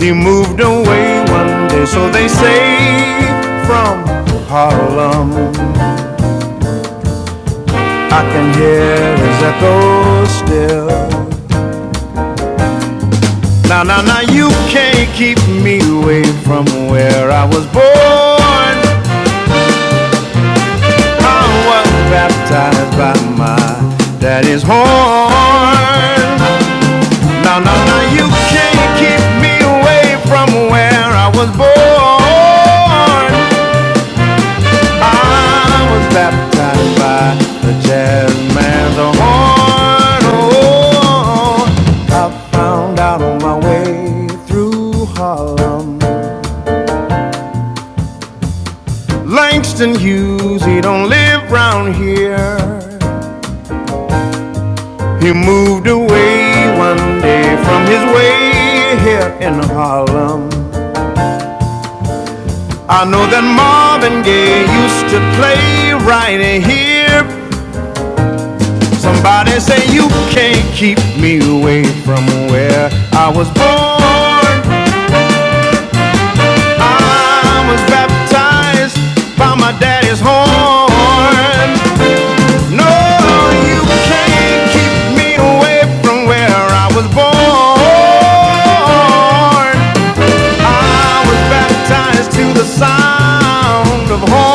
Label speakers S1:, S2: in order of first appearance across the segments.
S1: He moved away one day, so they say, from Harlem. I can hear his echo still. Now, now, now, you can't keep me away from where I was born. I was baptized by my daddy's horn. Now, now, now, you can't keep me away from where I was born. I was baptized by the jazz man's horn. Oh, I found out on my way through Harlem. Langston Hughes, he don't live round here. He moved away one day from his way here in Harlem. I know that Marvin Gaye used to play right here Somebody say you can't keep me away from where I was born. I was baptized by my daddy's horn. No, you can't keep me away from where I was born. I was baptized to the sound of horn.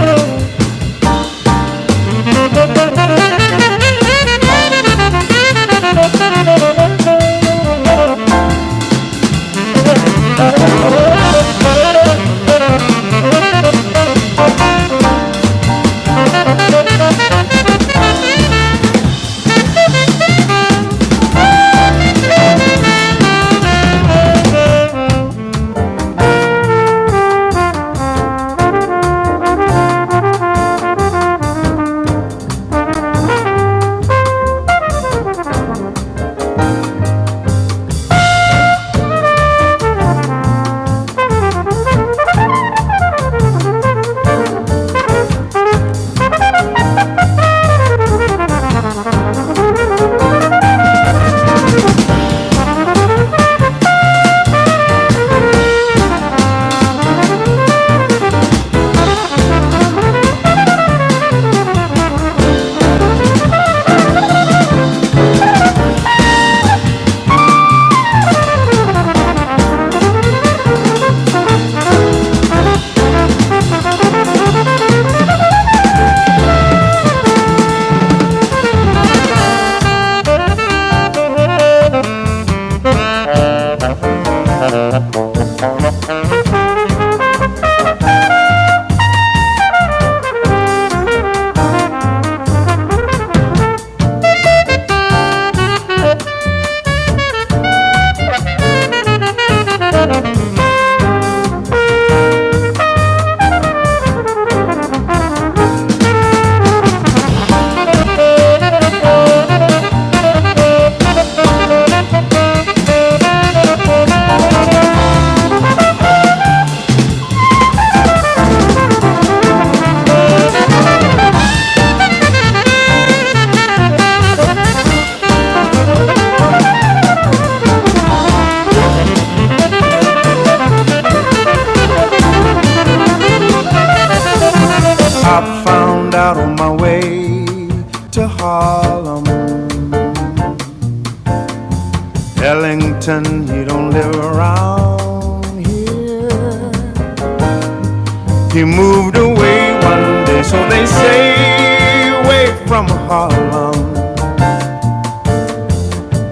S1: Oh. I found out on my way to Harlem. Ellington, he don't live around here. He moved away one day, so they say, away from Harlem.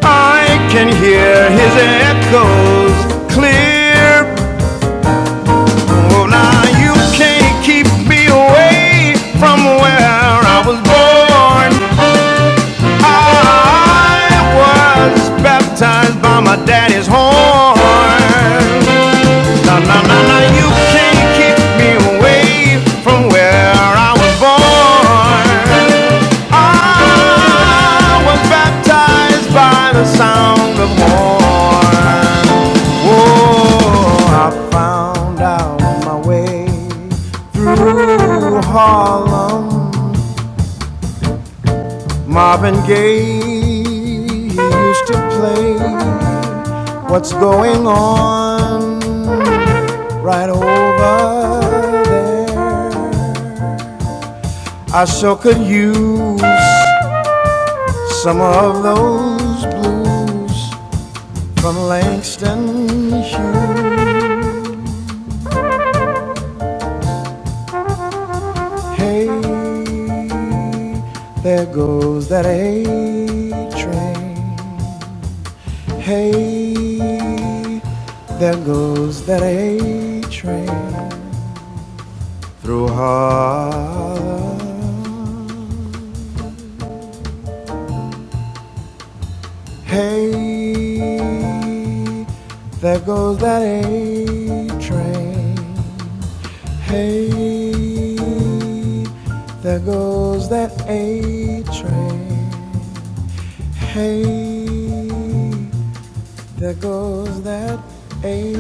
S1: I can hear his echoes clear. Oh, now you can't keep me away from where I was born. I was baptized by my daddy's horn. Na na na na, you can't keep me away from where I was born. I was baptized by the sound of horn. Oh, I found out my way through Harlem. Marvin Gaye he used to play What's Going On right over there. I sure could use some of those blues from Langston Hughes. Hey, there goes that A train. Hey, there goes that A train through Harlem. Hey, there goes that A train. Hey, there goes that A train. Hey, there goes that A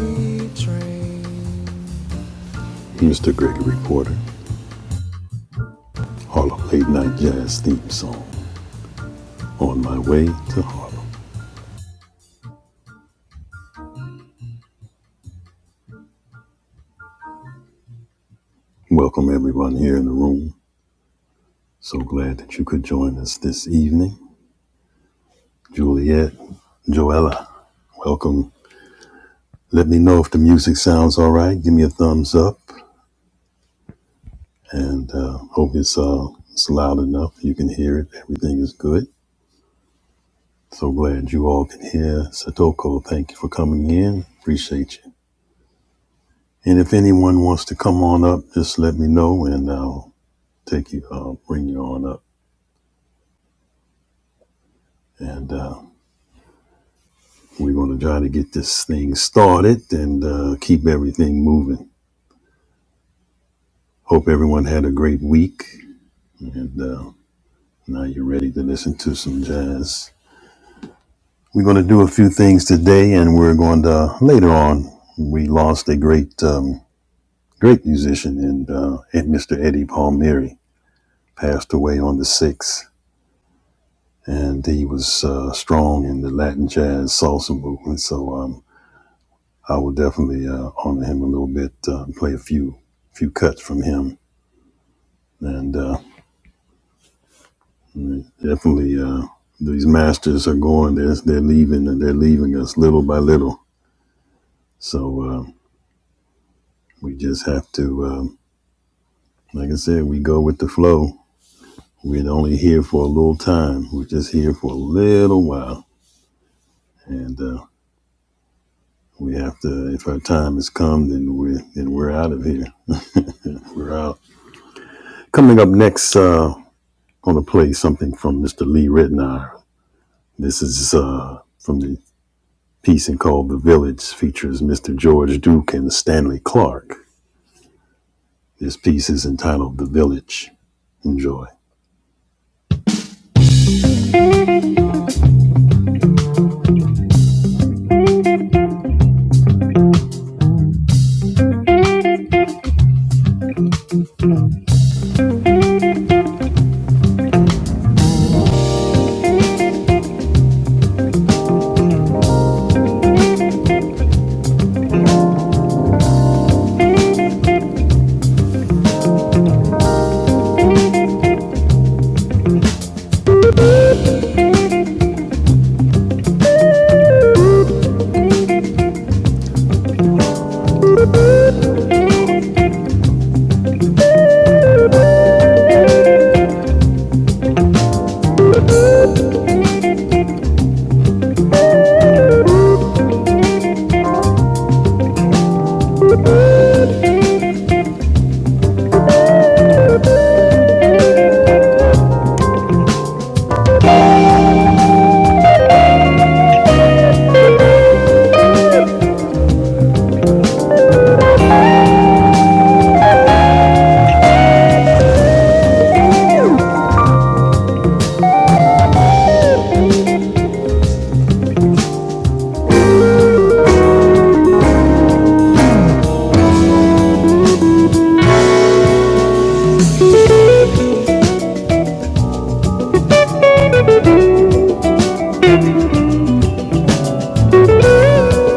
S1: train.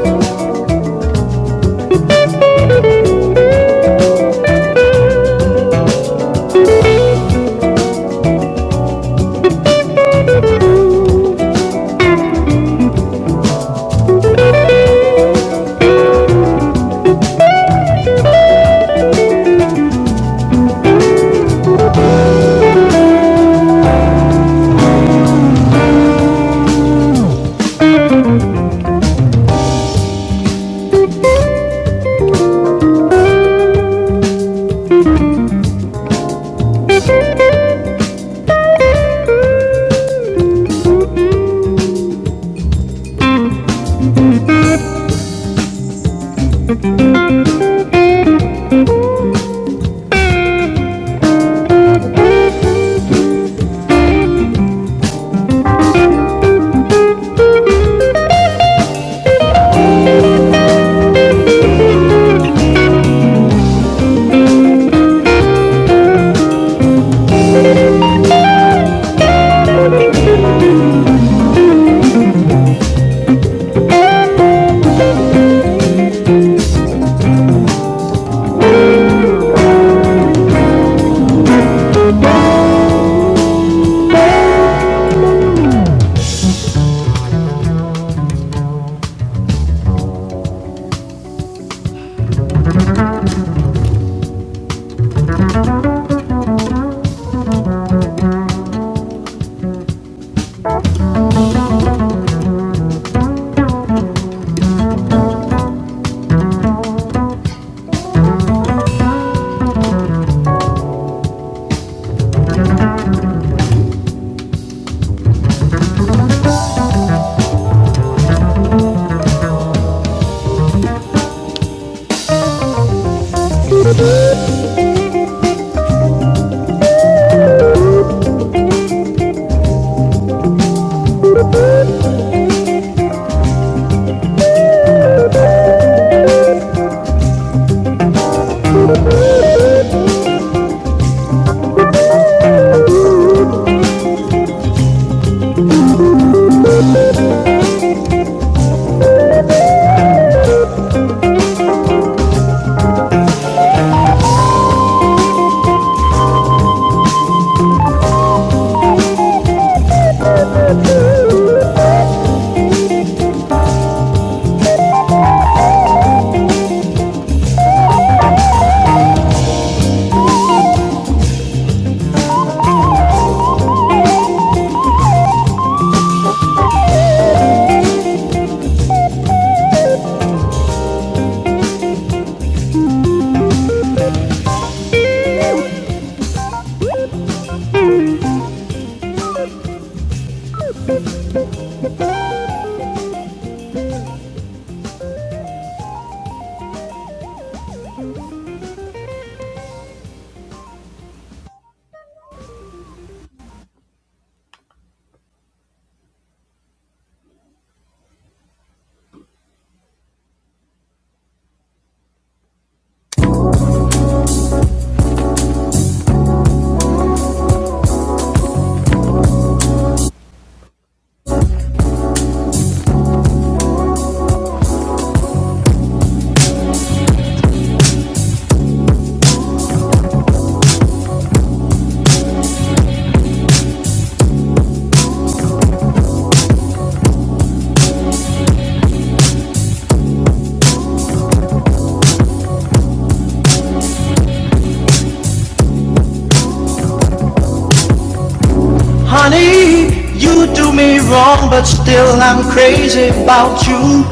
S1: Honey, you do me wrong, but still I'm crazy about you.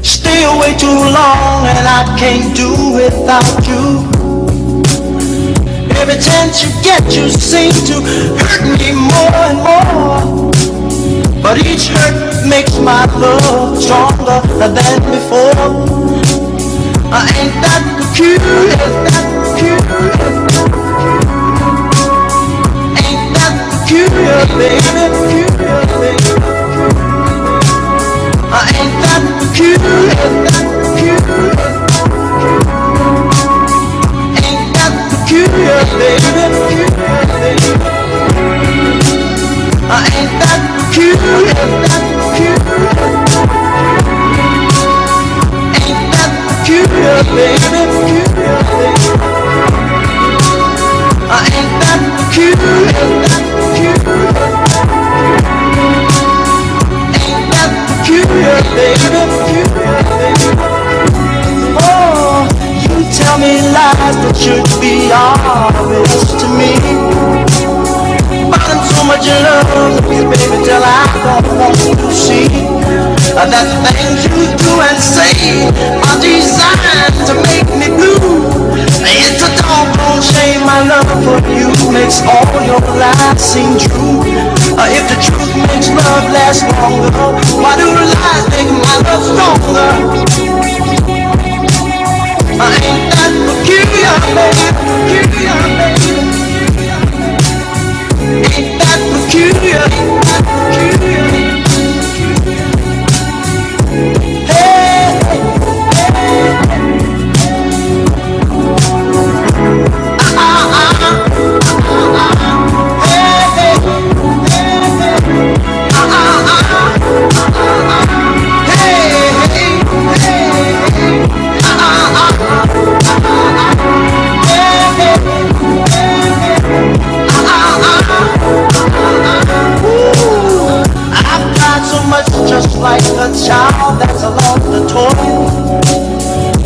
S1: Stay away too long, and I can't do without you. Every chance you get, you seem to hurt me more and more. But each hurt makes my love stronger than before. I ain't that peculiar, that peculiar, ain't that peculiar, baby, peculiar, baby. I ain't that peculiar, that peculiar. ain't that peculiar, baby. I ain't that peculiar, ain't that peculiar, baby. I ain't that peculiar, that peculiar, that peculiar, baby. Oh, you tell me lies that should be obvious to me. Nothing so much in love with you, baby, till I don't want you to see that things you do and say are designed to make me blue. It's a doggone shame my love for you makes all your lies seem true. Uh, if the truth makes love last longer, why do lies make my love stronger? Uh, ain't that peculiar, baby? Ain't that peculiar? Ain't that peculiar? Hey. I've tried so much, just like a child that's lost a toy.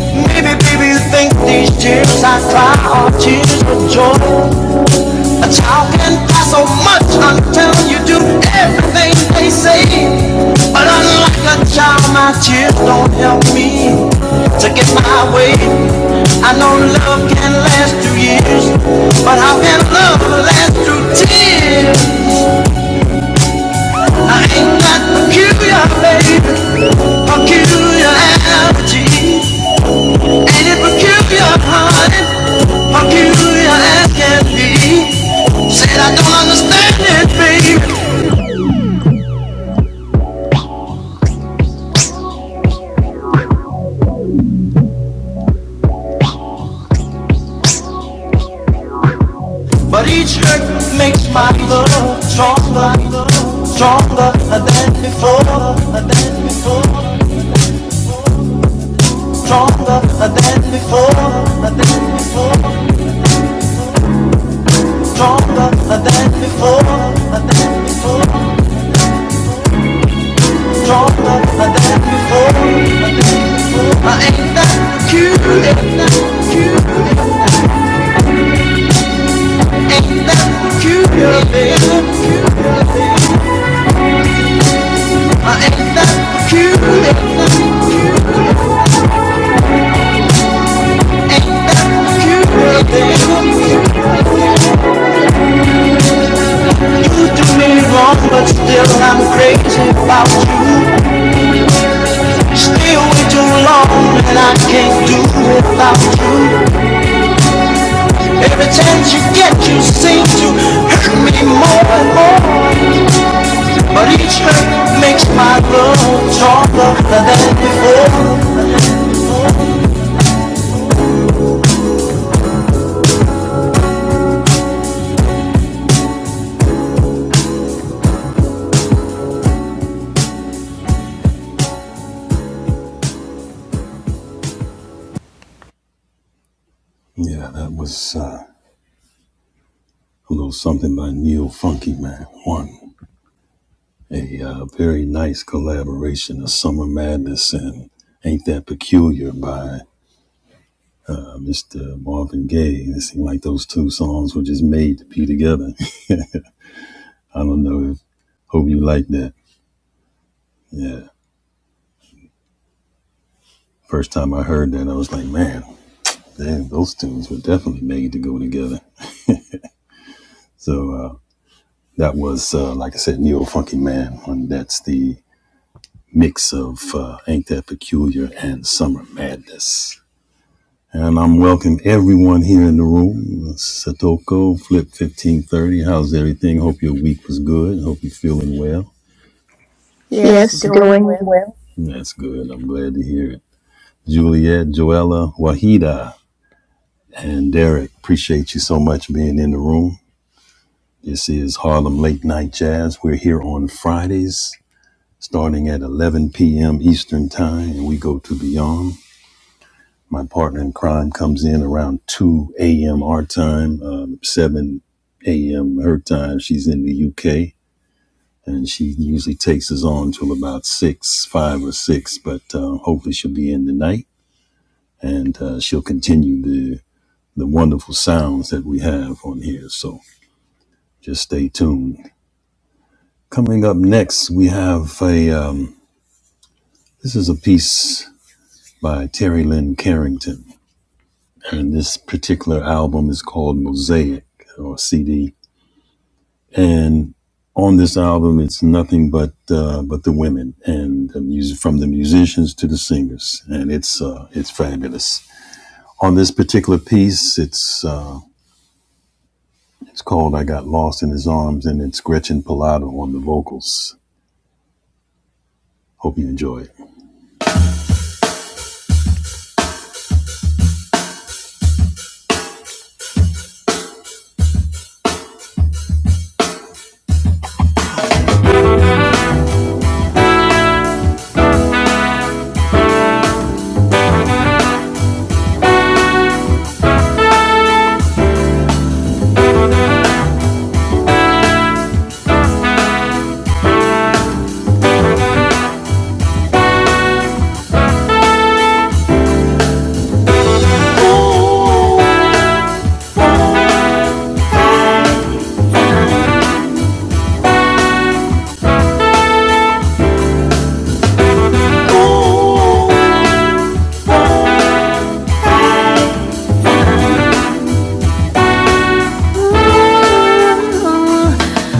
S1: Maybe, baby, you think these tears I cry are tears of joy. A child can cry so much until you do everything they say. But unlike a child, my tears don't help me to get my way. I know love can last through years, but how can love last through tears? I ain't got peculiar, baby, peculiarities. Ain't it peculiar, honey? Peculiar as can be. Said I don't understand it, baby, but each hurt makes my love stronger, stronger than before, than before, stronger than before, than before, stronger than before. I ain't that cute, ain't that cute. Ain't that cute, baby? I ain't that cute. Ain't that cute, baby? You do me wrong, but still I'm crazy about you. Stay away too long, and I can't do without you. Every chance you get, you seem to hurt me more and more. But each hurt makes my love stronger than before.
S2: Yes,
S1: Yes,
S2: doing
S1: doing
S2: well.
S1: well.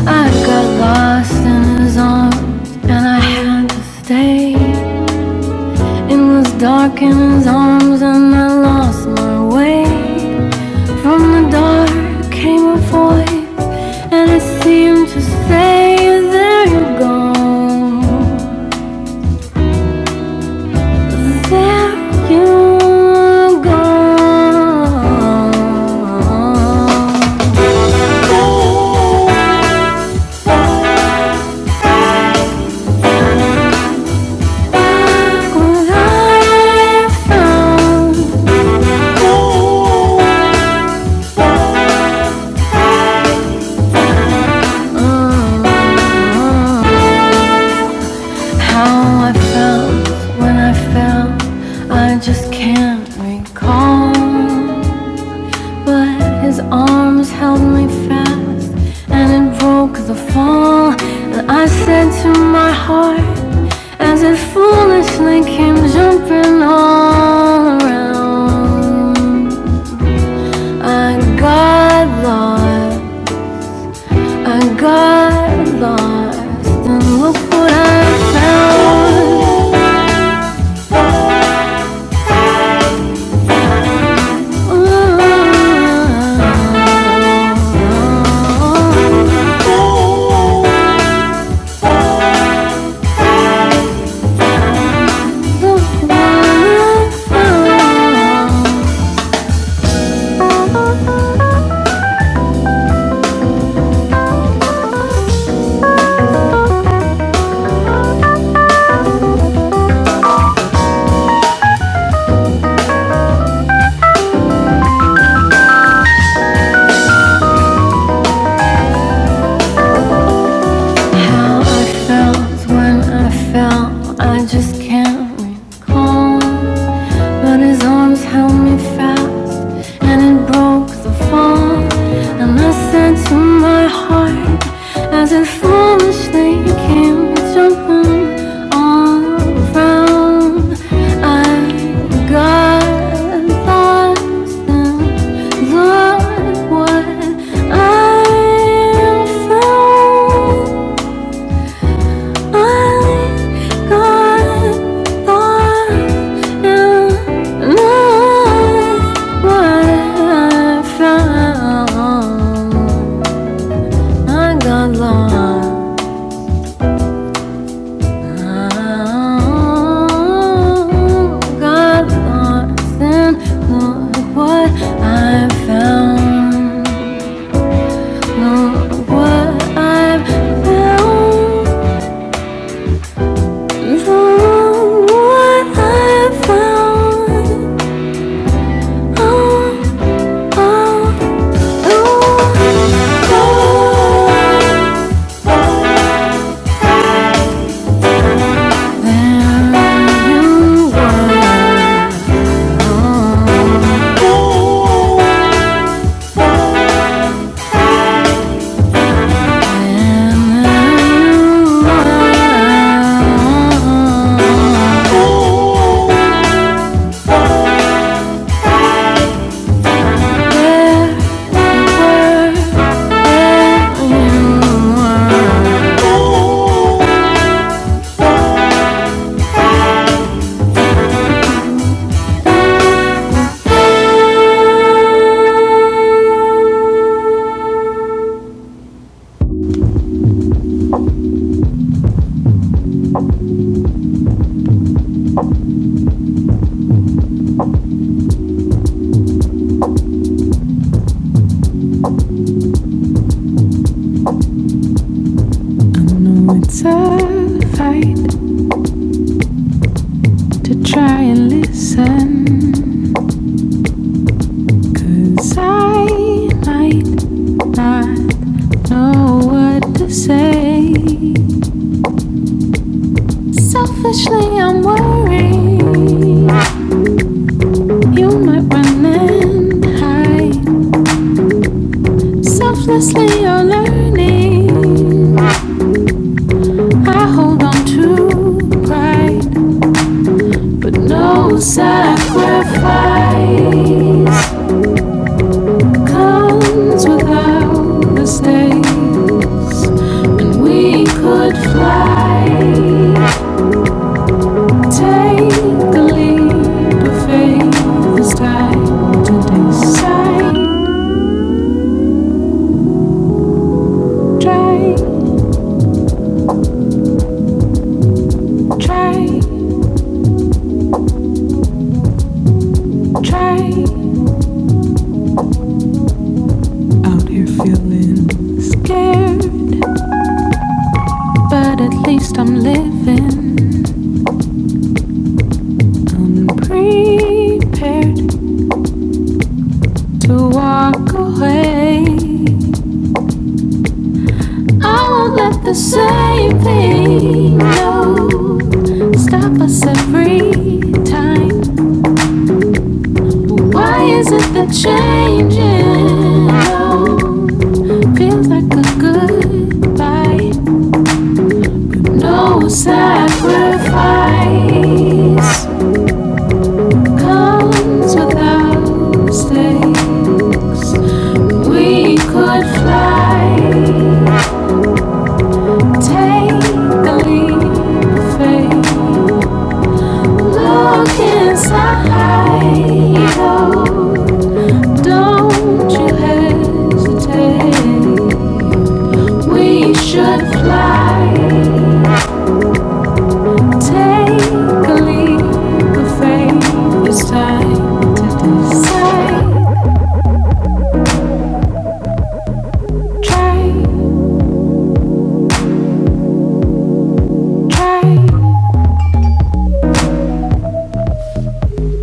S1: I got lost in his arms and I had to stay. It was dark in his arms and I lost my way. From the dark came a voice and it seemed to say, There you go. There you go. Just can't recall, but his arms held me fast, and it broke the fall. And I said to my heart, as it foolishly came jumping all around. I got lost, I got lost, and look what I found. Ooh, look what I found. How I felt when I fell, I just can't recall. But his arms held me fast, and it broke the fall. And I said to my heart, as it foolishly came jumping all around, I got lost and Lord, what I found. I I what what found. Found It's a fight. to try and listen, 'cause I might not know what to say. Selfishly, I'm worried you might run and hide. Selflessly, you're learning. I hold on to pride, but no sacrifice. comes without mistakes. When we could fly, take a leap of faith. It's time to decide. Try, try, try. Out here feeling scared, but at least I'm living. I'm prepared to walk away. I won't let the same thing no stop us every time. Why is it that changing? No, feels like a goodbye. No sacrifice comes without stakes. We could fly, take a leap of faith. Look inside, oh, don't you hesitate. We should fly. Take a leap of faith this time. Say, try, try,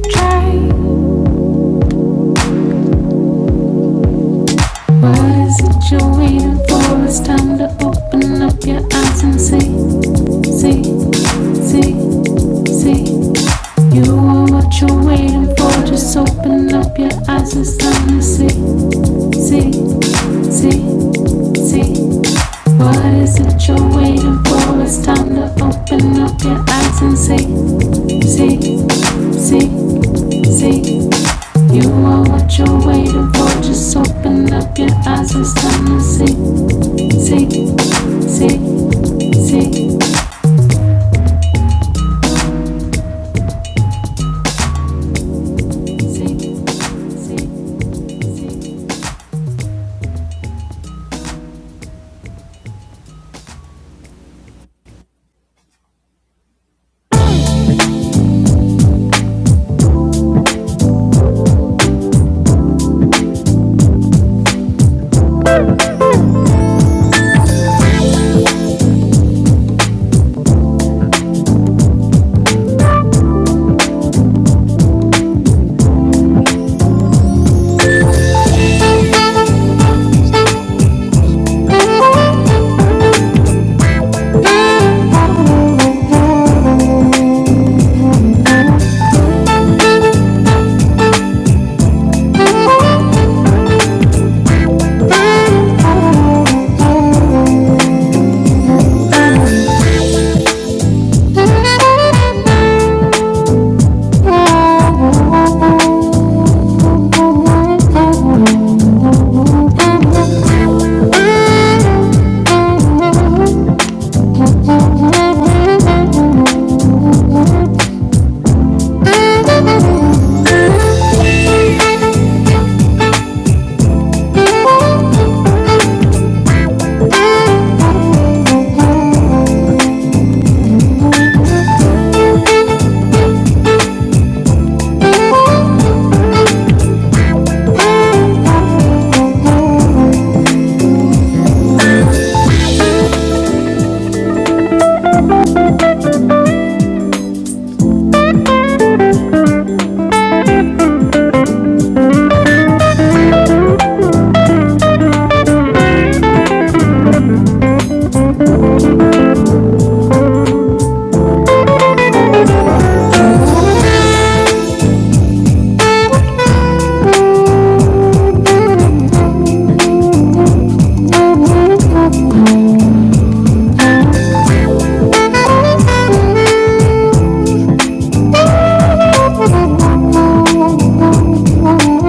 S1: try. What is it you're waiting for? It's time to open up your eyes and see, see, see, see. You are what you're waiting for. Just open up your eyes. It's time to see, see, see, see. What is it you're waiting for? It's time to open up your eyes and see, see, see, see. You are what you're waiting for. Just open up your eyes. It's time to see, see, see, see, see, see, see. see. Thank you.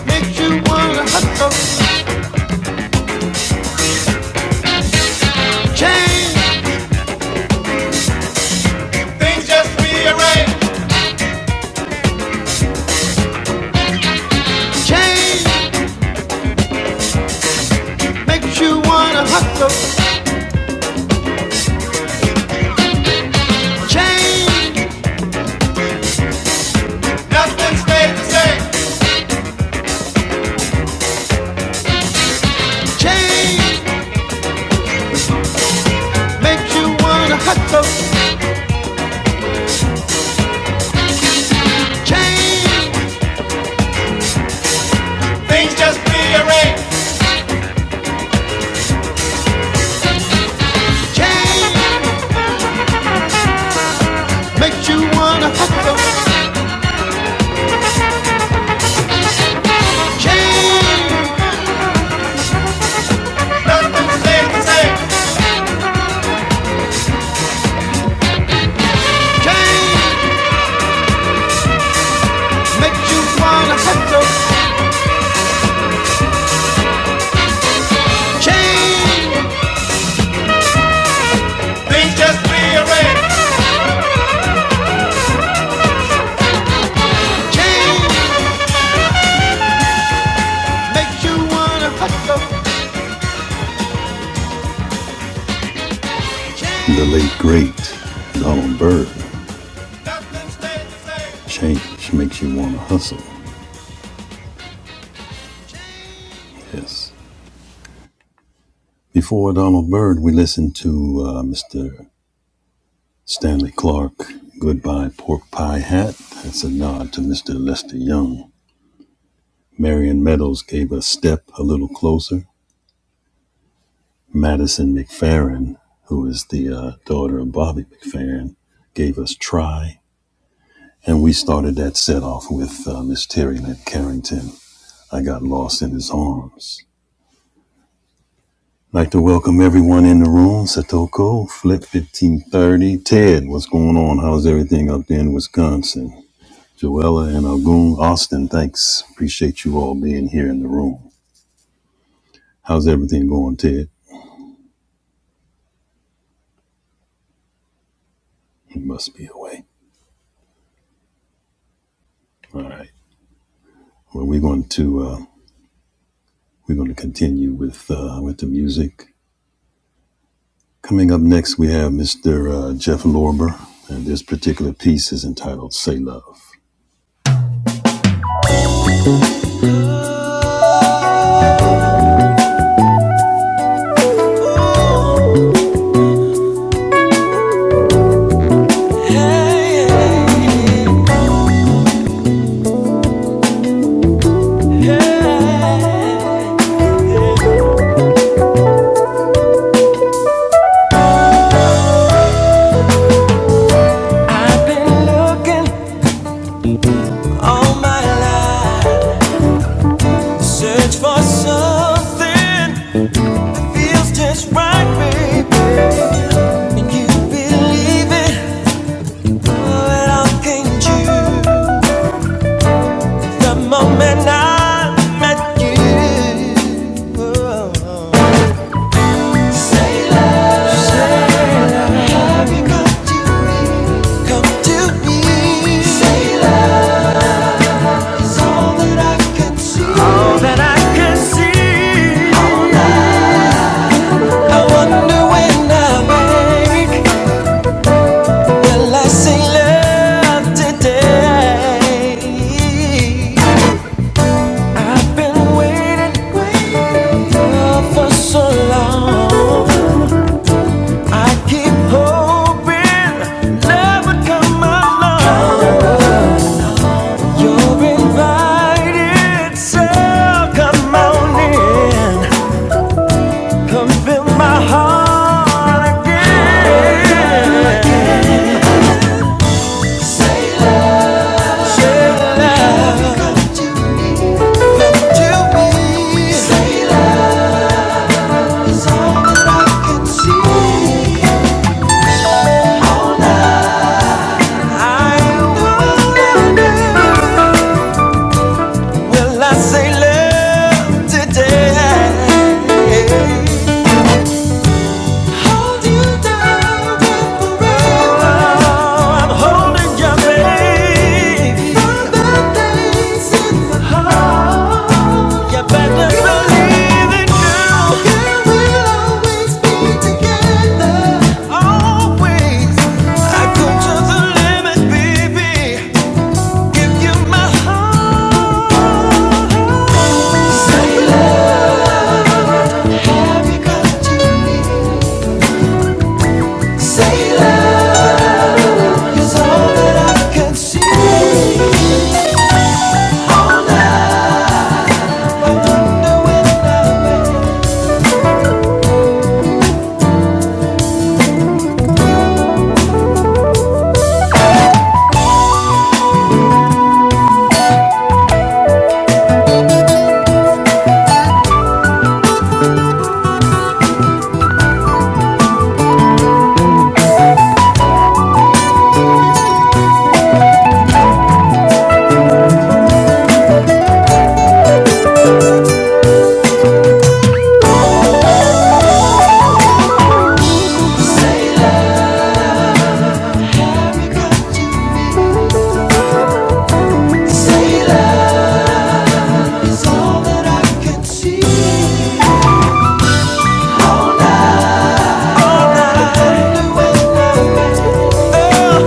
S1: Makes you wanna hustle, things just rearrange. Change makes you wanna hustle. Change, nothing stays the same. change. You want to hustle. Change, Rearrange. change. Makes you want to hustle. Change, nothing stays the same. change. Makes you want to hustle. Things just rearrange. I've been looking all my life, search for something feels just right, baby. And you believe it, well, how can you? The moment I met you, oh, oh. say love, say love, come to me, come to me. Say love's all that I can see, all that I can see. I wonder when I'm will I see love today? I've been waiting for so long. I keep hoping love would come along. You're invited, so come on in. Come fill my heart again today. I'm holding your baby. You better believe it, girl. Always. I go to the limit, baby. My is all that I can see. No way, no way. Say love, you got to me. Say love is all that I can see. No way, no way. Oh.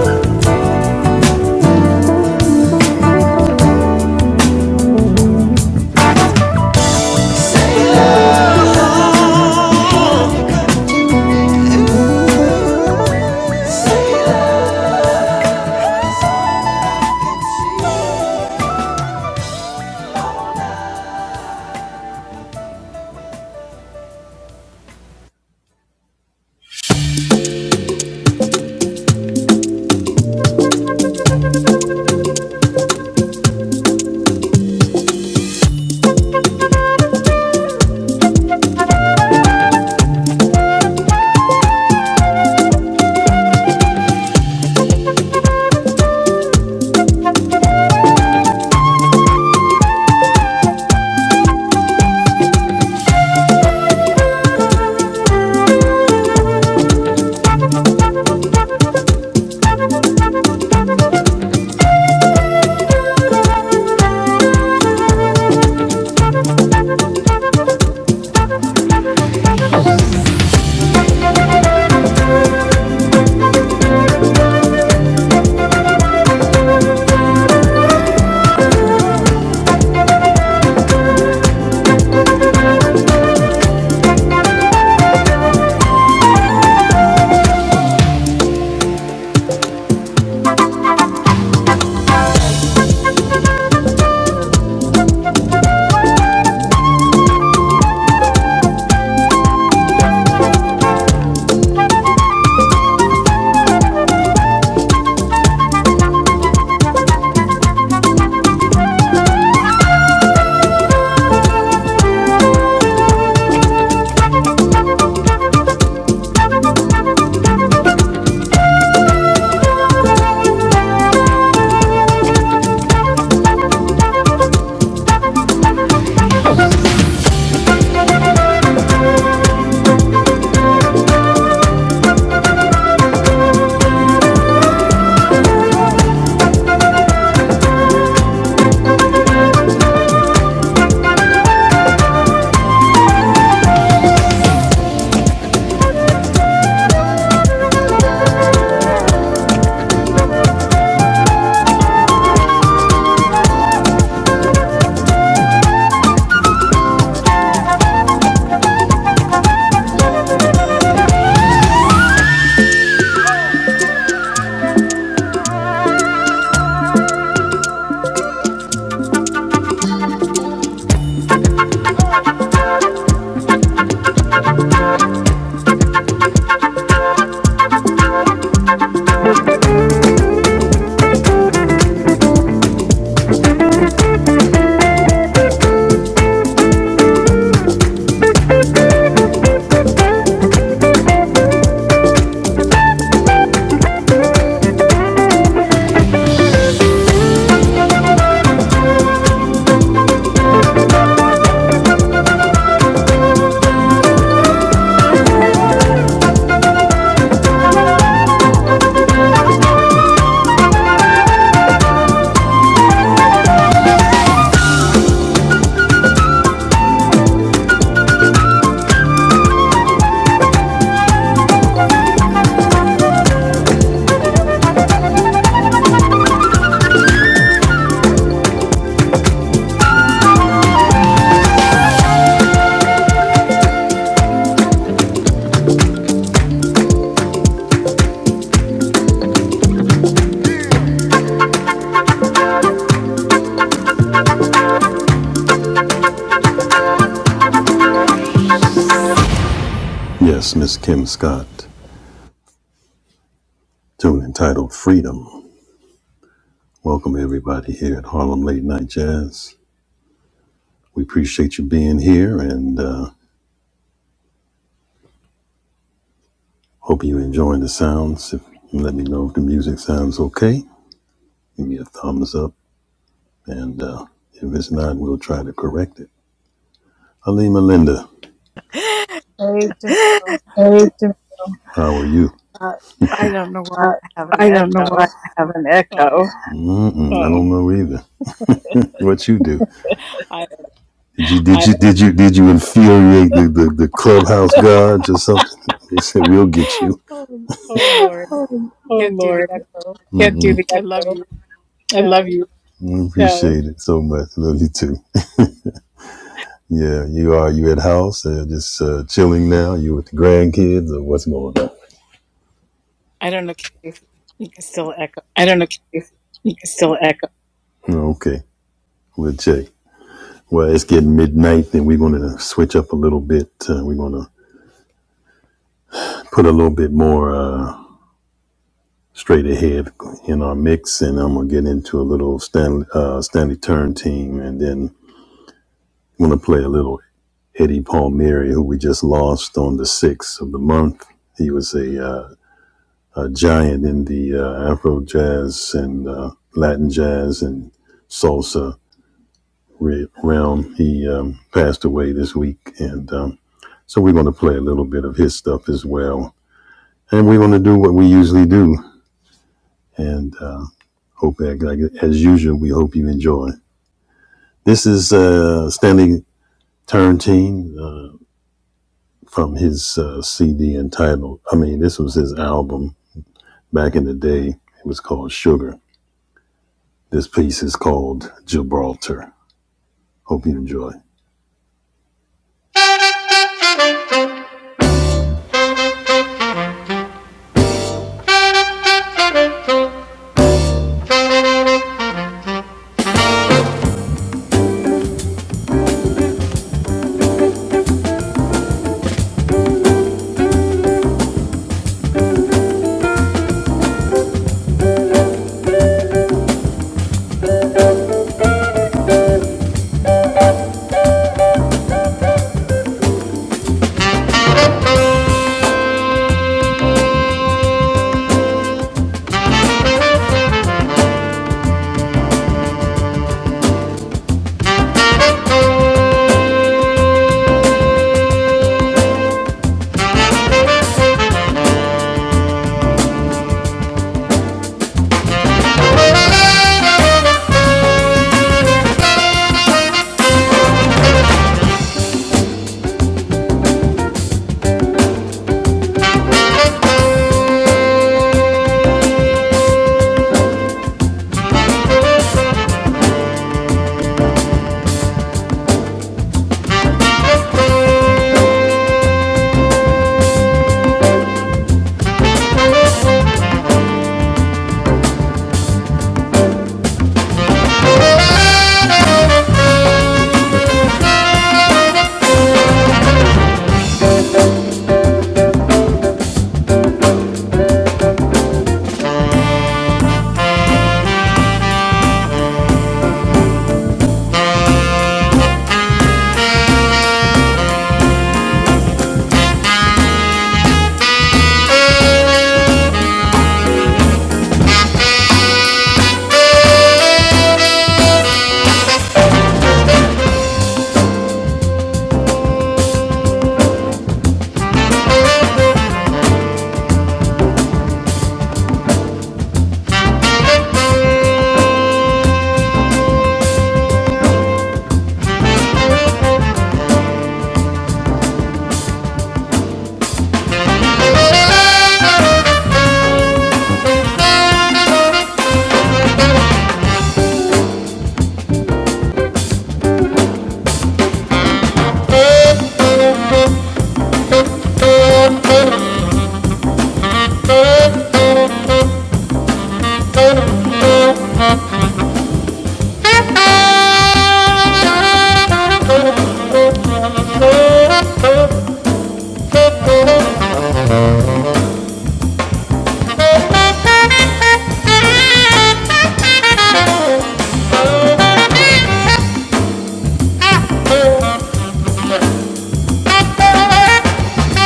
S3: Hey Jamil, Uh, I don't know why I have an echo.
S1: One echo.
S3: Oh, I oh, oh Lord,
S1: Oh
S3: can't do the
S1: Lord,
S3: echo.
S1: the
S3: I love
S1: echo.
S3: you.
S1: I love
S3: So
S1: you.
S3: I don't know if you can still echo.
S1: I don't know if you can still echo.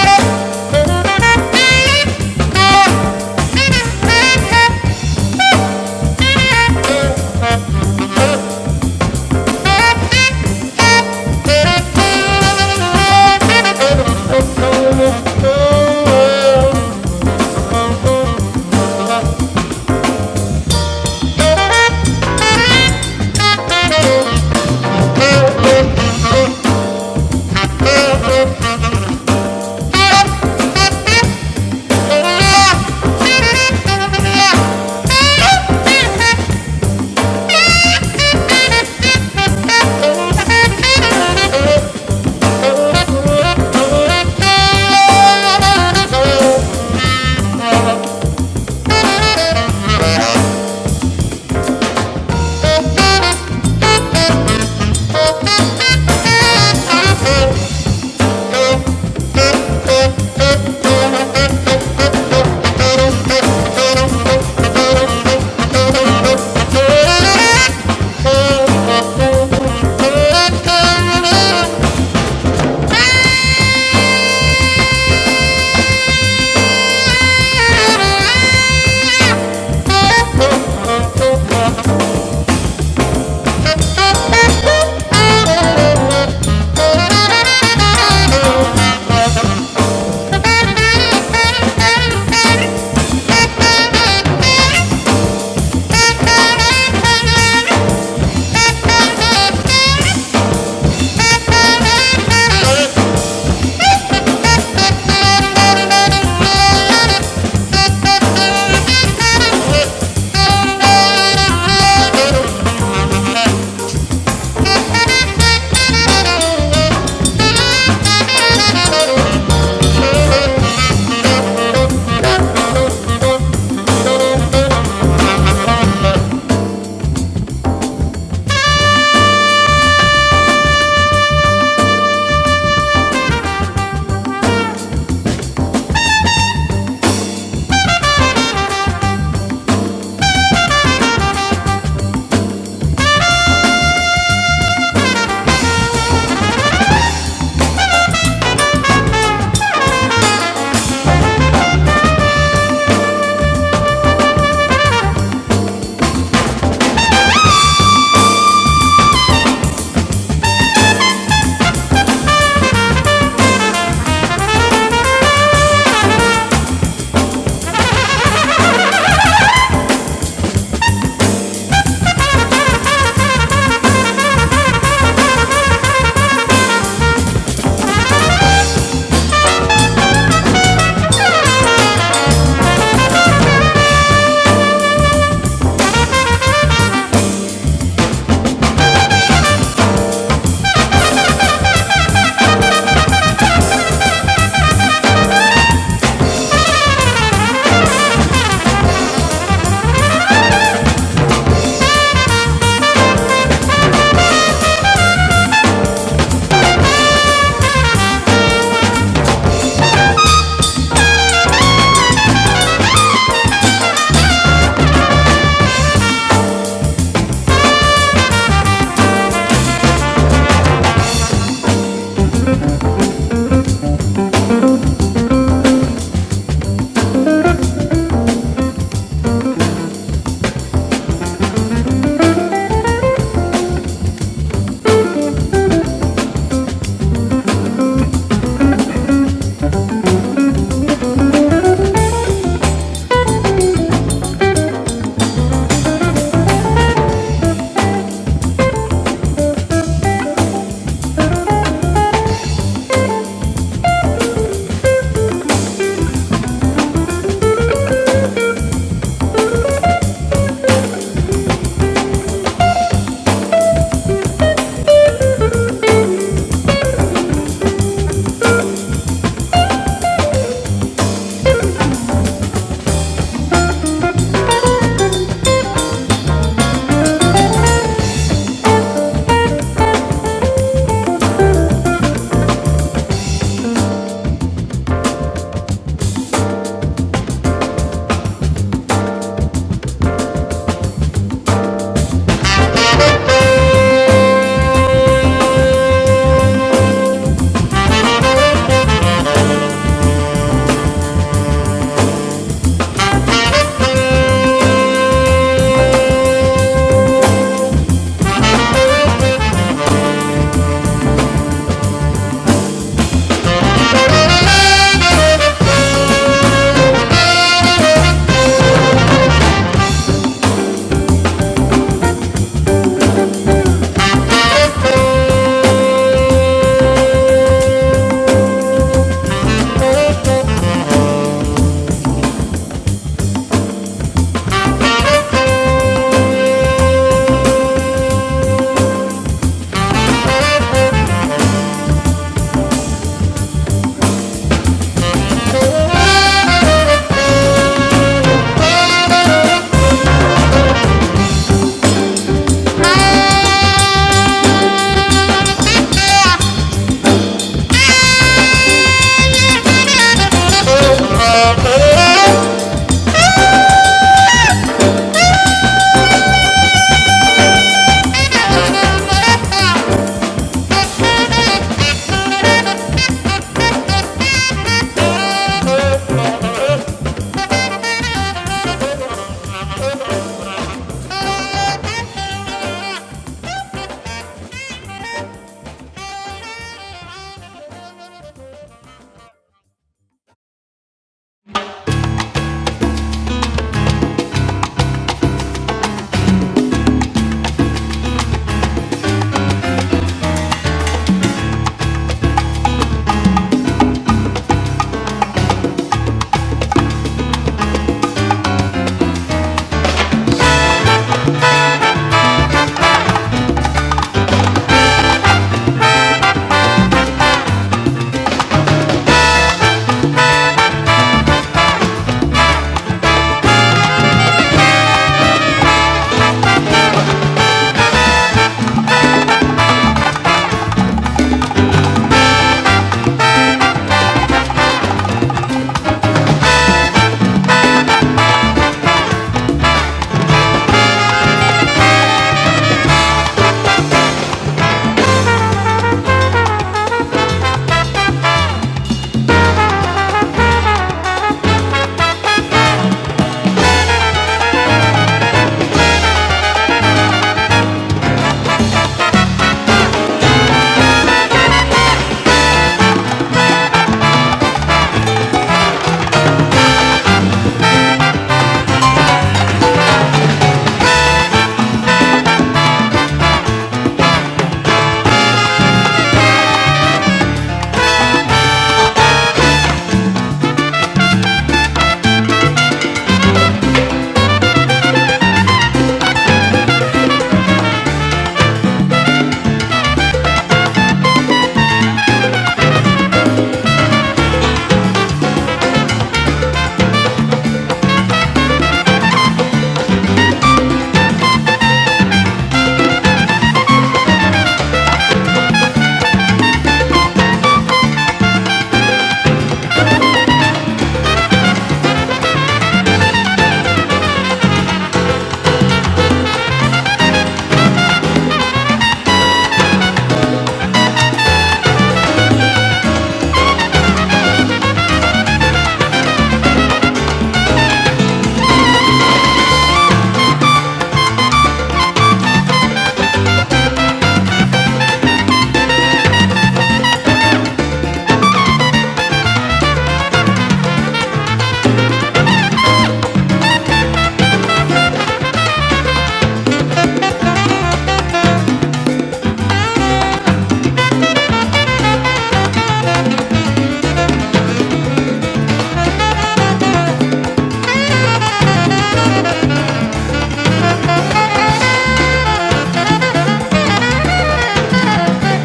S1: oh, you. Thank you. Thank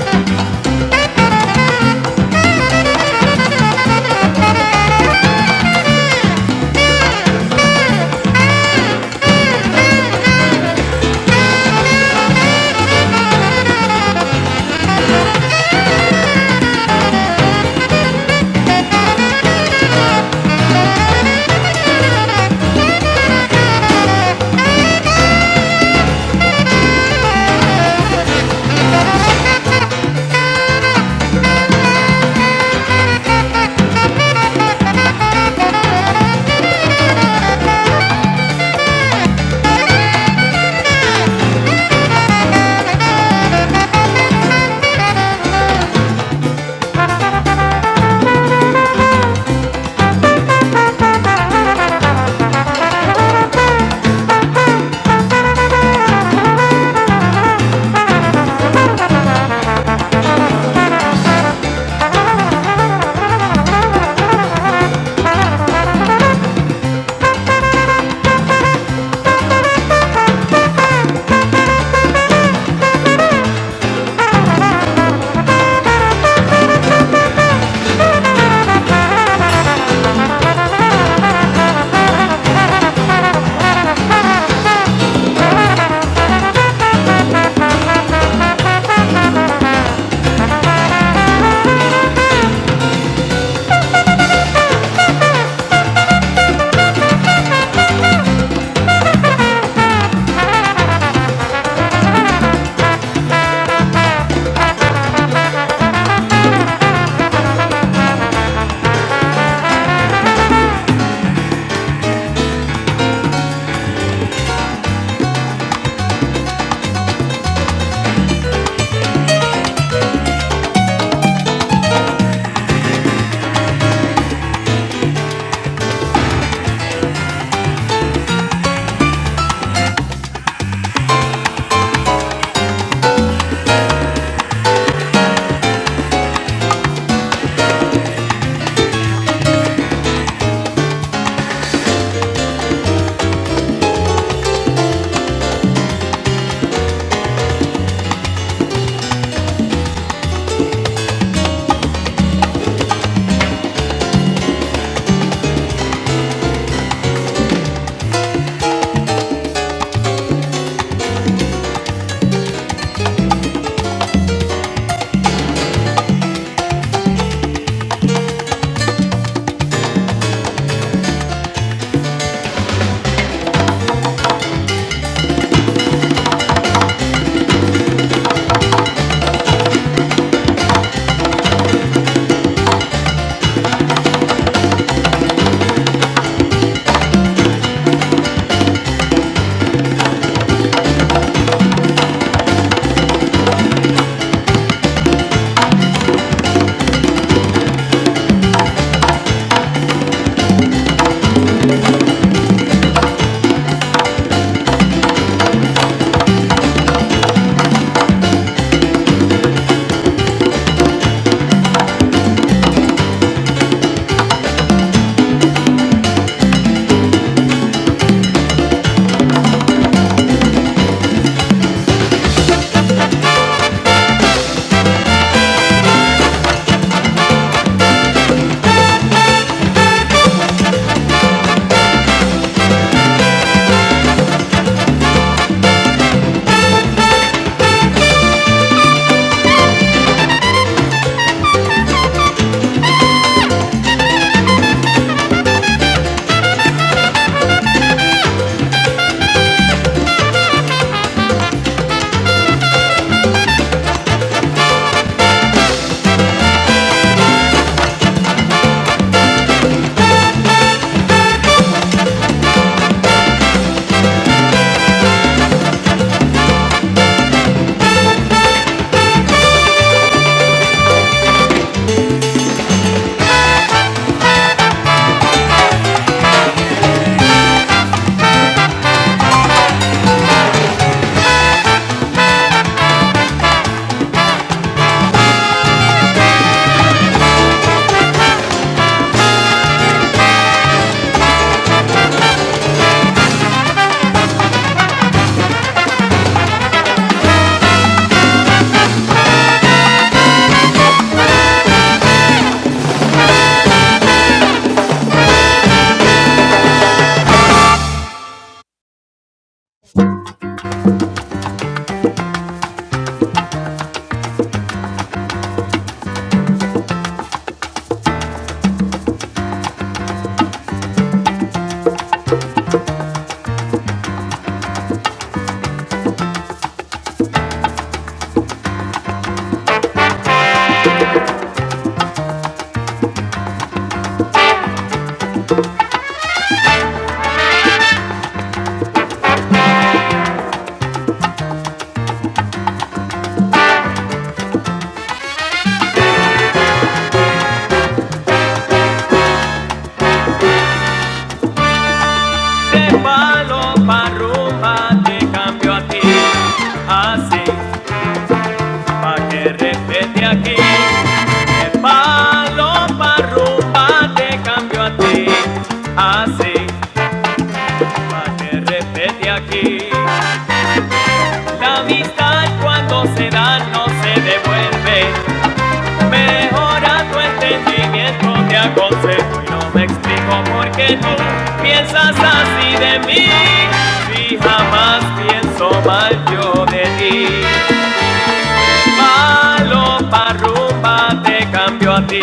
S1: you. Thank you. De palo pa' rumba te cambio a ti, así pa' que respete aquí. De palo pa' rumba te cambio a ti, así pa' que respete aquí. La amistad cuando se da no se devuelve. Mejora tu entendimiento, te aconsejo y no me explico por qué tú piensas así de mí. Si jamás pienso mal yo de ti, palo pa' rumba te cambio a ti.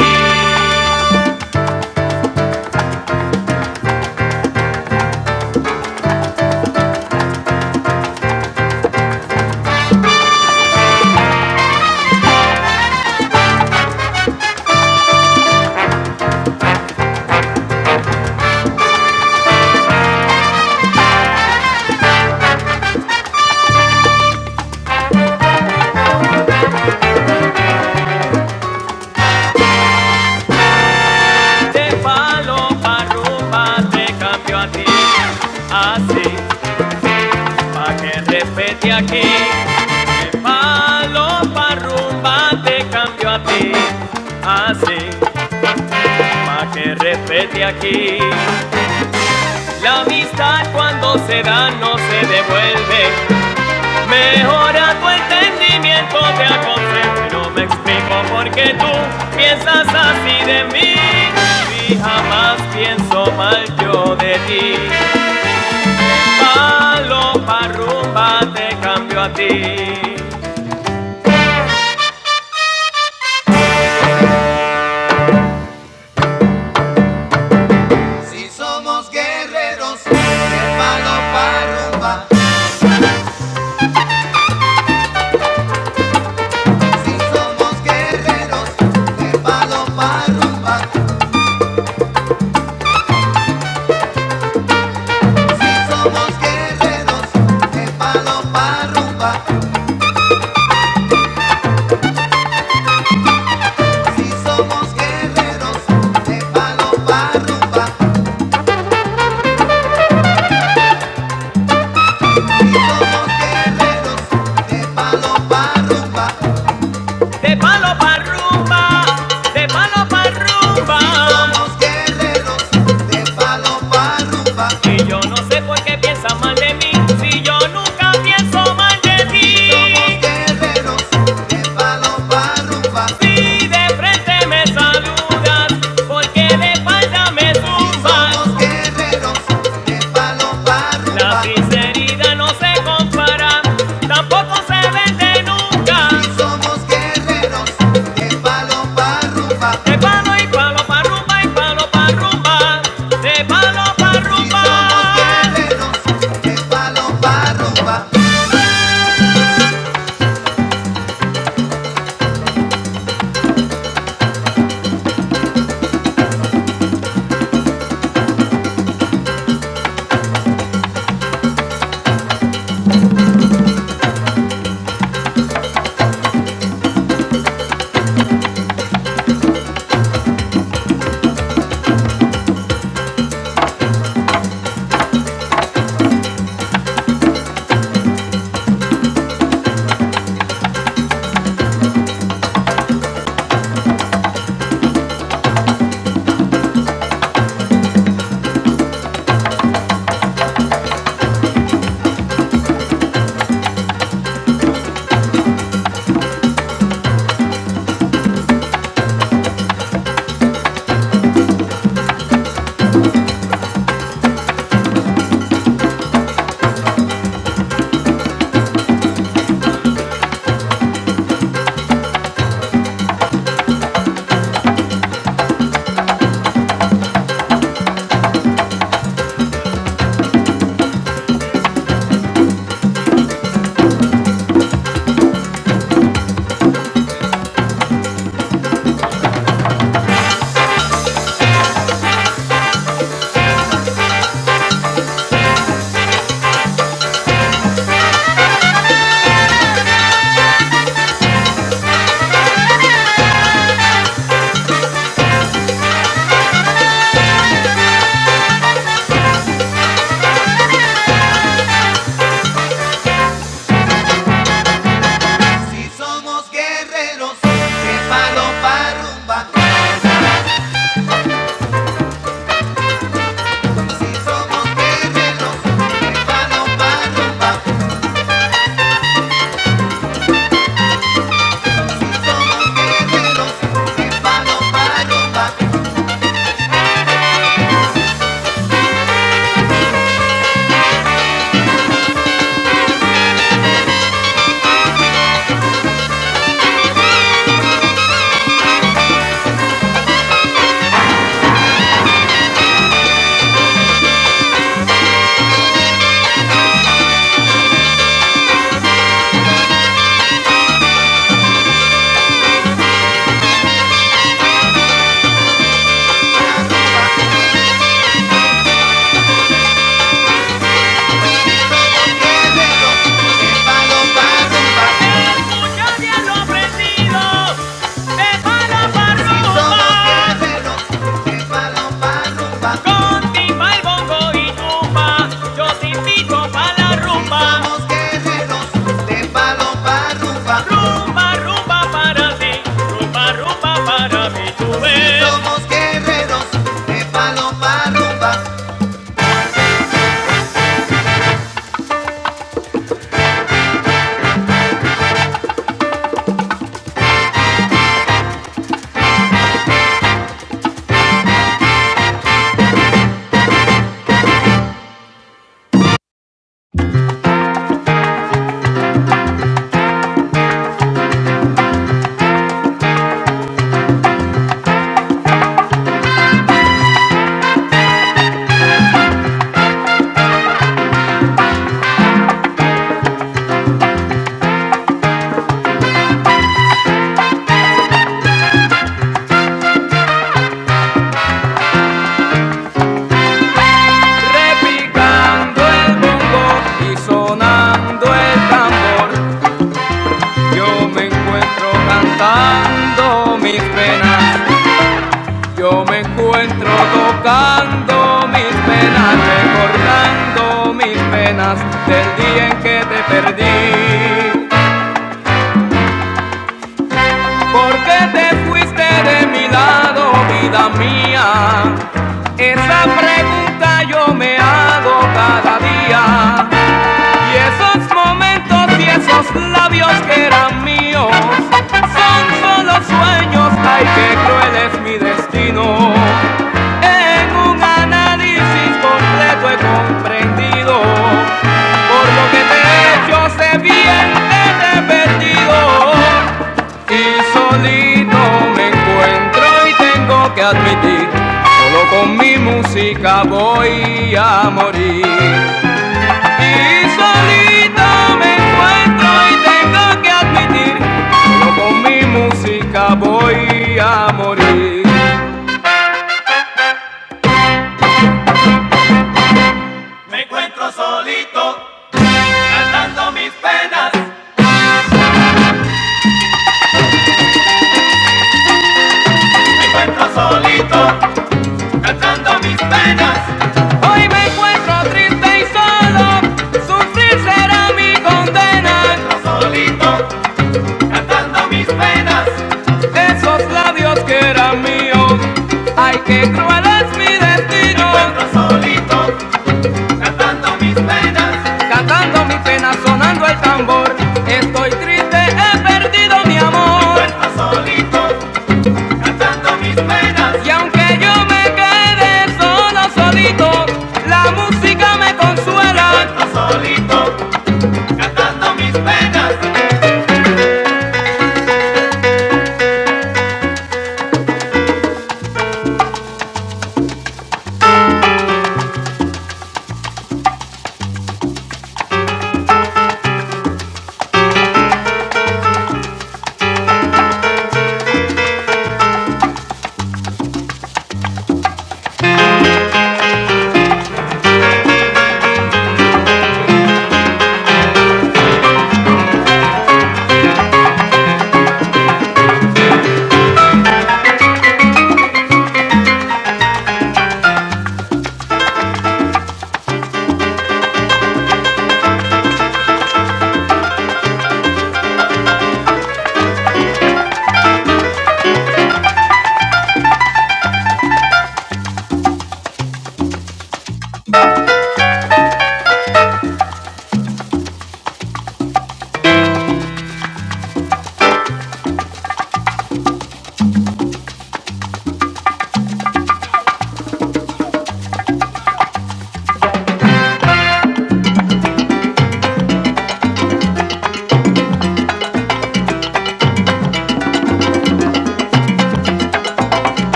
S1: De palo pa' rumba te cambio a ti. Así. Pa' que respete aquí, el palo pa' rumba te cambio a ti. Así, pa' que respete aquí, la amistad cuando se da no se devuelve. Mejora tu entendimiento, te aconsejo y no me explico por qué tú piensas así de mí. Y jamás pienso mal yo de ti, palo pa' rumba te cambio a ti. Si somos guerreros, de palo pa' rumba. Si somos guerreros, de palo pa' rumba. Si somos guerreros, de palo pa' rumba. De palo para rumba, de palo para rumba. Si yo no sé por qué piensas mal de mí, si yo nunca pienso mal de ti. Si de frente me saludas, porque de espalda me tumbas. Si somos guerreros, La sinceridad no se compara, tampoco se vende nunca. Hizo guerreros De palo y palo pa' rumba y palo pa' rumba, de palo pa' Y rumba. Y somos guerreros, y somos guerreros, de palo pa' rumba. Si somos guerreros, de palo pa' rumba. Si somos guerreros, de palo pa' rumba. rumba, rumba, para ti, rumba, rumba para mí, tú Repicando el bongo y sonando el tambor, yo me encuentro cantando mis penas. Yo me encuentro tocando mis penas, recordando mis penas del día en que te perdí. Porque te fuiste de mi lado, vida mía. Esa pregunta yo me hago cada día. Y esos momentos y esos labios que eran míos son solo sueños, ay qué cruel es mi destino. En un análisis completo he comprendido por lo que te he hecho se viene arrepentido y solito me encuentro y tengo que admitir solo con mi música voy a morir. Y solito me encuentro y tengo que admitir que mi música voy a morir. Me encuentro solito cantando mis penas. Me encuentro solito cantando mis penas. Hoy me encuentro triste y solo, sufrir será mi condena. Me encuentro Solito cantando mis penas. Esos labios que eran míos, ay que cruel es mi destino. Me Encuentro solito, cantando mis penas. Cantando mis penas, sonando el tambor. Estoy triste, he perdido mi amor. Me Encuentro solito, cantando mis penas. Y aunque yo me quede solo, solito, la música me consuela. Me Encuentro solito, cantando mis penas.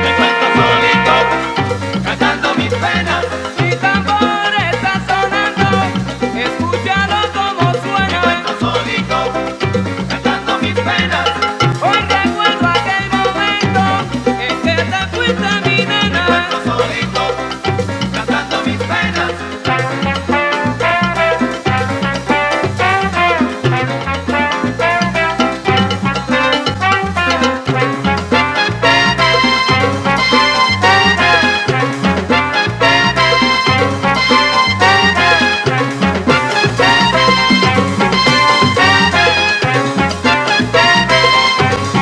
S1: me encuentro solito, cantando mis penas. Mi tambor está sonando, escúchalo como Me suena. solito, cantando mis penas. Hoy recuerdo aquel momento en que te fuiste mi Me nena. solito, cantando mis penas. Thank you.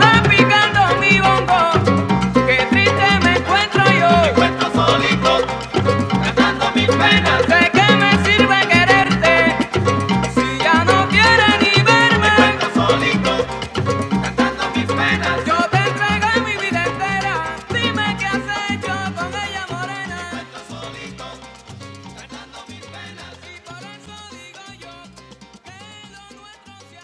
S1: Repicando mi bongo, qué triste me encuentro yo. ¿De qué me sirve quererte si ya no quieres ni verme? Yo te entregué mi vida entera, dime qué has hecho con ella morena. Y por eso digo yo con nuestro cielo.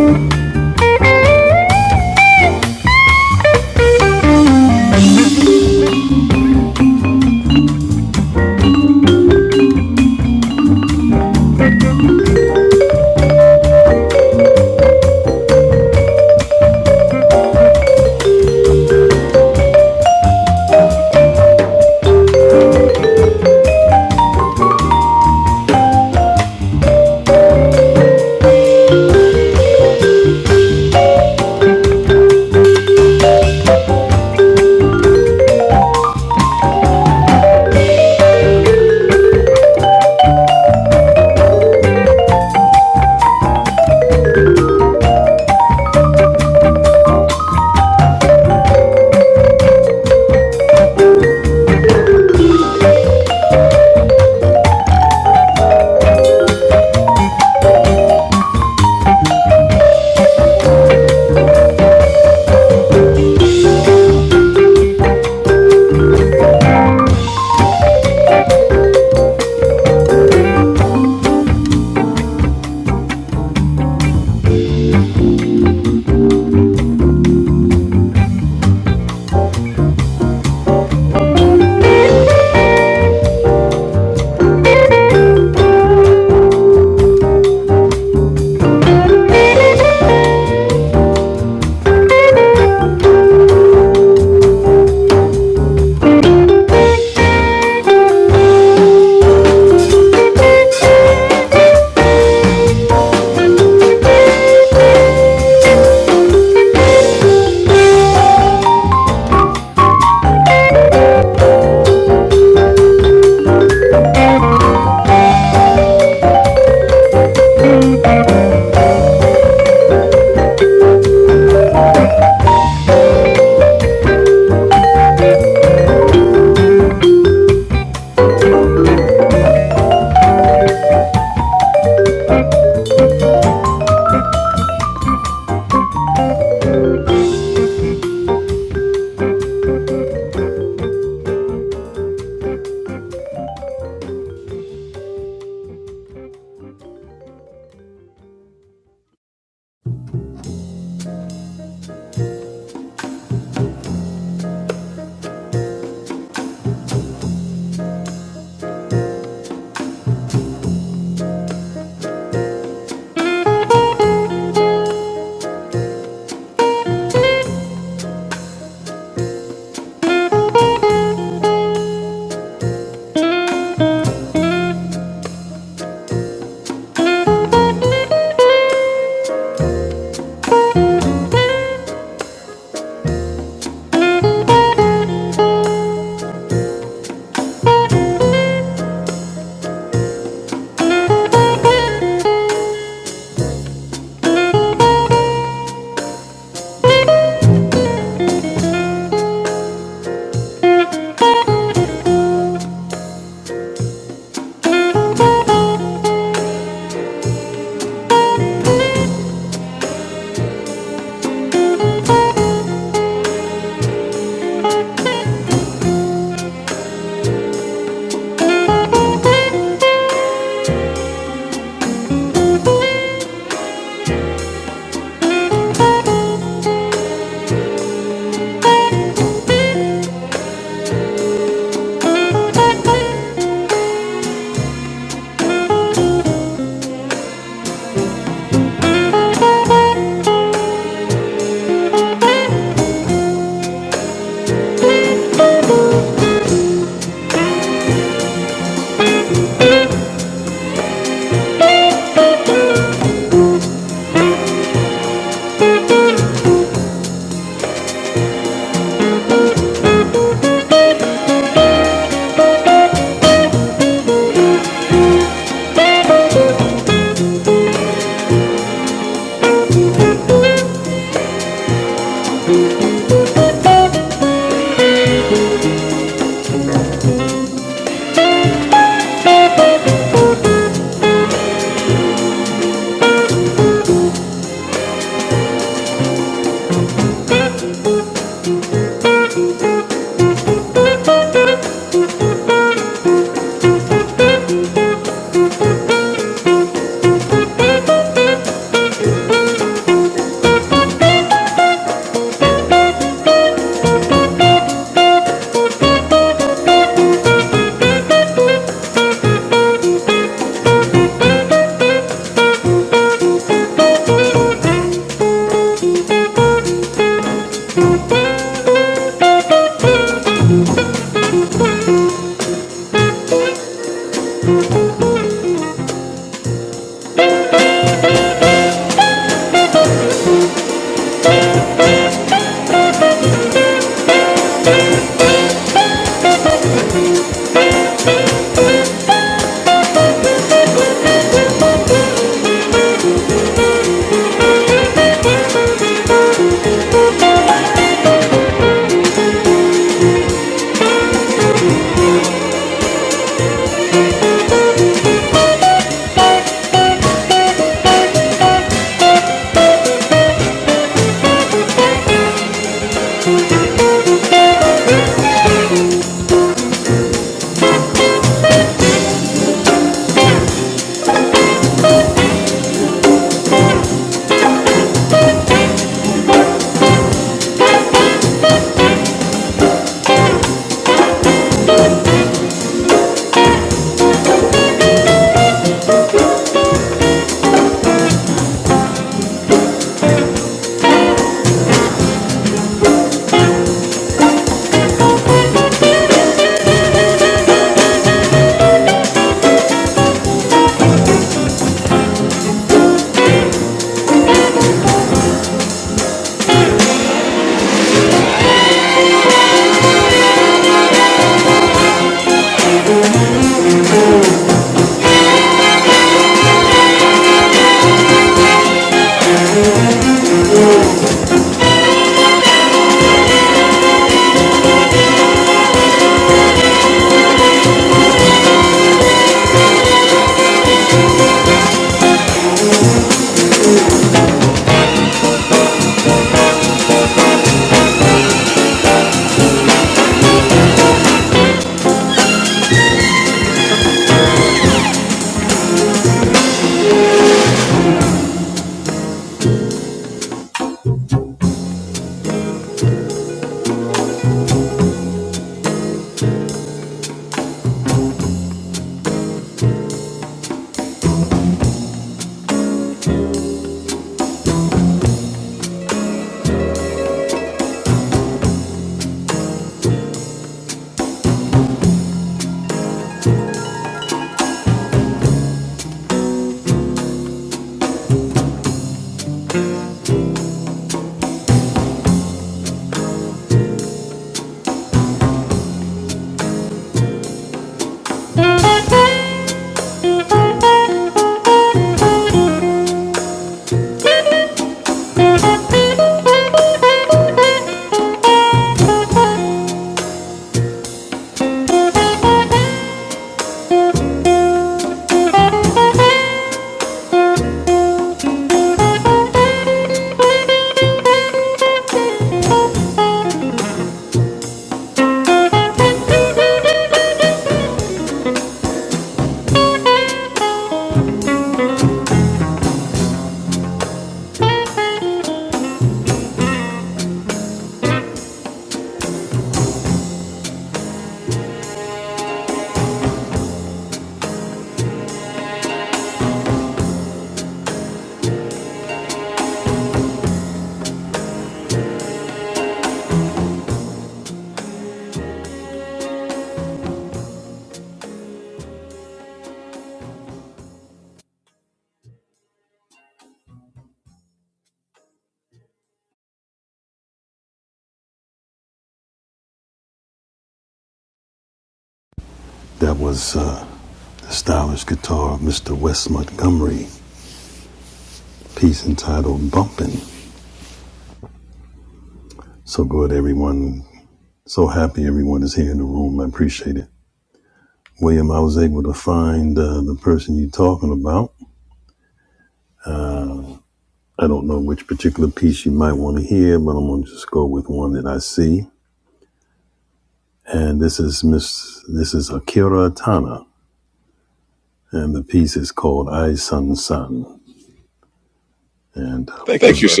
S4: Thank you, sir.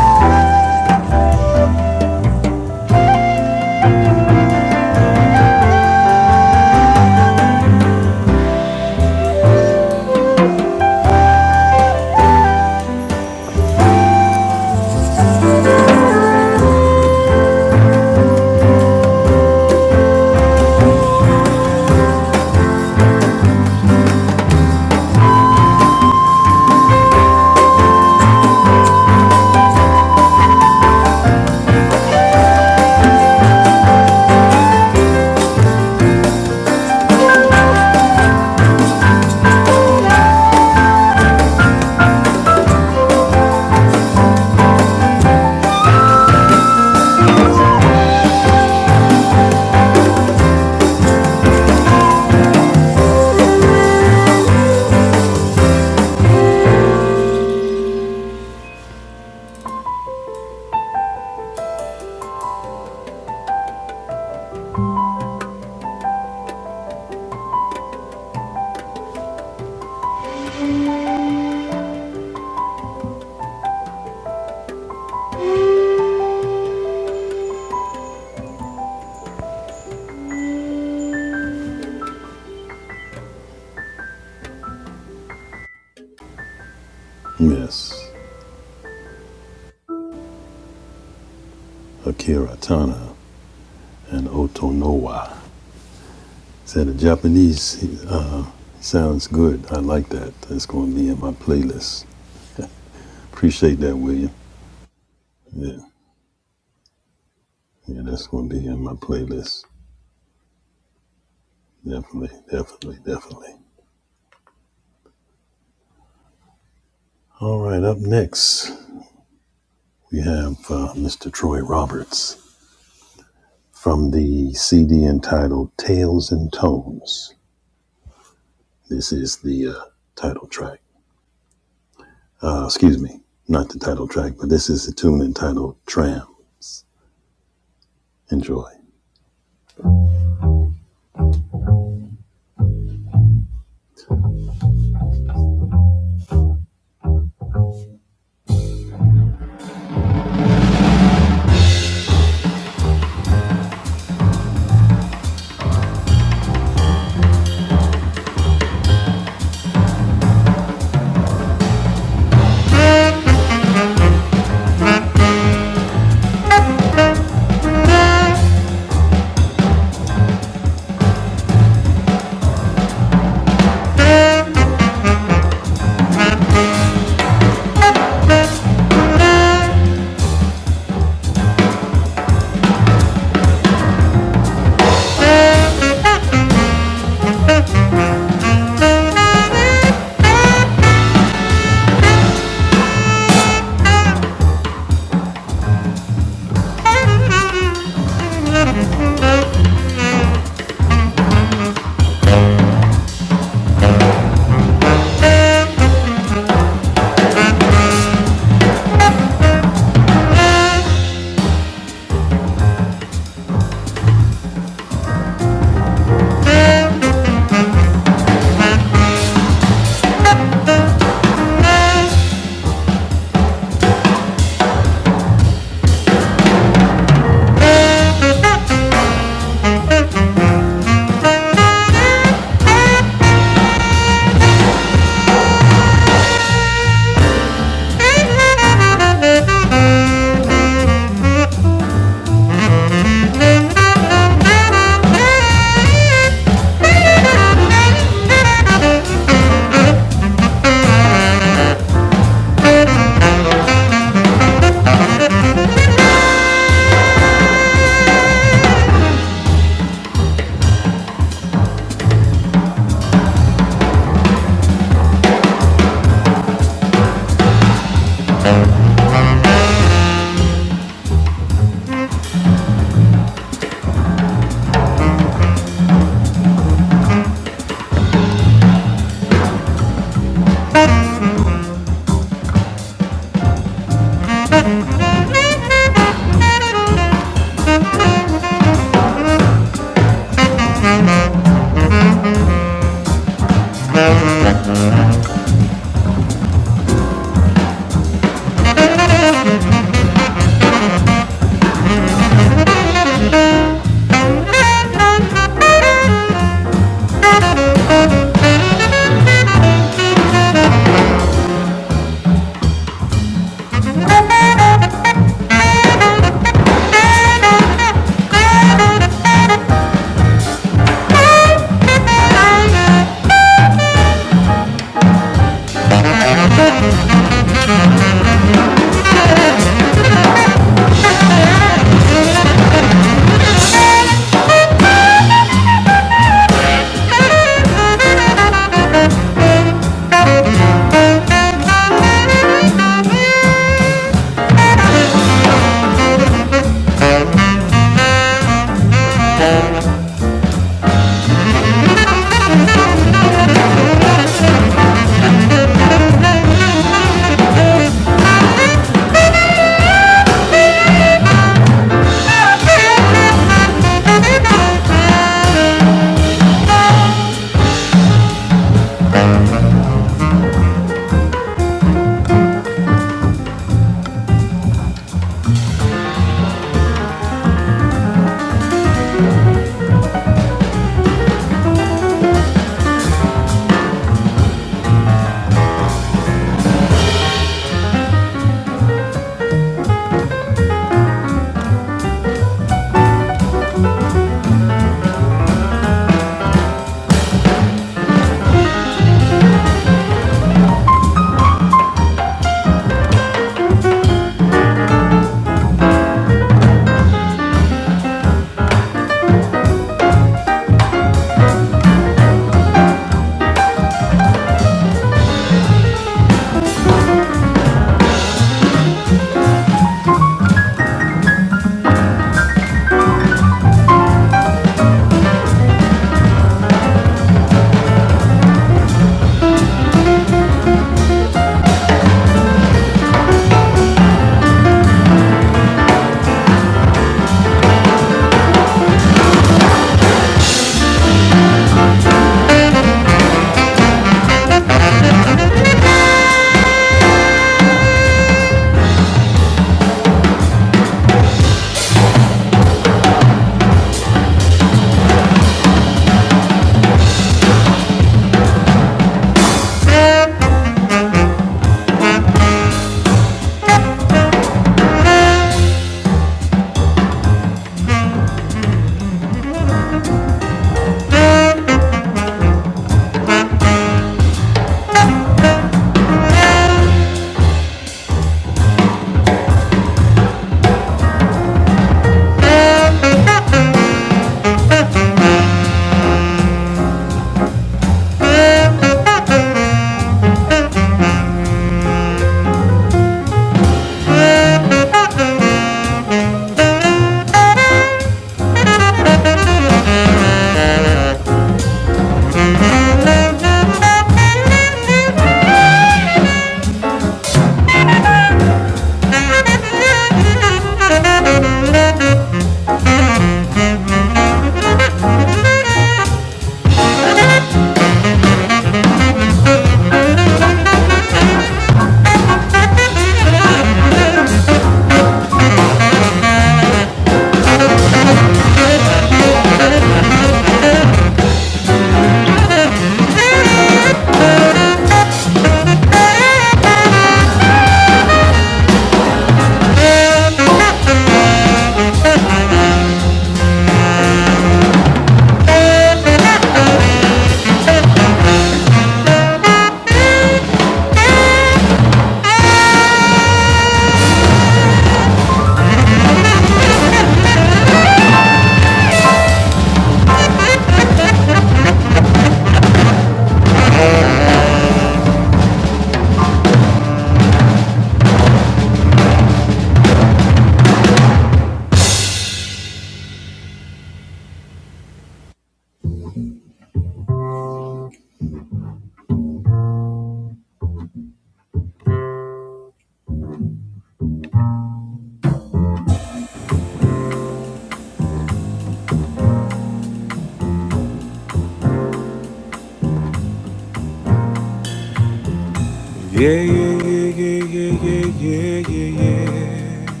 S1: Yeah, yeah, yeah, yeah, yeah, yeah, yeah, yeah, yeah.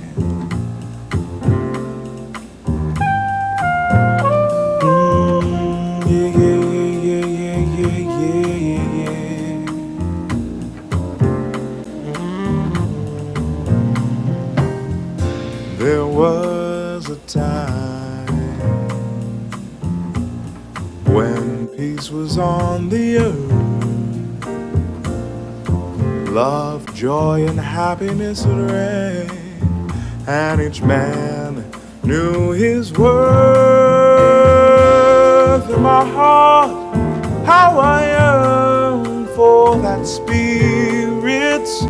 S1: Yeah, yeah, yeah, yeah, yeah, yeah, yeah, yeah. There was a time when peace was on the earth, love, joy, and happiness had reigned, and each man knew his worth. In my heart, how I yearn for that spirit's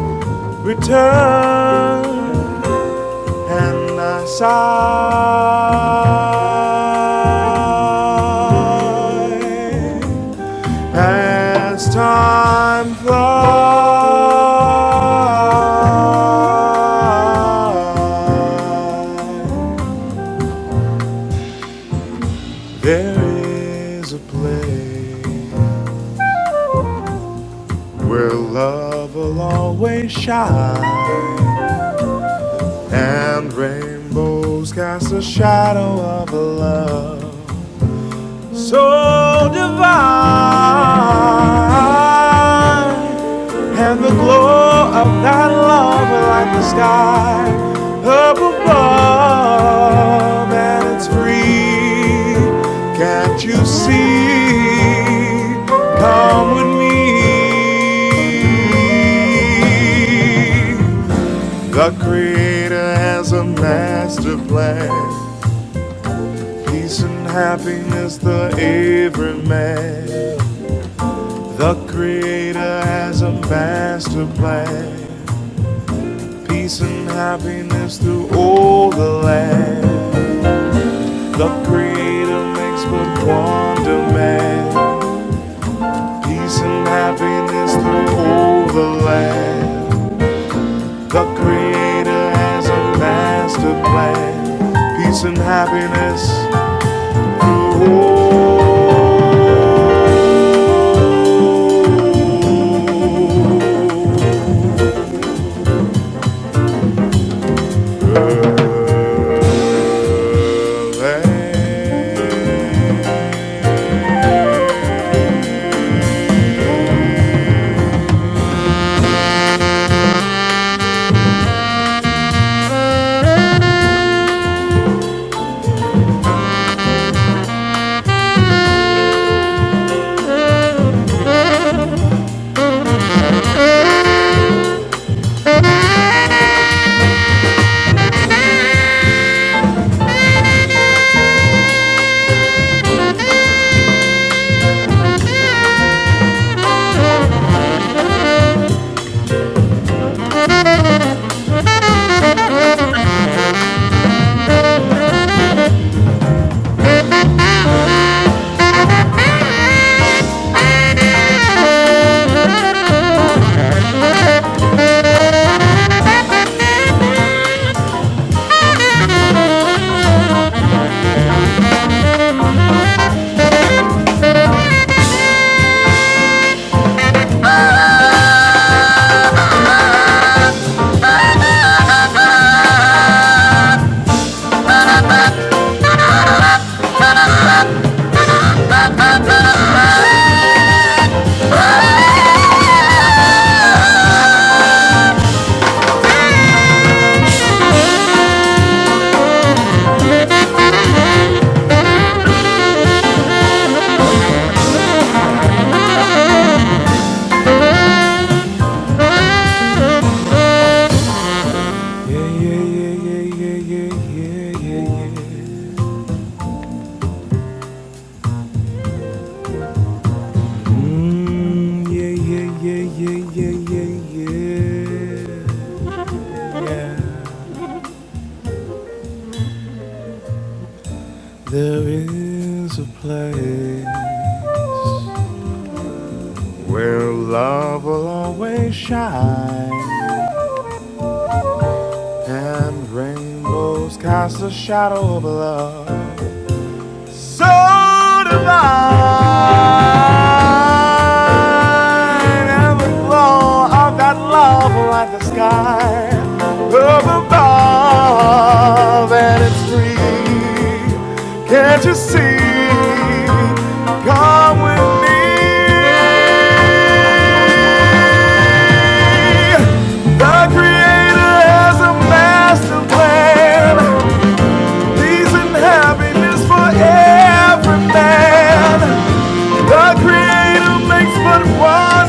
S1: return. and I sigh as time flies. There is a place where love will always shine, and rainbows cast a shadow of love. so divine, and the glow of that love like the sky up above, and it's free. Can't you see? Come with me. The Creator has a master plan. Peace and happiness, the every man. The Creator has a master plan, peace and happiness through all the land. The Creator makes but one demand, peace and happiness through all the land. The Creator has a master plan, peace and happiness through all the land. Yeah, yeah, yeah, yeah. There is a place. Where love will always shine and rainbows cast a shadow of love. So divine and the glow of that love will light the sky up above and it's free. Can't you see? Come with me. God creator has a master plan. Peace and happiness for every man. God creator makes but one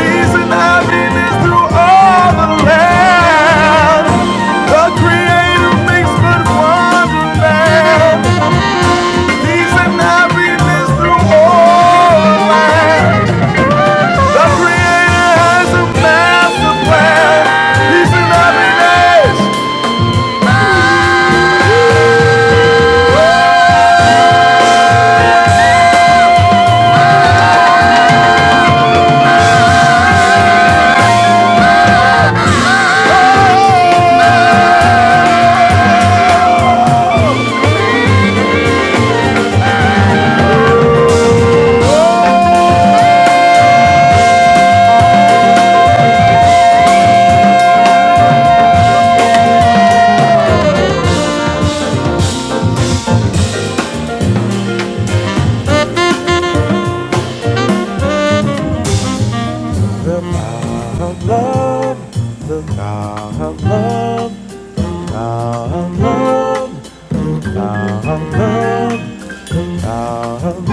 S1: Peace and happiness through all the land. God creator makes but one Peace and happiness through all the Our Creator has a master plan. He's happiness. I love the love now. love now. love now. love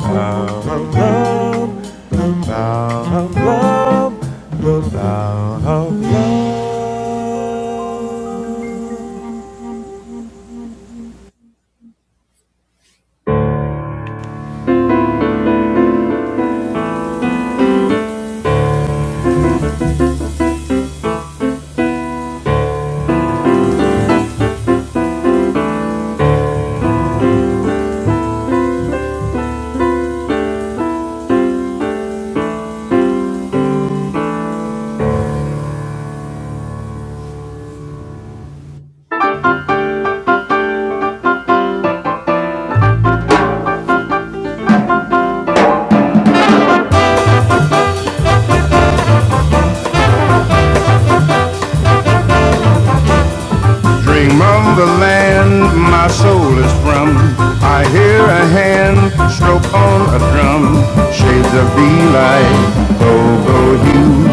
S1: now. love now. love now. love Dream of the land my soul is from. I hear a hand stroke on a drum. Shades of delight, go-go hue,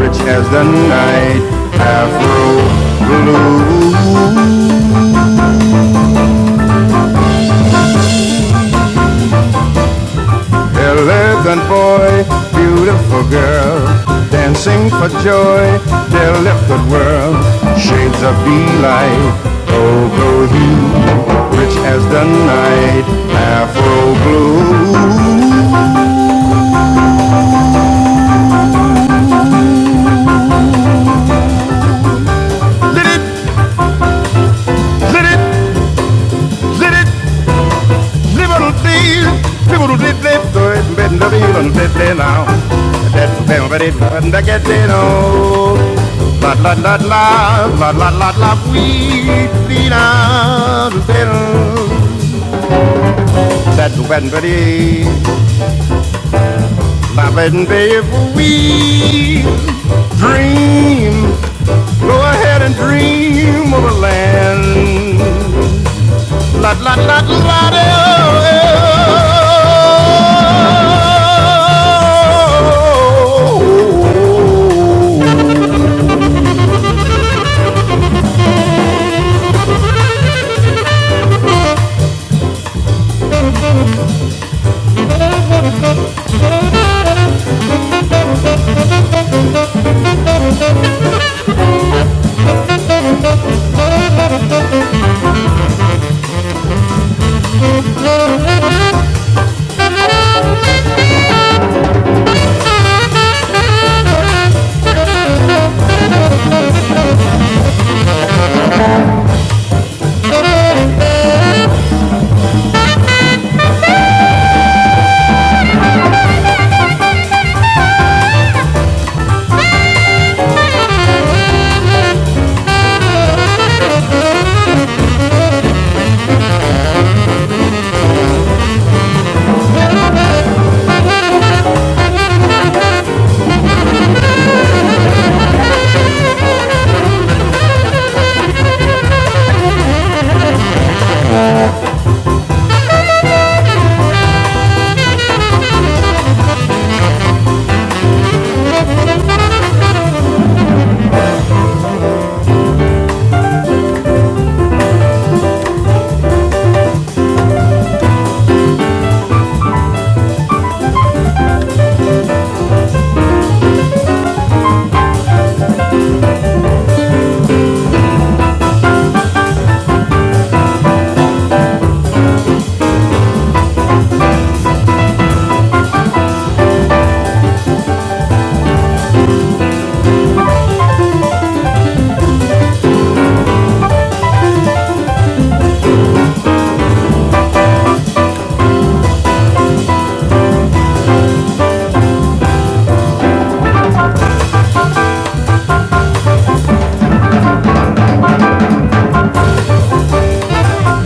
S1: rich as the night, afro blue. Elegant boy, beautiful girl, dancing for joy, their lifted world, shades of delight. Oh, go you, rich as the night, Afro blue. Zit it, zit it, zit it. Liberty, liberty, liberty, liberty, liberty now. That's the That liberty, get no. La la la la, la la la la, we did not That liberty, liberty, we dream. Go ahead and dream of a land. La la la la de, oh, eh, oh.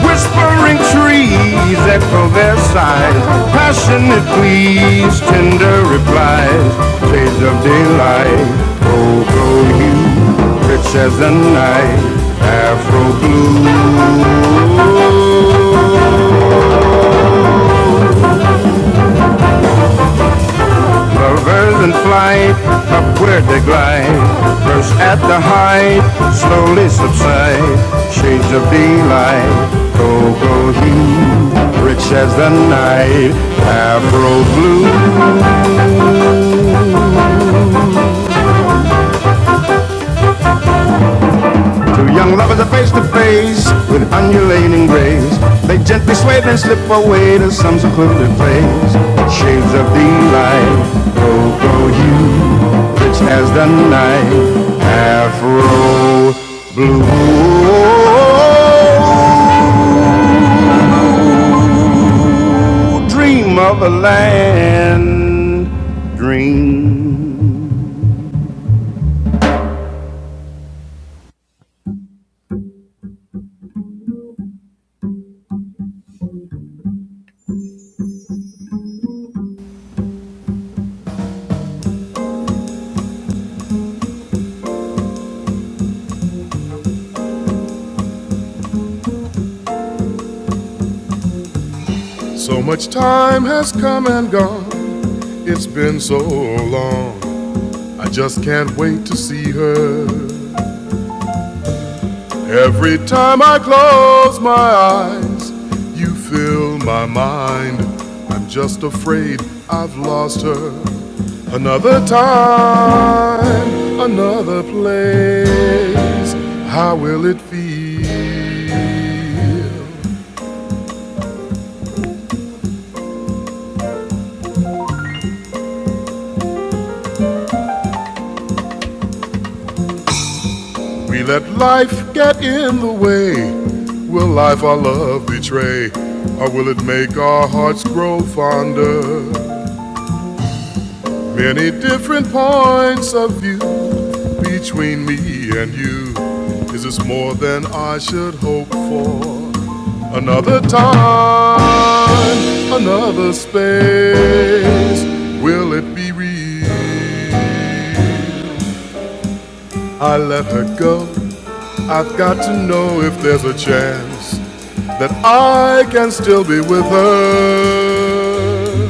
S1: Whispering trees echo their sighs, passionate pleas, tender replies, shades of daylight, gold glow hue, rich as the night, afro blue. Lovers in flight, upward they glide, First at the height, slowly subside. Shades of delight, cocoa hue, rich as the night, Afro blue. Two young lovers are face to face with undulating grace. They gently sway and slip away to some secluded place. Shades of delight, oh, go hue, rich as the night, afro blue. Dream of a land, dream. So much time has come and gone. It's been so long. I just can't wait to see her Every time I close my eyes, you fill my mind. I'm just afraid I've lost her. Another time, another place. How will it be? We let life get in the way. Will life our love betray? Or will it make our hearts grow fonder? Many different points of view. Between me and you, is this more than I should hope for? Another time, another space, will it be real? I let her go. I've got to know if there's a chance that I can still be with her.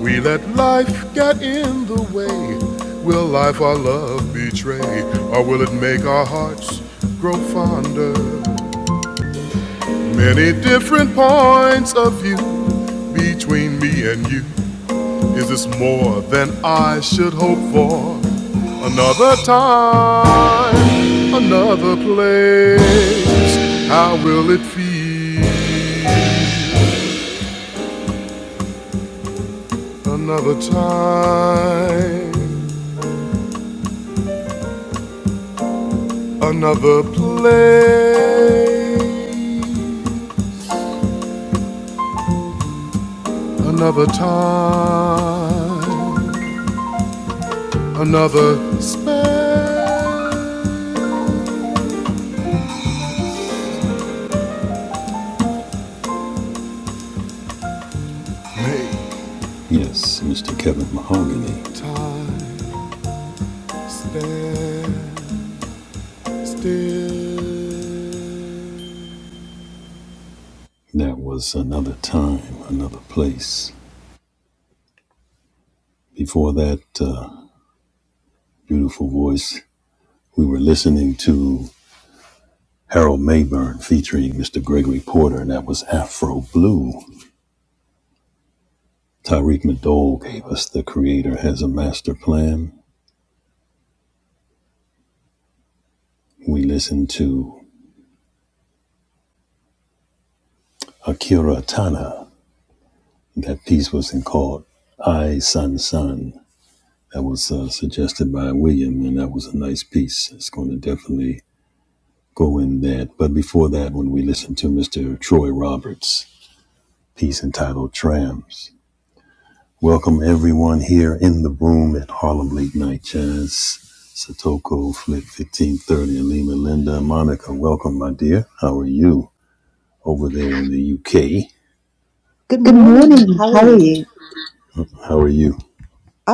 S1: We let life get in the way. Will life our love betray? Or will it make our hearts grow fonder? Many different points of view between me and you. Is this more than I should hope for? Another time, another place. How will it feel? Another time Another place, another time, another space.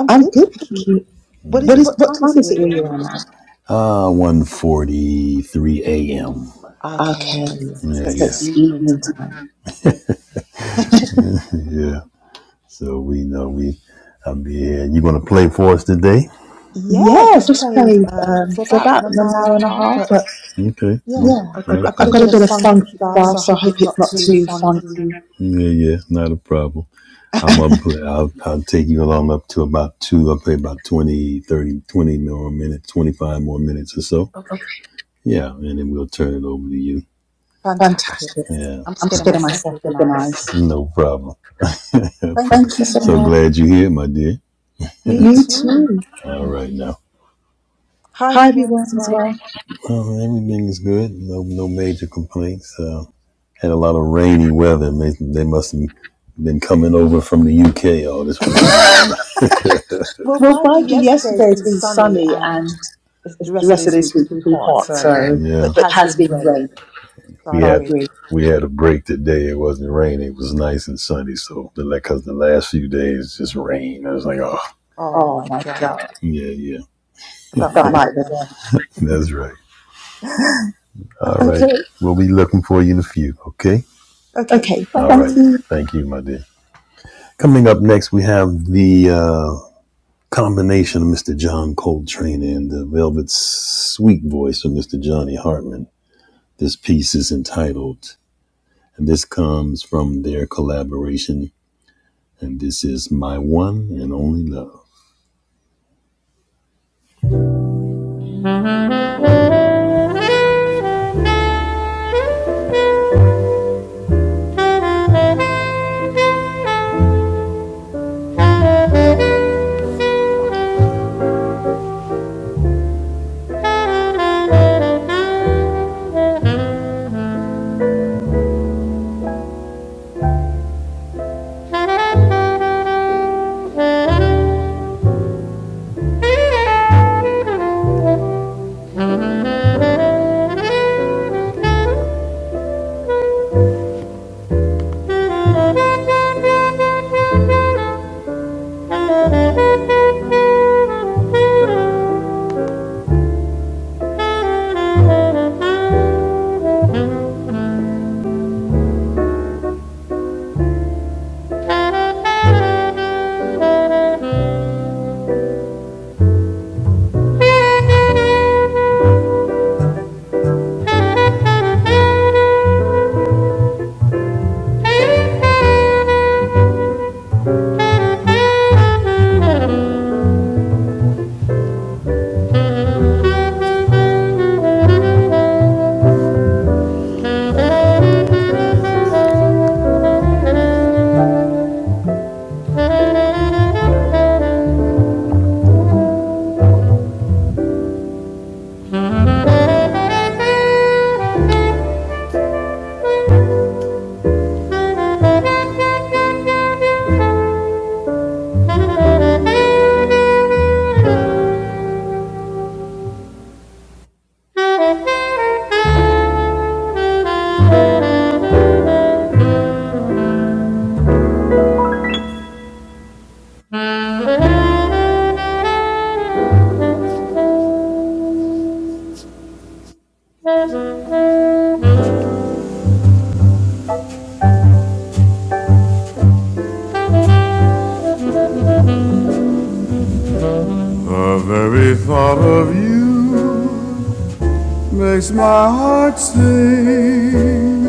S1: I'm good, thank you. What is what time is it where you are now? Okay, it's evening time. Yeah, just for about an hour and a half. I've got a funky stuff, so I hope it's not too funky. Okay, fantastic. I'm just getting myself organised. Thank you so. much. You too. Hi everyone as well. Well, Biden yesterday has been sunny and The rest of this week is too hot, so it has been rain. Oh my god, don't like the rain. Okay, Thank you. The very thought of you makes my heart sing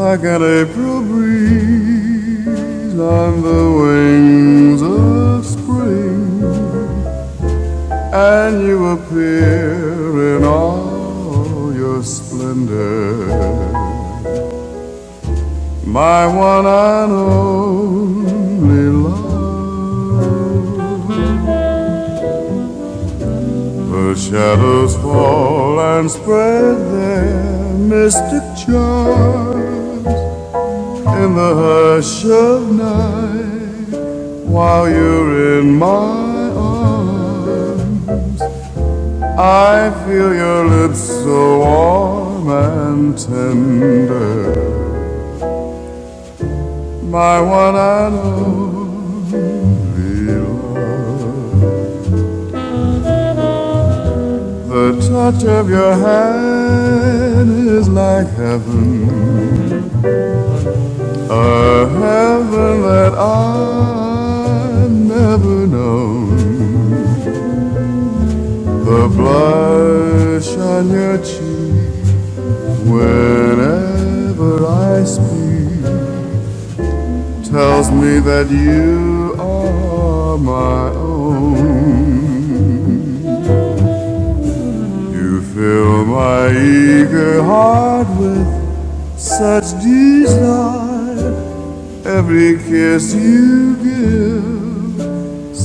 S1: like an April breeze on the wings of spring. And you appear in all your splendor, my one and only love. The shadows fall and spread their mystic charms in the hush of night. While you're in my arms, I feel your lips so warm and tender. My one and only love. The touch of your hand is like heaven. A heaven that I've never known. The blush on your cheek whenever I speak tells me that you are my own. You fill my eager heart with such desire. Every kiss you give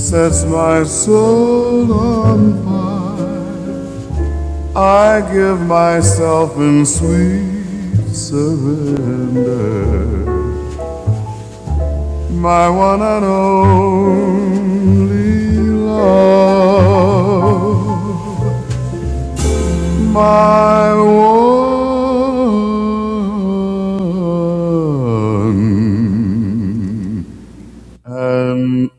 S1: sets my soul on fire. I give myself in sweet surrender, my one and only love, my one and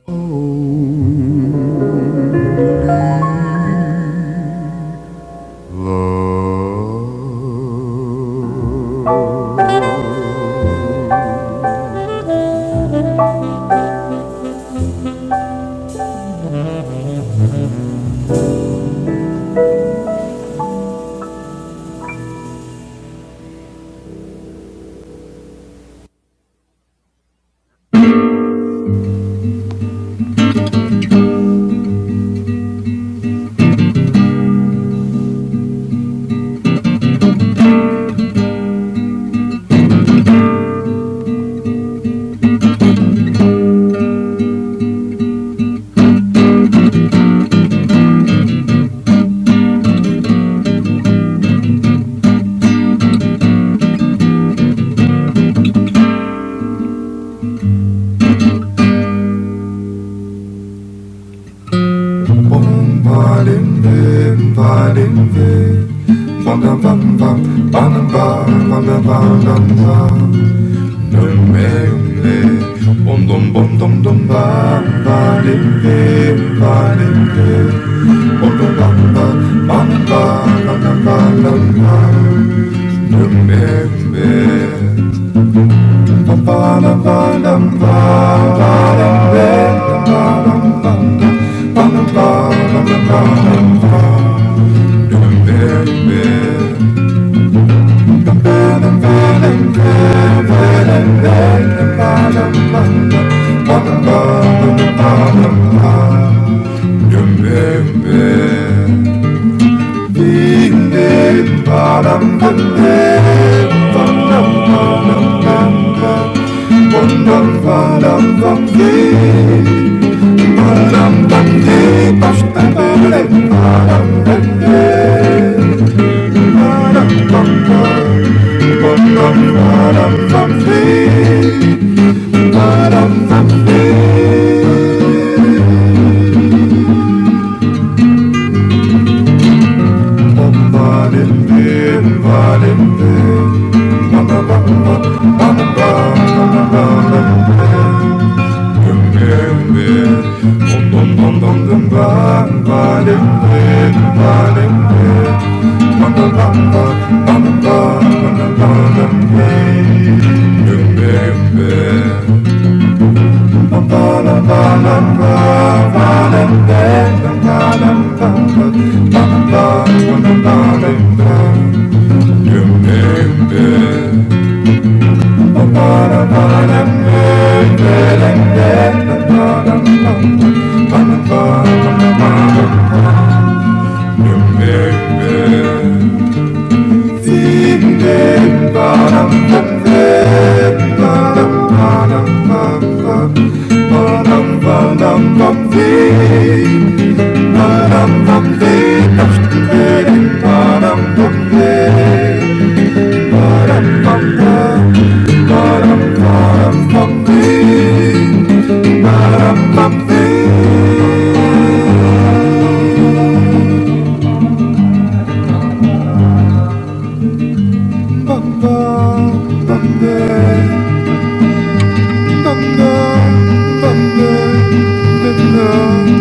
S1: only love.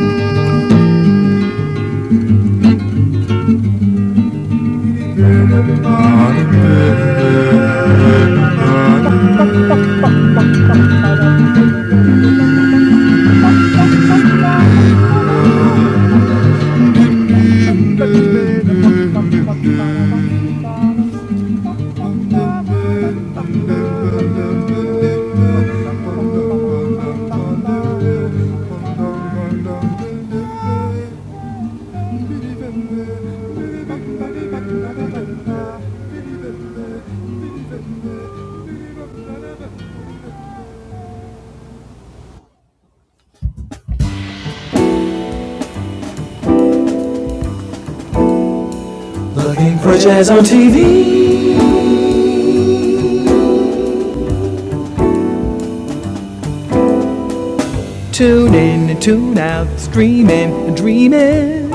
S1: Tune in and tune out, streaming and dreaming.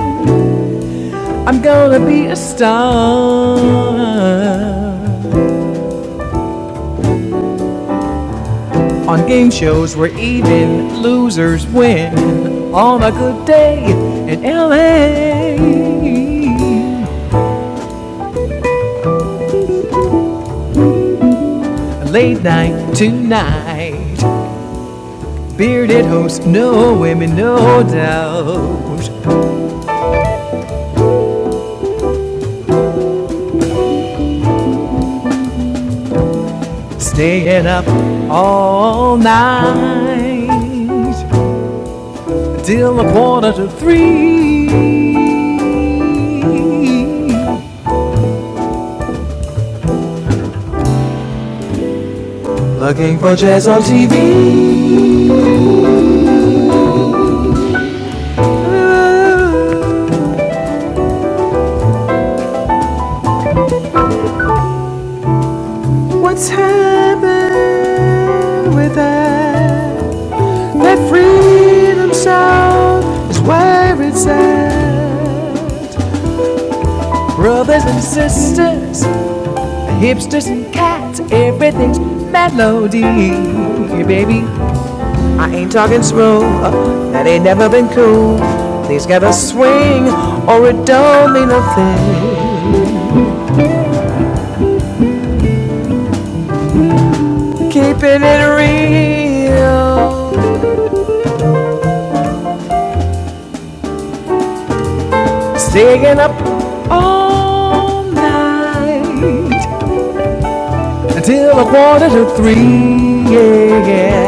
S1: I'm gonna be a star. on game shows where even losers win. On a good day in LA, late night tonight, bearded host, no women, no doubt, and up all night till a quarter to three. Looking for jazz on TV. What's happened with that? They free themselves is where it's at. Brothers and sisters, hipsters and cats, everything's melody. Hey Baby, I ain't talking slow. uh, that ain't never been cool. Please got a swing, or it don't mean nothing. Keeping it real, staying up all night until a quarter to three. Yeah, yeah.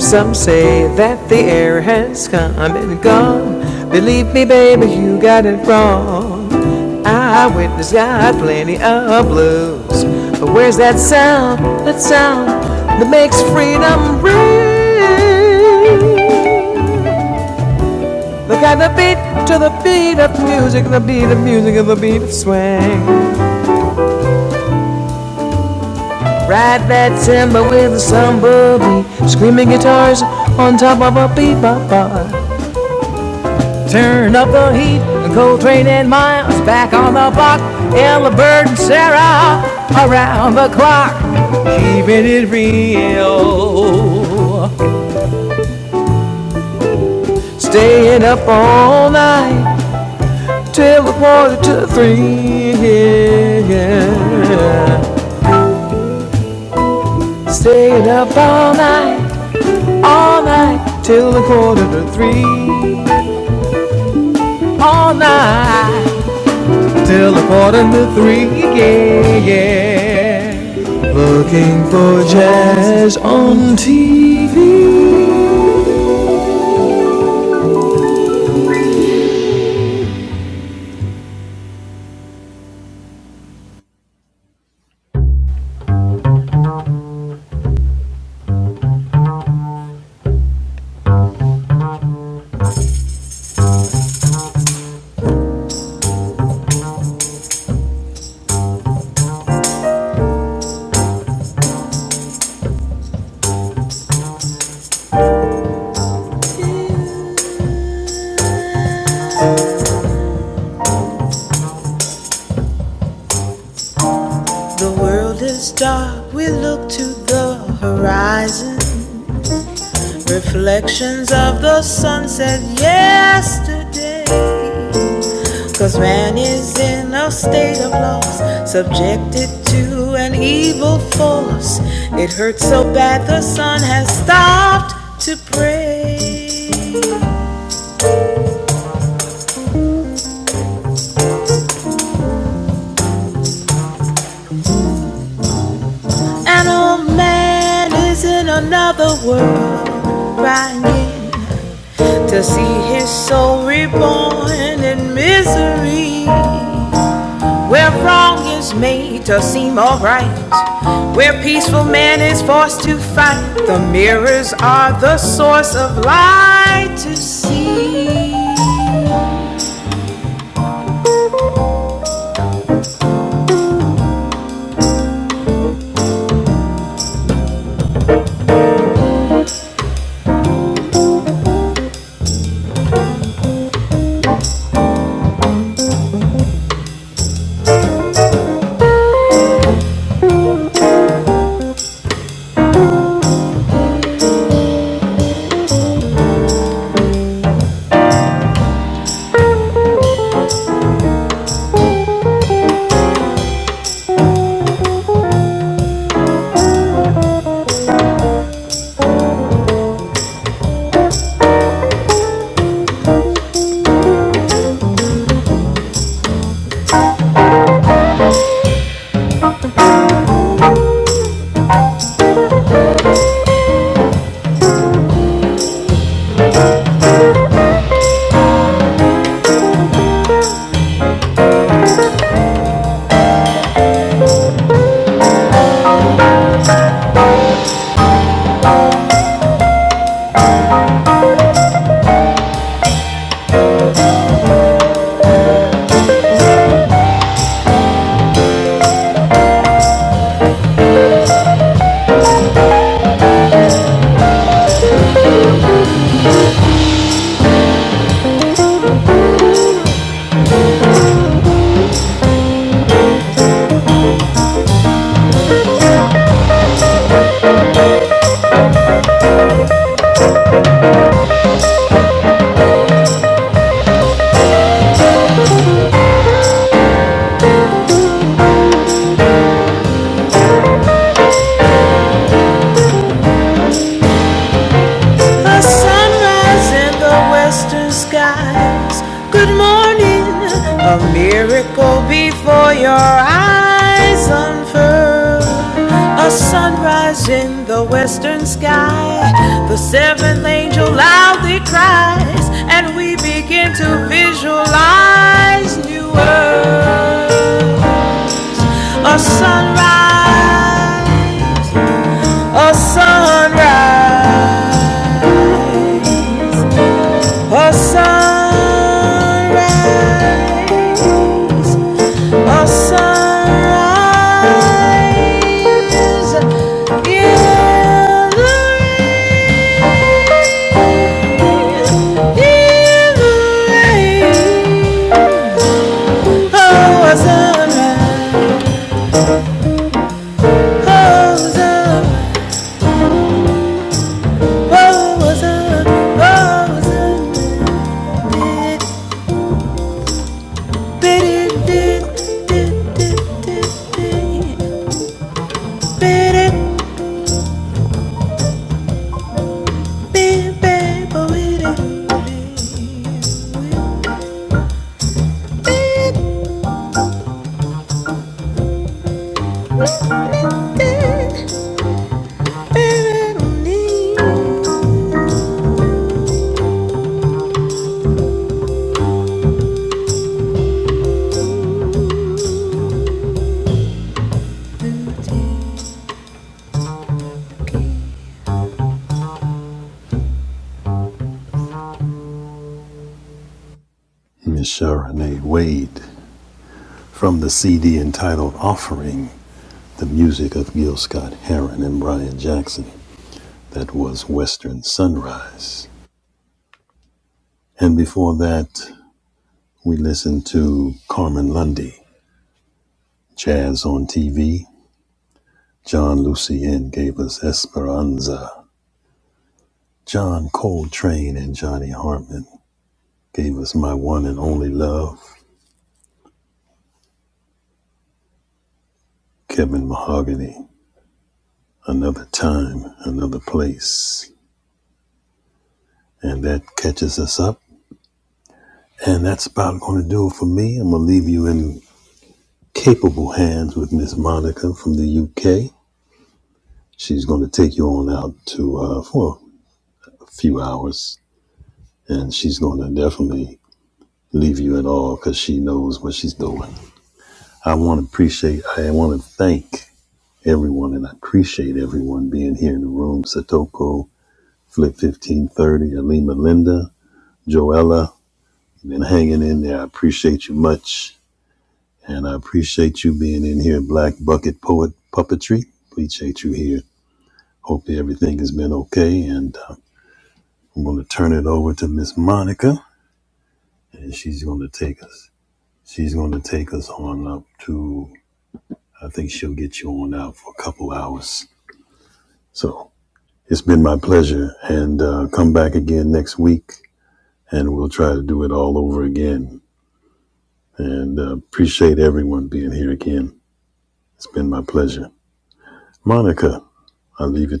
S1: Some say that the air has come and gone. Believe me, baby, you got it wrong. Eyewitness got plenty of blues. But where's that sound, that sound that makes freedom ring? Look at the beat to the beat of music, the beat of music, and the beat of swing. Ride that timber with a samba beat, screaming guitars on top of a bebop bar. Turn up the heat, the cold and miles back on the block. Ella Bird and Sarah around the clock, keeping it real. Staying up all night till the quarter to three. Yeah. All night, all night till the quarter to three. All night. till a quarter to three. Yeah, yeah. Looking for jazz on TV. We look to the horizon, reflections of the sunset yesterday. Cause man is in a state of loss, subjected to an evil force. It hurts so bad the sun has stopped to pray. An old man is in another world, crying to see his soul reborn in misery. A sunrise in the western skies. Good morning, a miracle before your eyes unfurl. A sunrise in the western sky. The seventh angel loudly cries, and we begin to visualize new earth. A sunrise, a sunrise, a sunrise, sunrise. In the, ra- in the rays of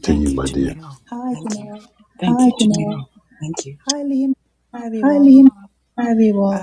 S3: Thank you, Jamil. Thank you.
S1: Hi, Liam. Hi, everyone.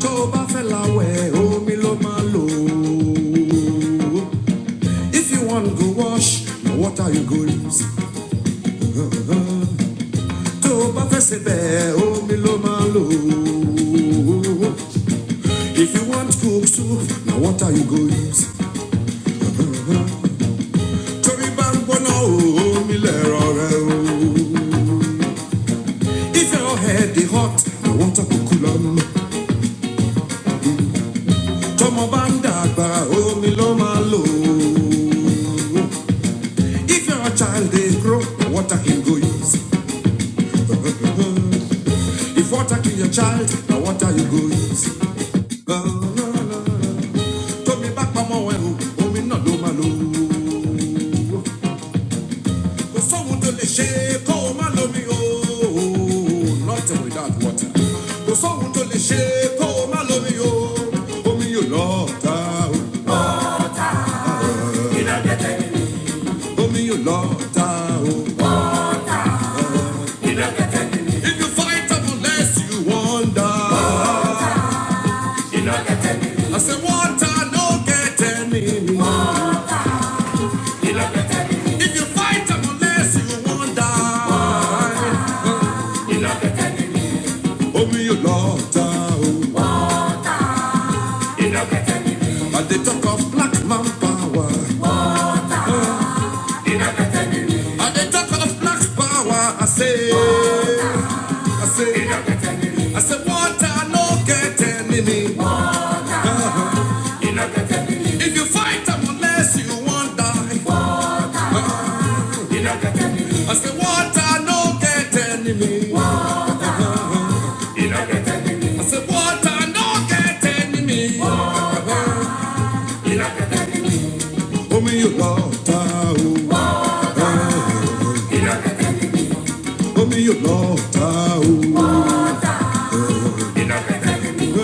S5: tó o bá fẹ́ la omi ló máa lò if you want go wash na water you go use. tó o bá fẹ́ sebẹ̀ omi ló máa lò ó. if you want cook soup na water you go use. torí bá ń gbóná o omi lẹ̀rọ rẹ o. if your head dey hot na water go cool am. tọmọ bá ń dàgbà omi ló máa lò ó. If your child dey grow, na water him go use. If water kill your child, now what are you going? La, la, la, la. Told me back, mama, when you oh, me not do my love. Go someone to the shake, oh, my love me, oh, nothing without water. Go someone to the shake, oh, my love me, oh, oh, me you love, oh, oh, me you love, oh. If you fight up unless you wonder, I say water, no get enemy. If you fight up unless you won't die. Oh, me, you lord, oh. And they talk of black man power. I they talk of black power. I say, I say, I say, water no get enemy. If you fight up unless you won't die. I say, water no get enemy. I say, water no get enemy. Oh, me, you lord, oh. Oh, me, you lord, oh. We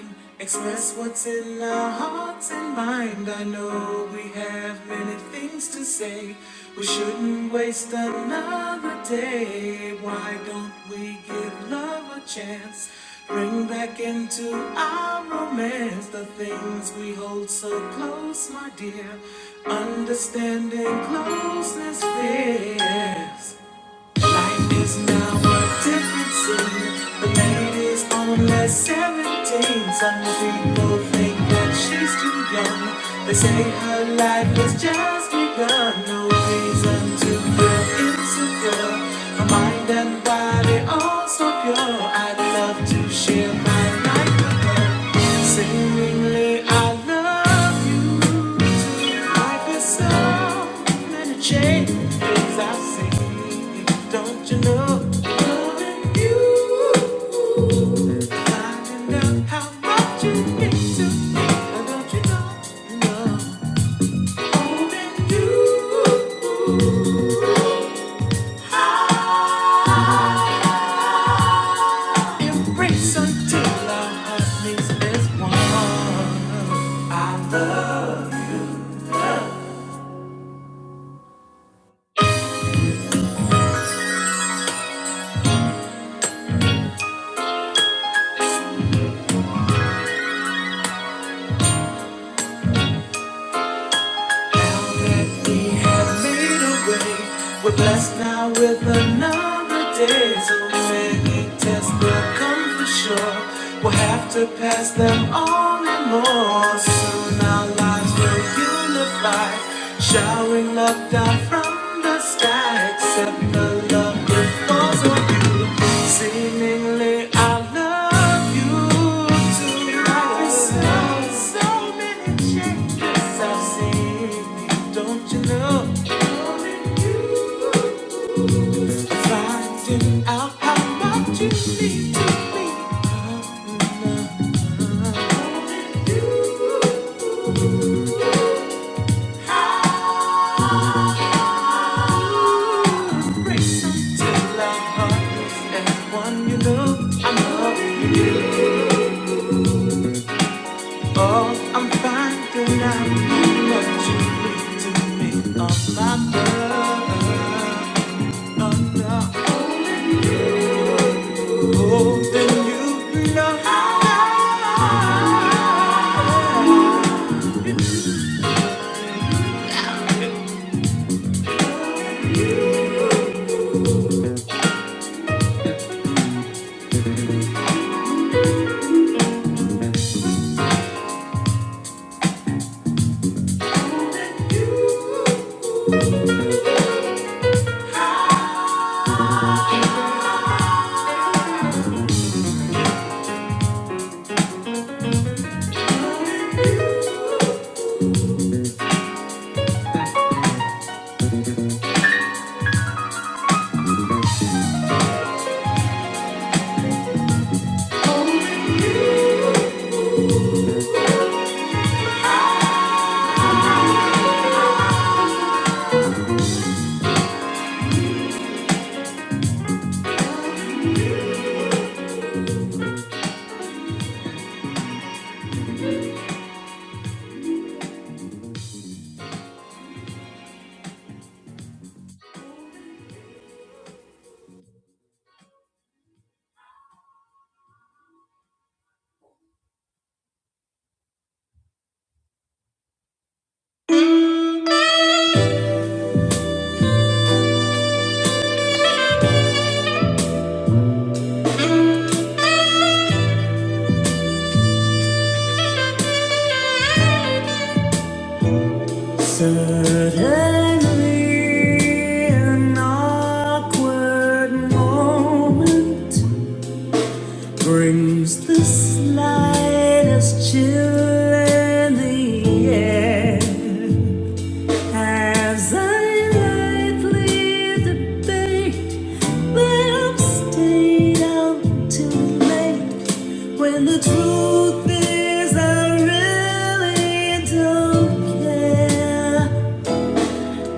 S5: shouldn't waste another day. Why don't we give love a chance? Bring back into our romance the things we hold so close, my dear. Understanding closeness fears. Life is now a different scene. The lady's only 17. Some people think that she's too young. They say her life has just begun. No reason to feel insecure. Her mind and body all so pure. I'd love to share my life with her. Seemingly, I love you. Life is so many changes i see. Don't you know? Knowing you, finding out how much you mean to me. Don't you know? No. Knowing you, I embrace until our heart meets as one. I He has made a way. We're blessed now with another day. So many tests will come for sure. We'll have to pass them all and more. Soon our lives will unify, showering love. down. From the sky, except the love that falls on you. Seemingly, I love you too. I've seen so so many changes I've seen. Don't you know? Only you. Finding out how much you mean to me. Only you. How. Till I find everyone you know, I'm you all. I'm finding out what you mean to me. All my love, I'm you know. Suddenly, an awkward moment. brings the slightest chill in the air as I lightly debate but I'm stayed out too late when the truth is I really don't care.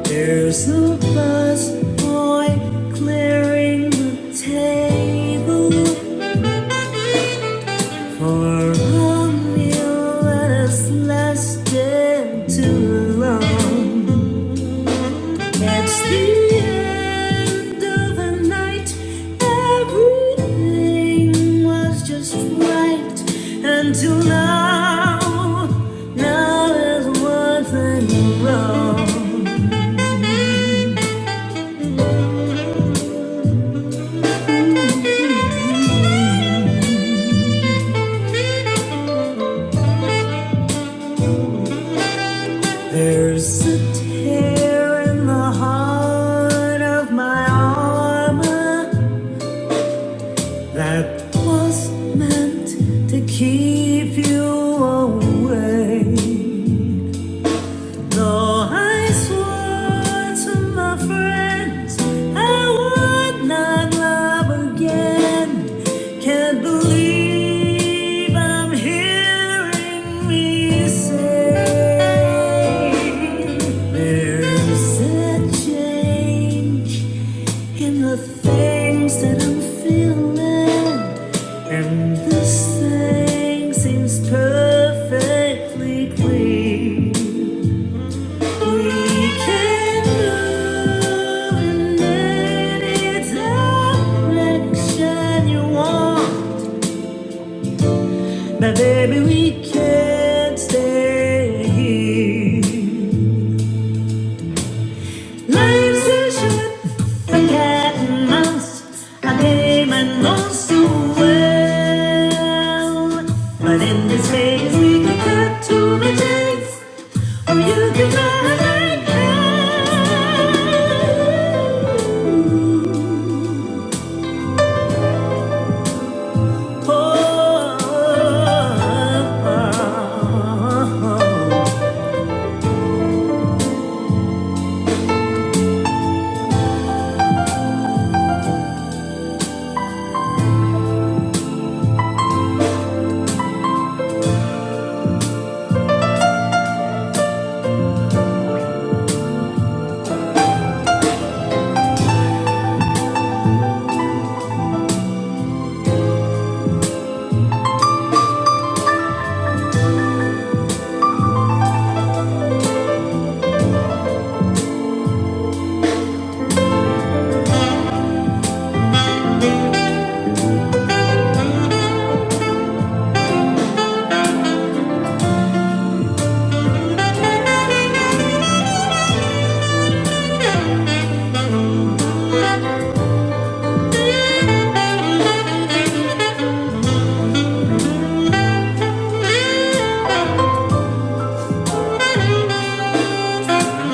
S5: There's no buzz point clearing the table. Our whom has lasted too long. That's the end of the night. Everything was just right until now. Now there's one thing wrong. There's a tear in the heart of my armor. that was meant to keep you away. Though I swore to my friends I would not love again. Can't believe I'm hearing me say there's a change in the things that I'm feeling. And this thing seems perfectly clean. We can move in any direction you want. But baby, we can't stay here. Life's too short for cat and mouse. A game I know so well. But in this phase, we can cut to the chase. Oh, you can make it. Oh, oh, oh.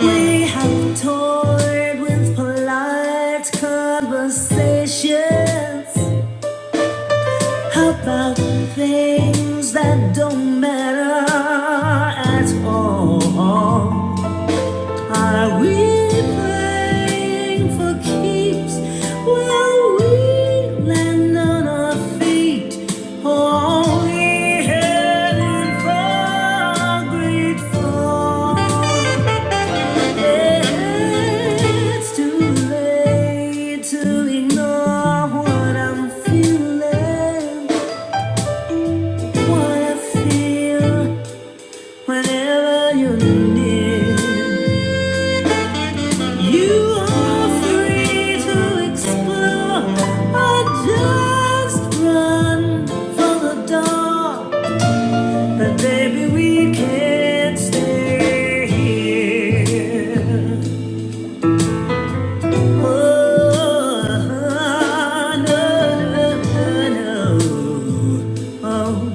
S5: We have toyed with polite conversations about things that don't matter at all. Are we playing for keeps? Will we land on our feet? Or we heading for a great fall? It's too late to ignore what I'm feeling, what I feel whenever you're near. You are free to explore or just run for the door. But baby, we can't stay here. Oh, no, no, no. no. Oh.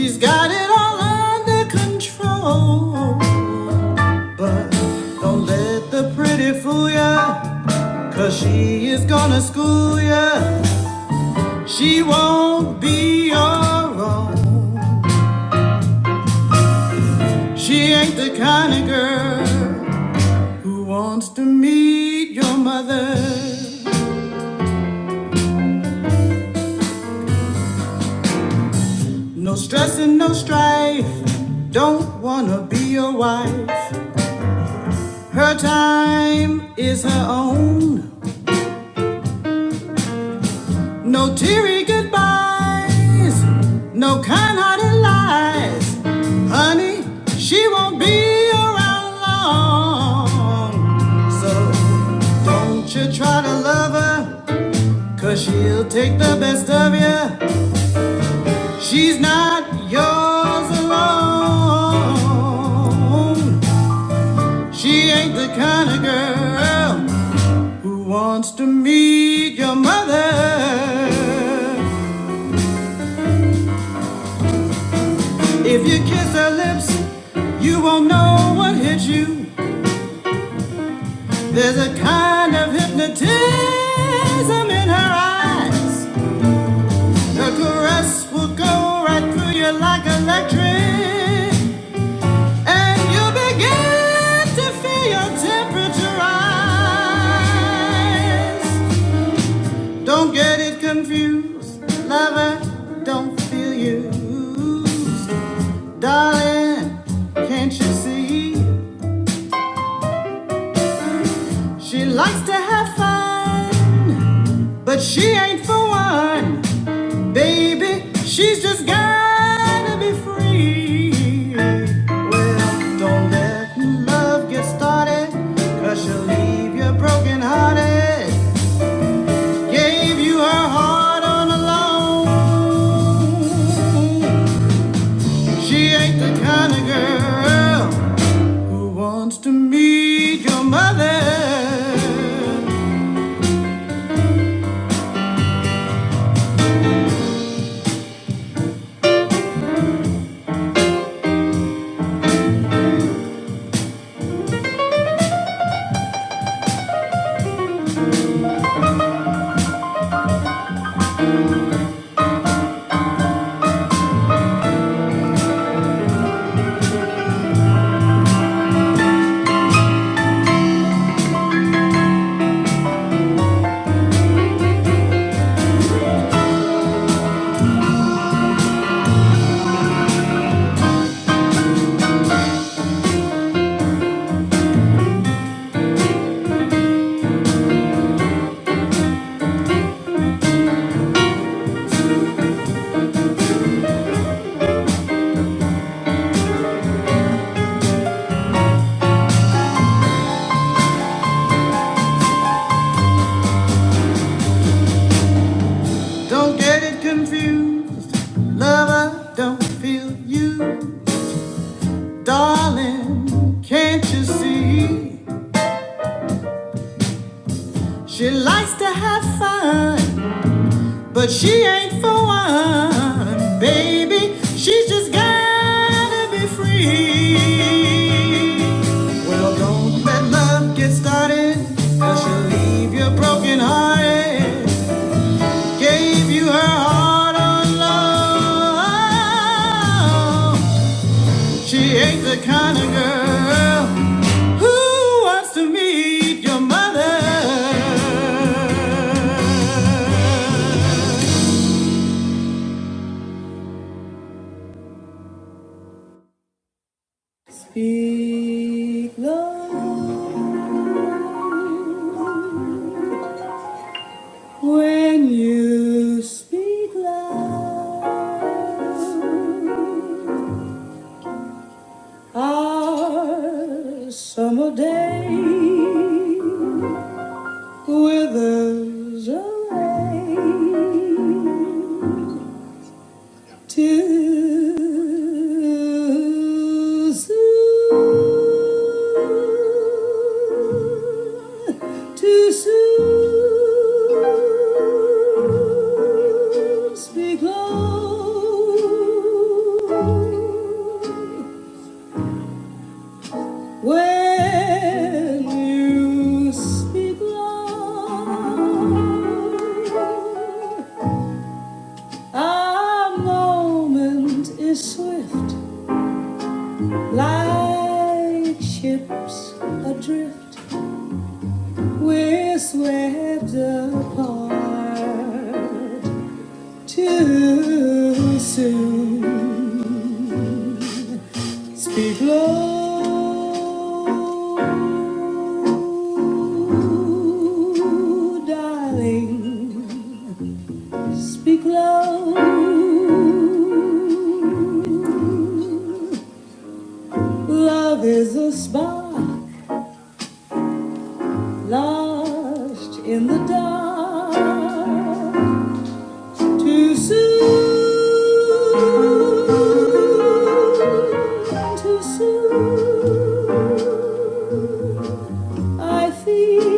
S5: She's got control. Don't listen. She can help. Who wants to meet your mother? If you kiss her lips, you won't know what hit you. There's a kind of hypnotism in her eyes. The ghost will go right through you like electric, and you begin to feel your temperature rise. Don't get it confused, lover. Don't feel used, darling. Can't you see? She likes to have fun, but she ain't for one, baby. She's just gotta be free. Well, don't let love get started, cause she'll leave you broken hearted. Gave you her heart on a loan. She ain't the kind of girl who wants to meet your mother. She's just gotta be free. Well, don't let love get started, cause she'll leave you broken hearted. Gave you her heart on love. She ain't the kind of girl. Who wants to meet your mother? Speak low when you speak loud. Our summer day withers away. Too soon, too soon, speak low. When you speak low, a moment is swift. Like ships adrift, we're swept apart too soon. Speak low, darling. Speak low. Love is a spark lost in the dark. Too soon, too soon. I feel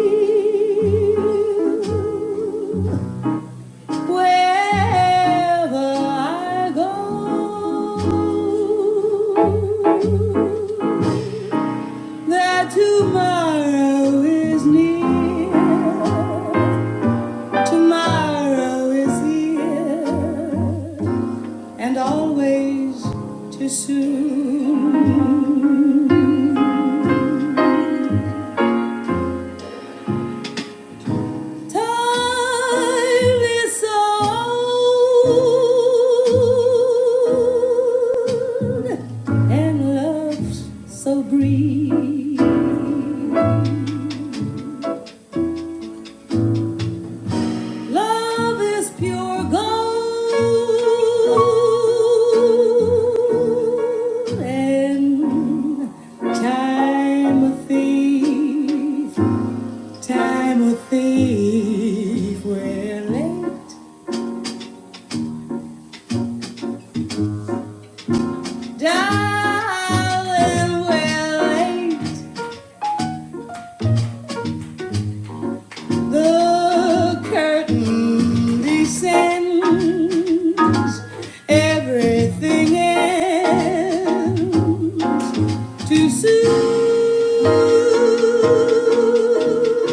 S5: wherever I go that tomorrow is near. Tomorrow is here. and always too soon. Time is old and love's so brief. Love is pure gold and time a thief. Time will thief, we're late. Darling, we're late. The curtain descends. Everything ends. Too soon,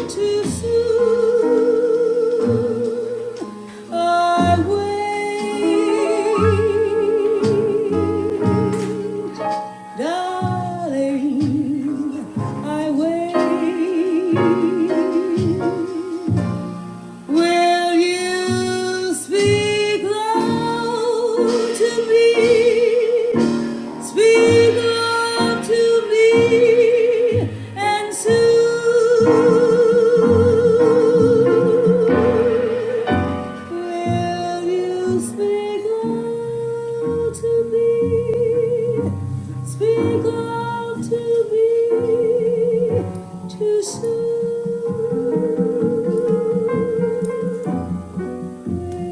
S5: too soon, I wait, darling, I wait. Will you speak low to me? Speak up to me and soon will you speak up to me? Speak up to me too soon.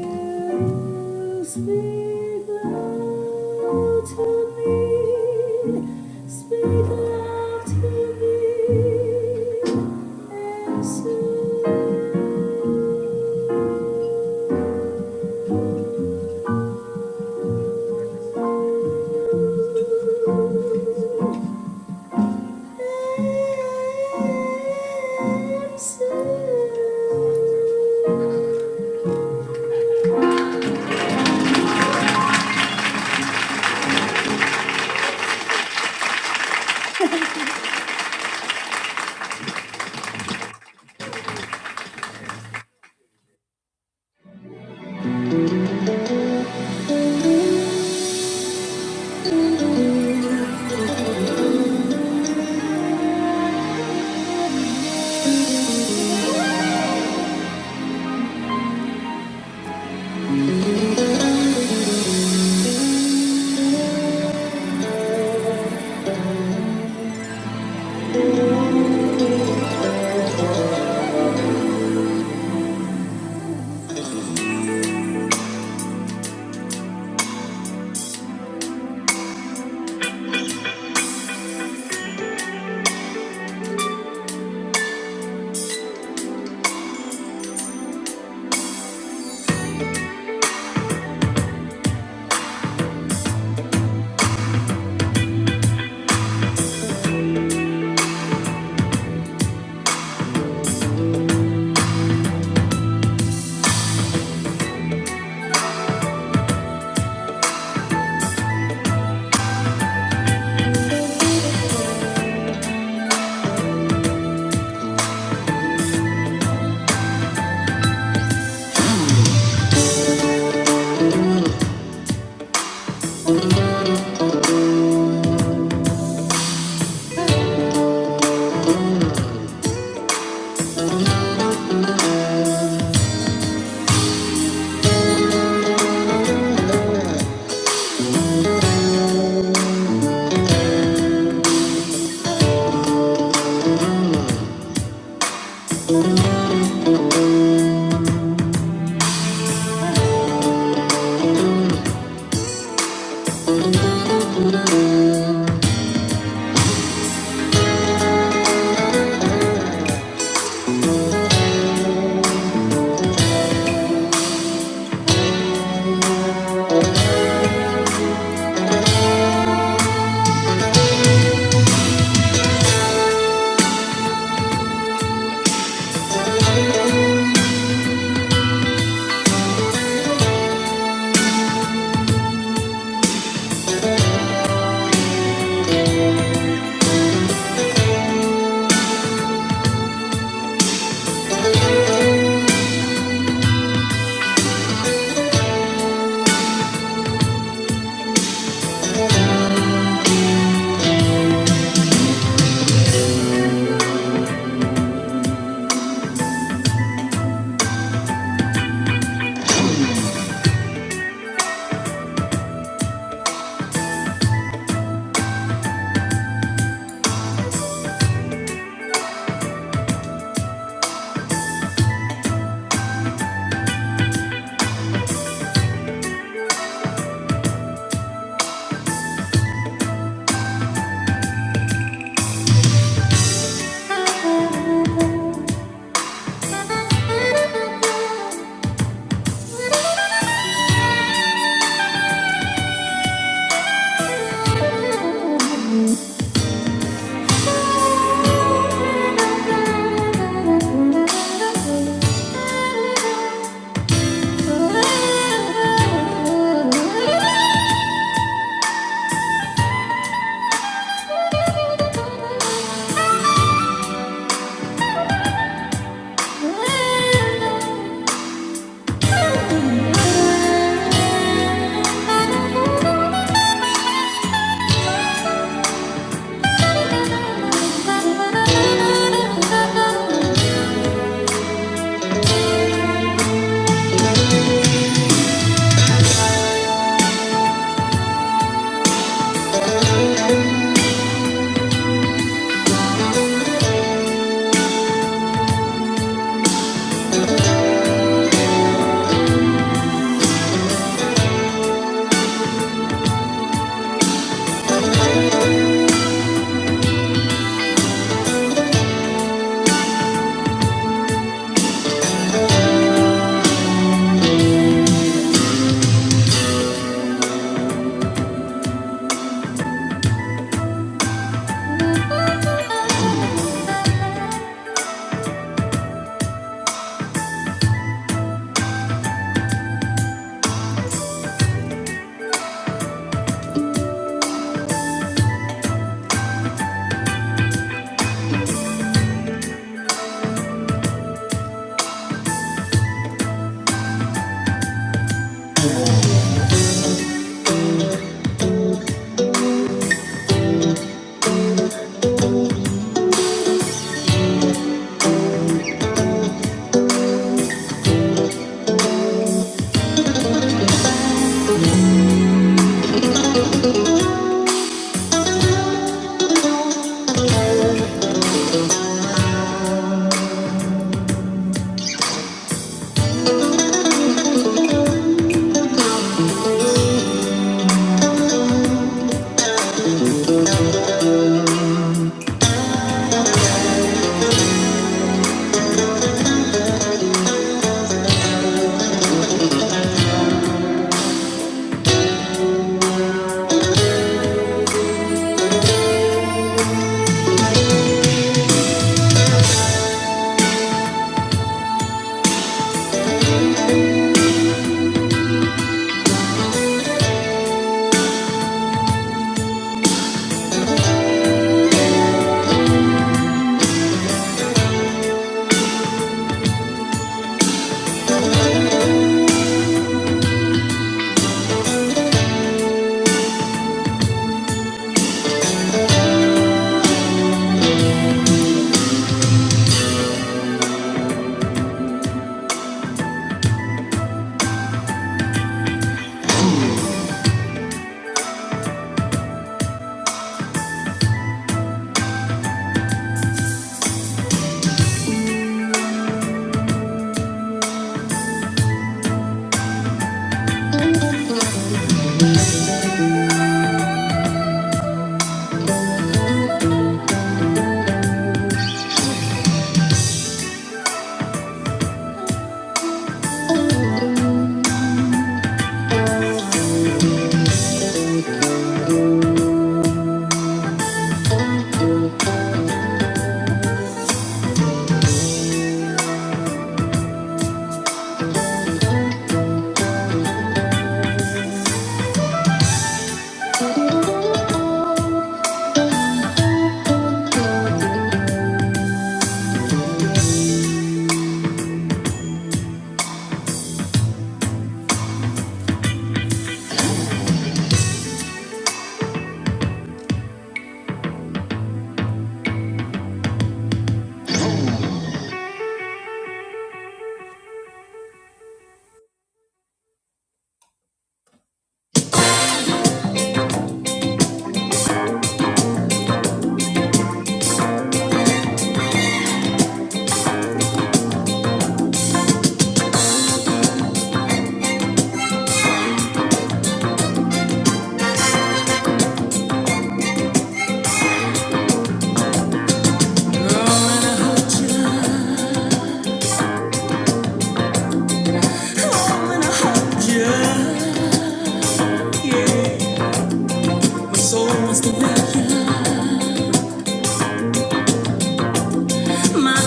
S5: Will you speak up? My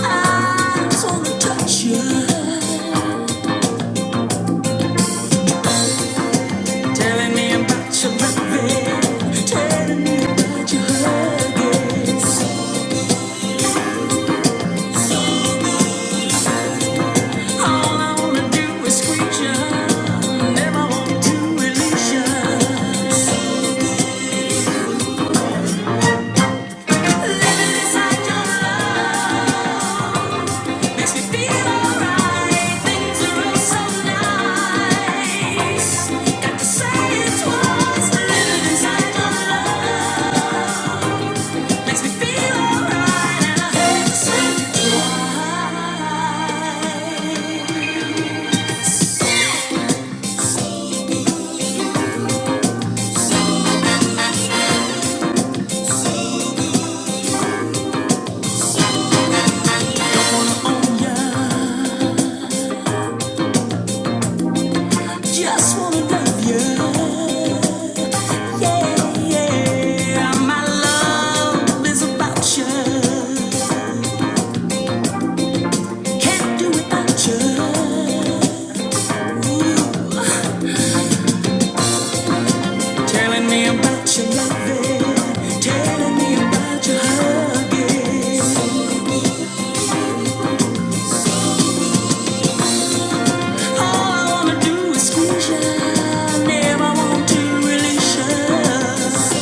S5: eyes only touch you, telling me about your loving, telling me about your hugging. Thank you Just wanna love you. Yeah, yeah. My love is about you. can't do without you. Ooh, telling me about your loving, telling me about your hugging. All I wanna do is squeeze you. Never want to release you.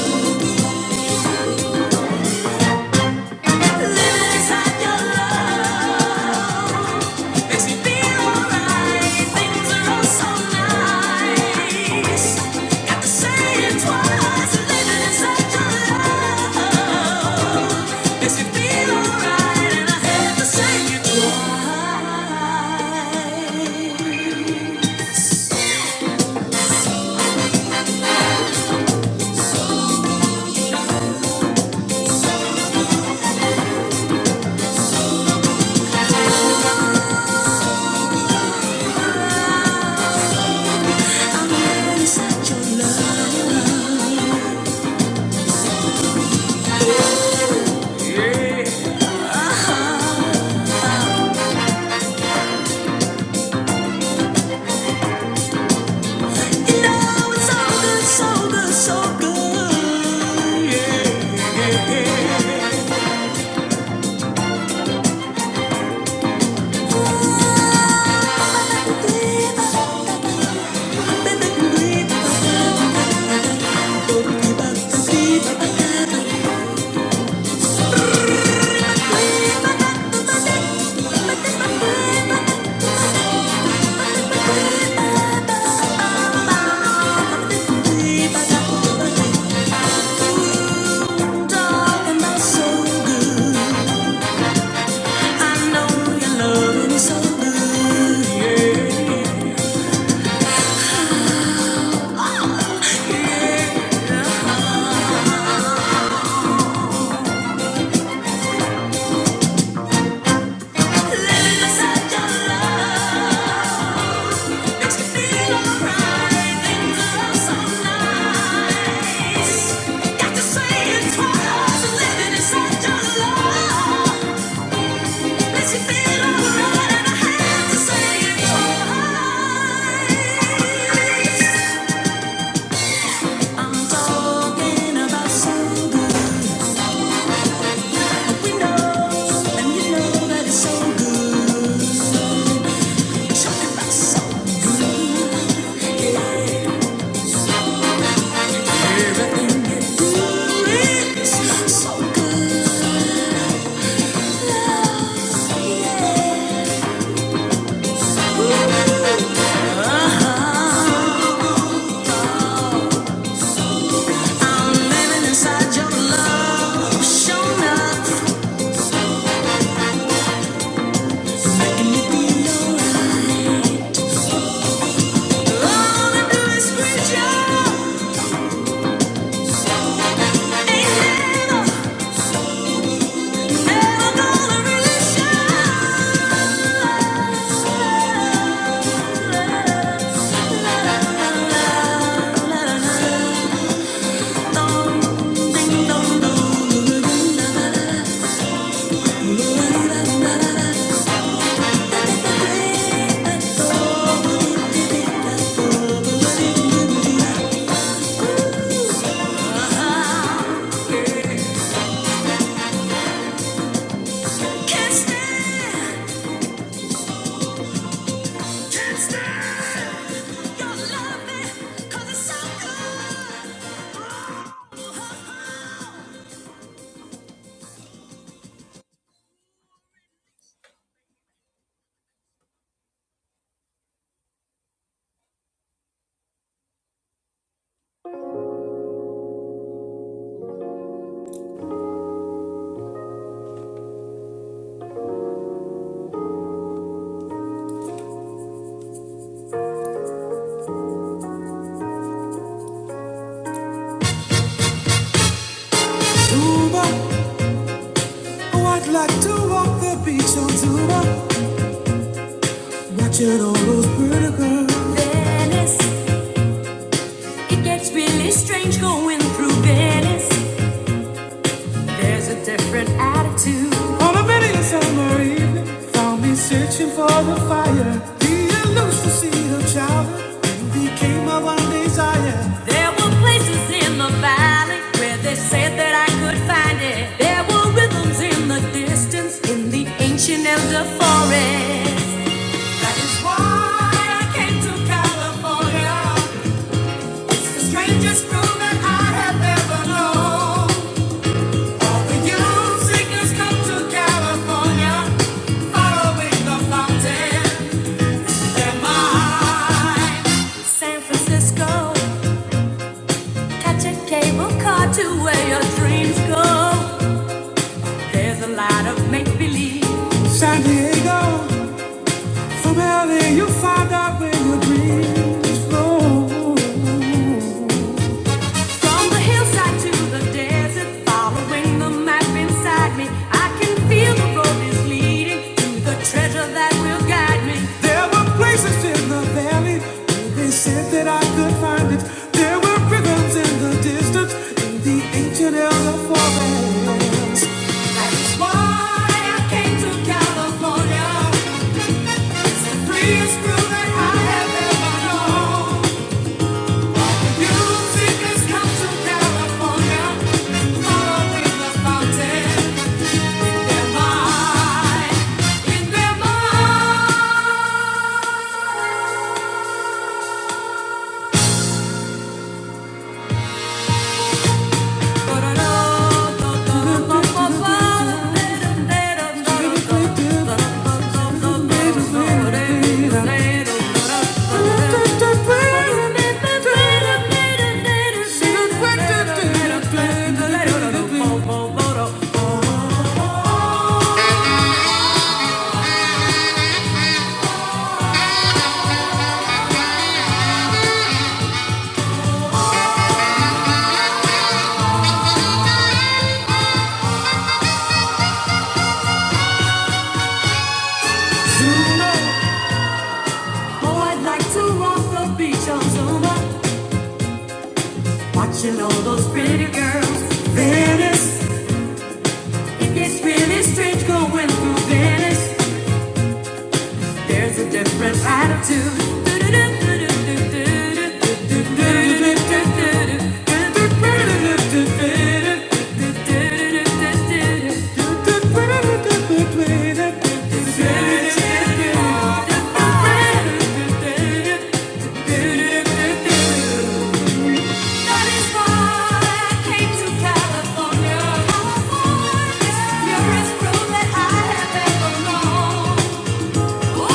S5: Living inside your love makes me feel alright. Things are all so nice. Got to say it twice. Living inside your love makes me feel alright, and I had to say it twice. I'm living inside your love. So good, yeah. Living inside your love. Makes me feel alright. Things are so nice. Got to say it twice. Living is such a Makes me feel alright, and I have to say it twice. I'm talking about so good. We know, and you know that it's so good. Talking about so good. Yeah. La la la la la la. Venice, it gets really strange going through Venice. There's a different attitude. On a many summer evening, found me searching for the fire. the elusive seed of childhood, you became my one desire. There were places in the valley where they said that I could find it. There were rhythms in the distance, in the ancient elder forest. It's why I came to San Francisco. Catch a cable car to where your dreams go. There's a lot of make believe. From the hillside to the desert, following the map inside me, I can feel the road is leading to the treasure that will guide me. That is why I came to California, freest girl that I have ever known. Musicians come to California, following the fountain. Their mind, in their mind. Watching all those pretty girls, Venice. It gets really strange going through Venice. There's a different attitude. That is why I came to California. California. You're as true that I have ever known. Those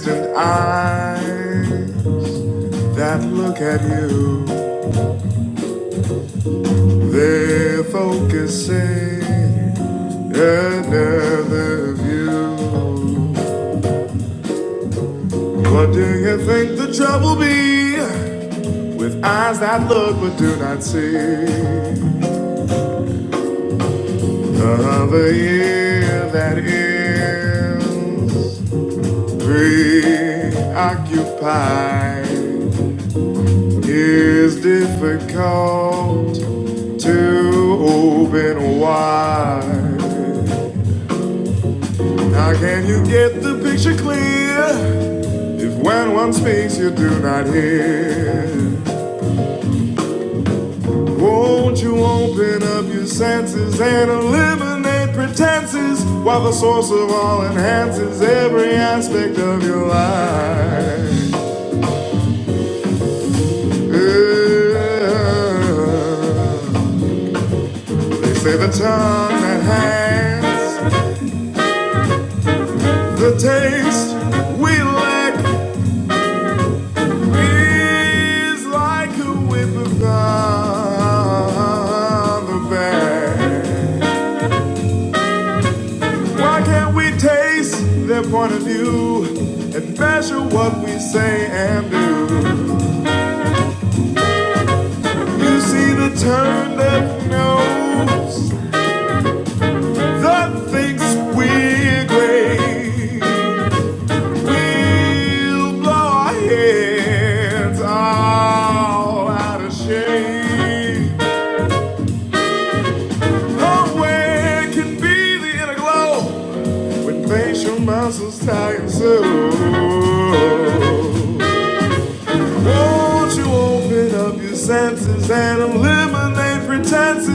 S5: distant eyes that look at you. They're focusing another view. What do you think the trouble be with eyes that look but do not see? Another year that is preoccupied is difficult to open wide. How can you get the picture clear if when one speaks you do not hear? Won't you open up your senses and eliminate pretenses while the source of all enhances every aspect of your life? Yeah. They say the tongue that hangs the taste we lack Feels like a whip of the bear. Why can't we taste their point of view and measure what we say and do? You see the turn that knows that thinks we're great.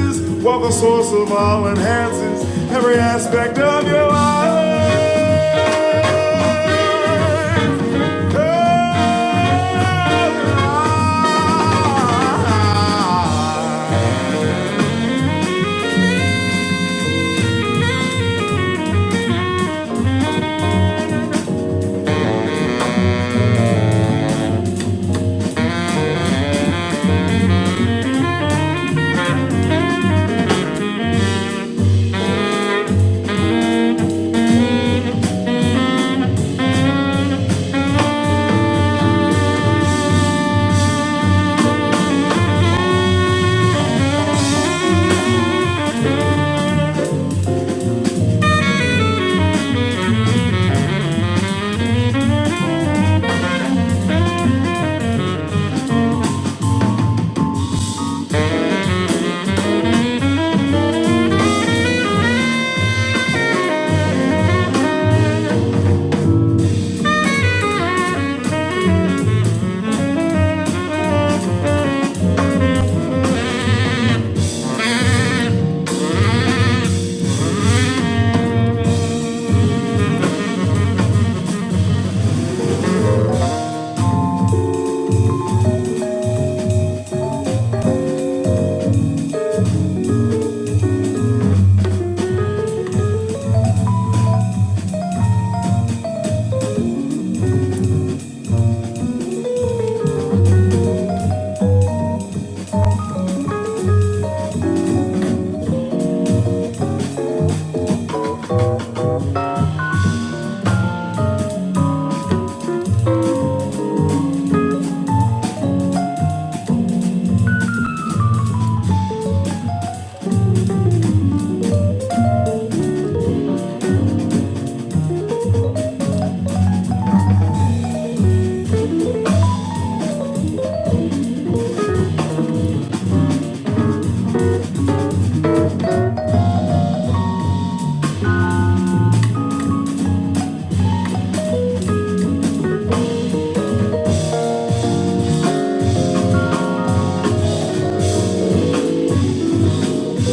S5: This ball enhances every aspect of your life.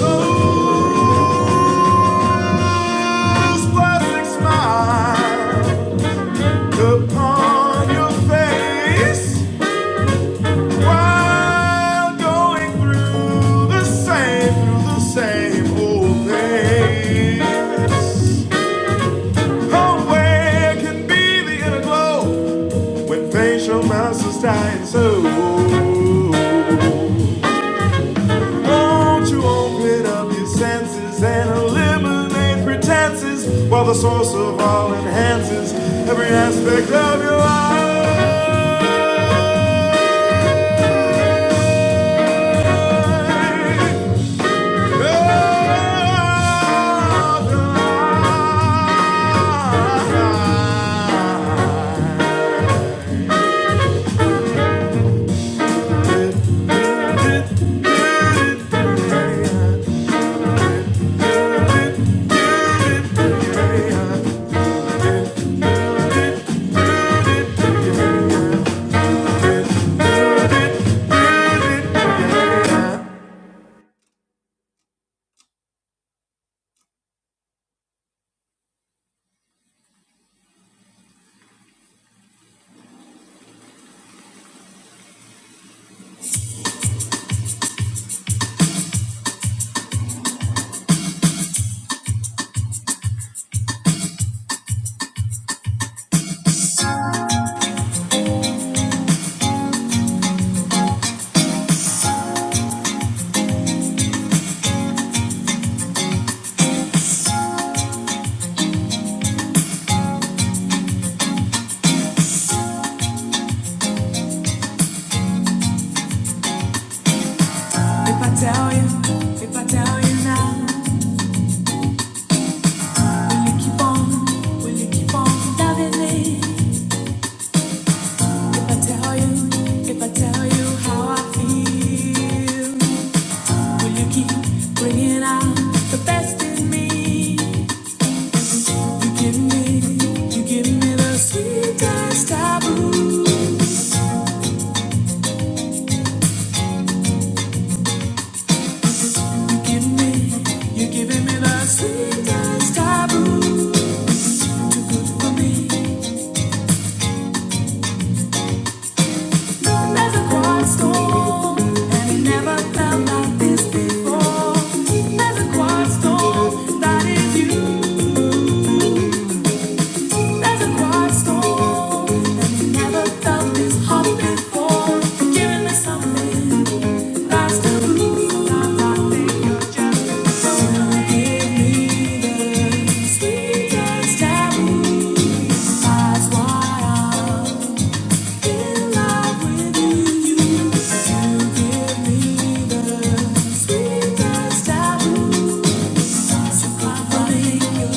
S5: Oh, Whose perfect smile upon your face while going through the same, through the same old things. Oh, can be the inner glow when facial muscles tighten so? Won't you open up your senses and eliminate pretenses while the source of all enhances every aspect of your life? If I tell you, if I tell you now, will you keep on, will you keep on loving me? If I tell you, if I tell you how I feel. Will you keep bringing out the best in me? You give me, you give me the sweetest of You give me, you giving me the sweetest of Too good for me. Cold a quiet storm, and it never felt like this before. Cold a quiet storm, that is you.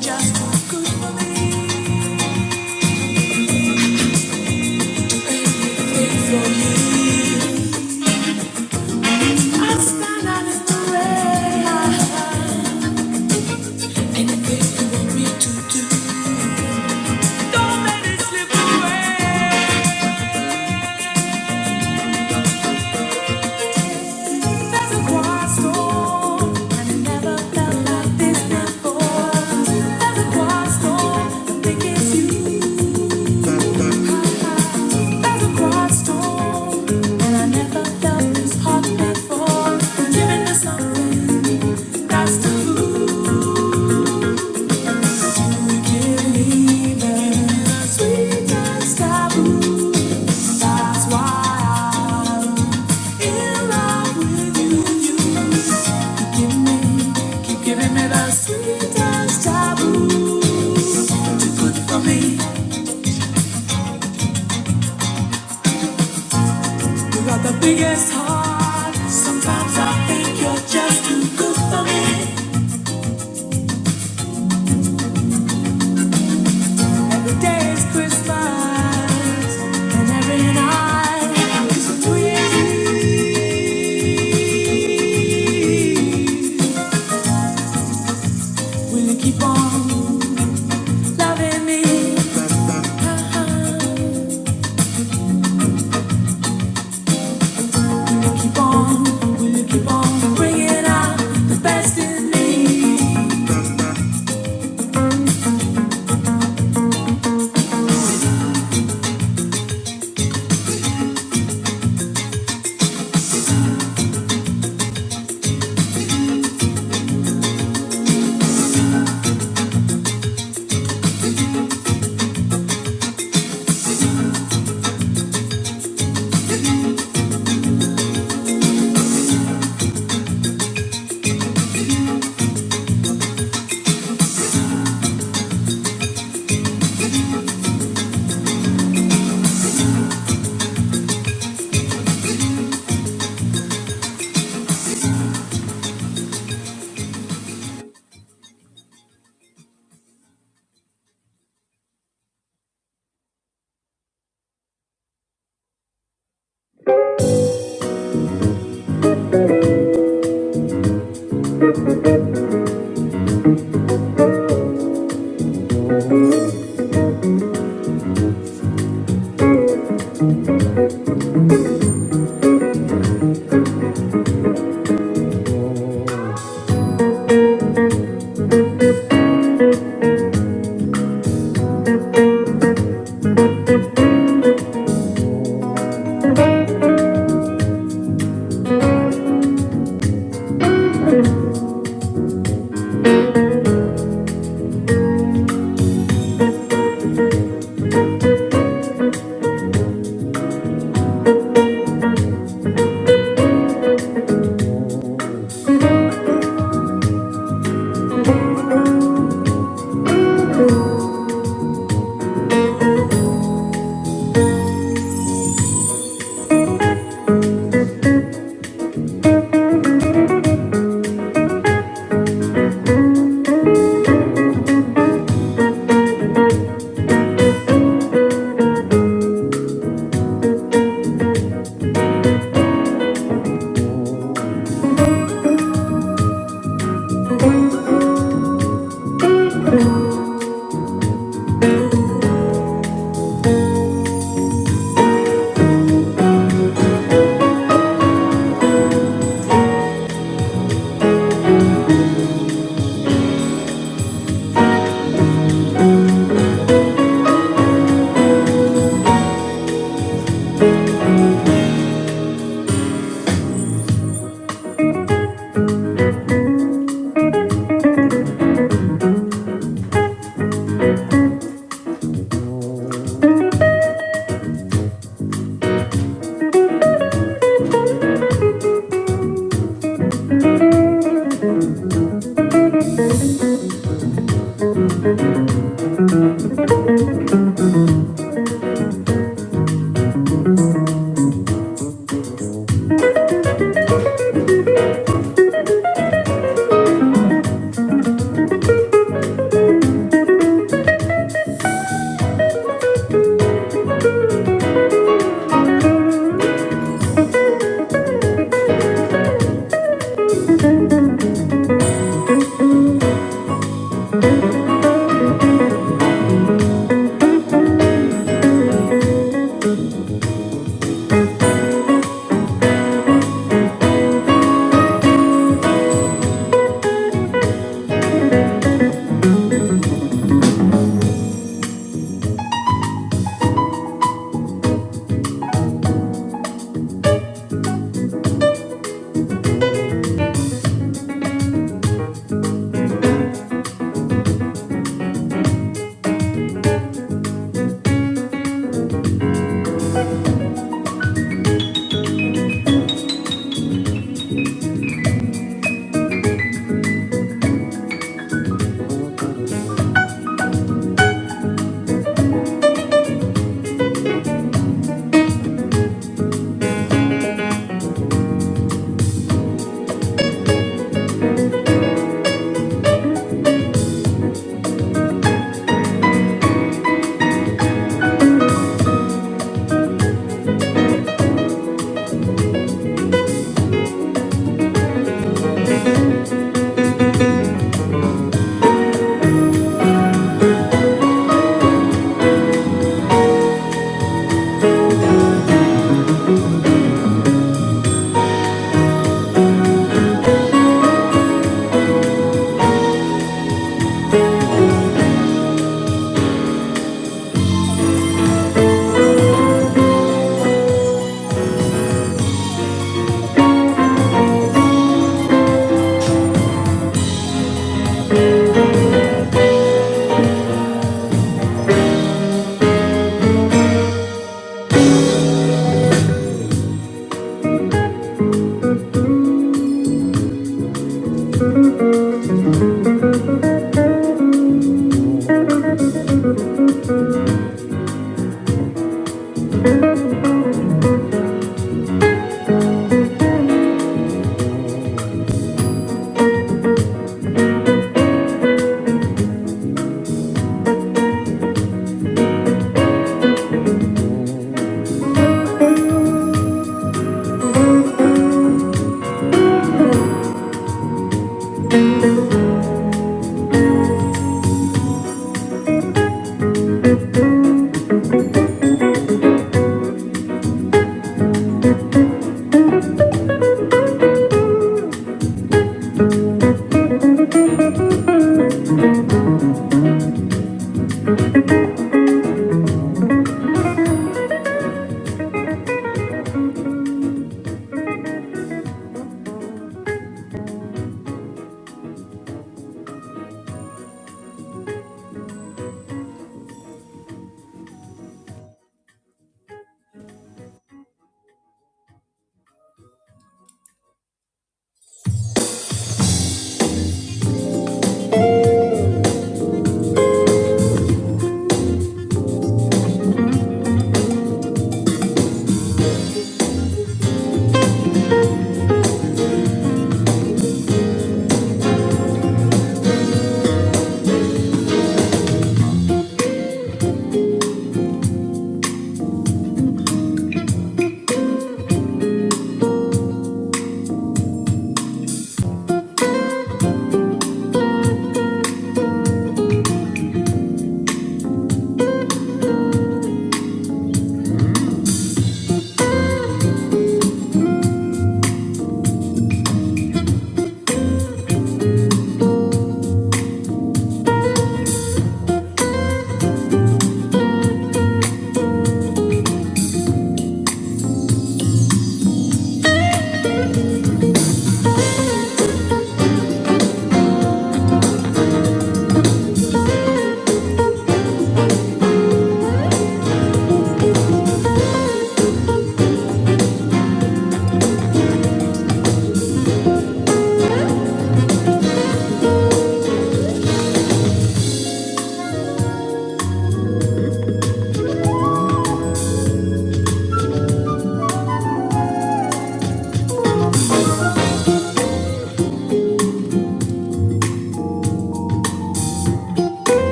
S5: Just too good for me. I stand out in the rain. Anything you want me to do, don't let it slip away. There's a quiet storm, and it never felt like this before. There's a quiet storm, I it's you. There's a quiet storm, and I never felt this hot before. Giving me something that's taboo. Biggest heart. Sometimes I think you're just too good for me. Every day is Christmas, and every night is free. Will you keep on loving me? Will you keep on? Will you keep on bringing out the best in me?